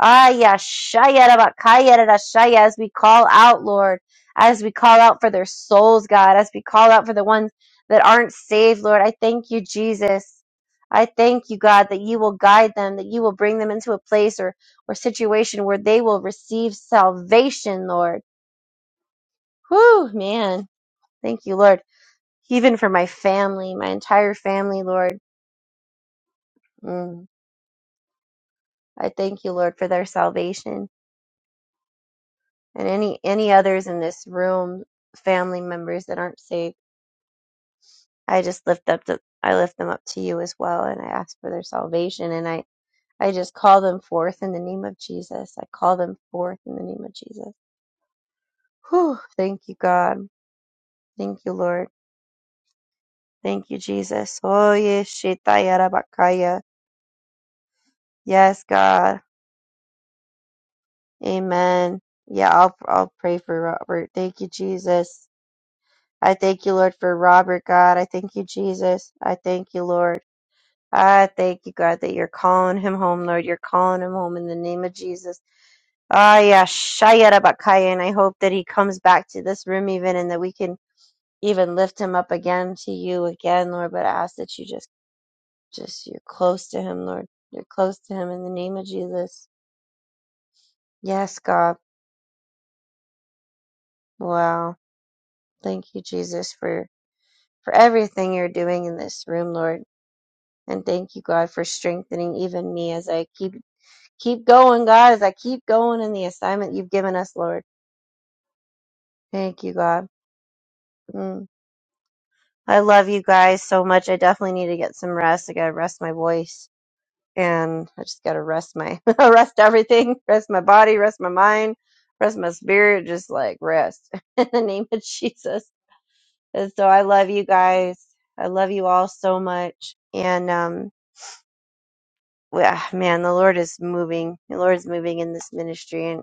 Speaker 2: Ayashayarabakayarashaya, as we call out, Lord, as we call out for their souls, God, as we call out for the ones that aren't saved, Lord, I thank you, Jesus. I thank you, God, that you will guide them, that you will bring them into a place or, or situation where they will receive salvation, Lord. Whew, man. Thank you, Lord. Even for my family, my entire family, Lord. Mm, I thank you, Lord, for their salvation. and any any others in this room, family members that aren't saved. I just lift up the I lift them up to you as well, and I ask for their salvation, and I I just call them forth in the name of Jesus. I call them forth in the name of Jesus. Whew, thank you, God. Thank you, Lord. Thank you, Jesus. Oh yes, shitayarabakaya. Yes, God. Amen. Yeah, I'll I'll pray for Robert. Thank you, Jesus. I thank you, Lord, for Robert, God. I thank you, Jesus. I thank you, Lord. I thank you, God, that you're calling him home, Lord. You're calling him home in the name of Jesus. Ah, yeah, Shayara Bakaya. And I hope that he comes back to this room even and that we can even lift him up again to you again, Lord. But I ask that you just, just, you're close to him, Lord. You're close to him in the name of Jesus. Yes, God. Wow. Thank you, Jesus, for, for everything you're doing in this room, Lord. And thank you, God, for strengthening even me as I keep Keep going, God, as I keep going in the assignment you've given us, Lord. Thank you, God. Mm. I love you guys so much. I definitely need to get some rest. I gotta rest my voice, and I just gotta rest my rest everything, rest my body, rest my mind, rest my spirit. Just like rest in the name of Jesus. And so I love you guys. I love you all so much. And um, we- ah, man, the Lord is moving. The Lord is moving in this ministry,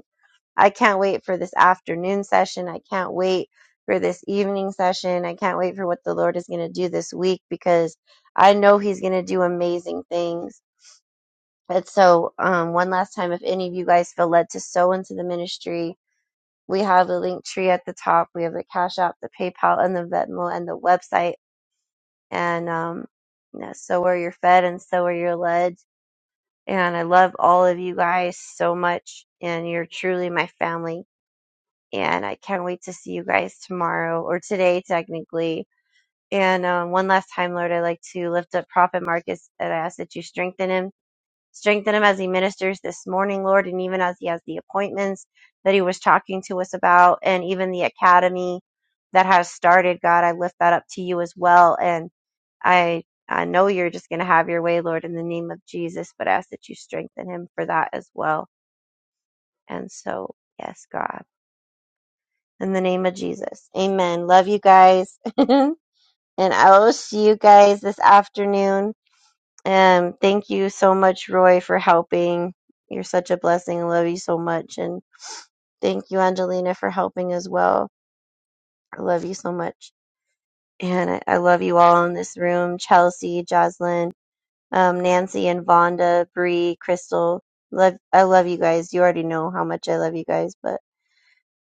Speaker 2: I can't wait for this afternoon session. I can't wait for this evening session. I can't wait for what the Lord is going to do this week because I know He's going to do amazing things. And so, um, one last time, if any of you guys feel led to sow into the ministry, we have the link tree at the top. We have the Cash App, the PayPal, and the Venmo, and the website. And um, you know, so where you're fed and so where you're led. And I love all of you guys so much. And you're truly my family and I can't wait to see you guys tomorrow or today, technically. And um, one last time, Lord, i like to lift up Prophet Marcus and I ask that you strengthen him. Strengthen him as he ministers this morning, Lord, and even as he has the appointments that he was talking to us about, and even the academy that has started. God, I lift that up to you as well. And I, I know you're just going to have your way, Lord, in the name of Jesus, but I ask that you strengthen him for that as well. And so, yes, God. in the name of Jesus. Amen. Love you guys. and I will see you guys this afternoon. Um, thank you so much, Roy, for helping. You're such a blessing. I love you so much. And thank you, Angelina, for helping as well. I love you so much. And I, I love you all in this room Chelsea, Jocelyn, um, Nancy, and Vonda, Bree, Crystal. Love, I love you guys. You already know how much I love you guys, but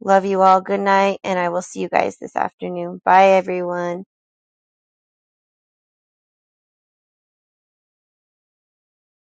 Speaker 2: love you all. Good night. And I will see you guys this afternoon. Bye, everyone.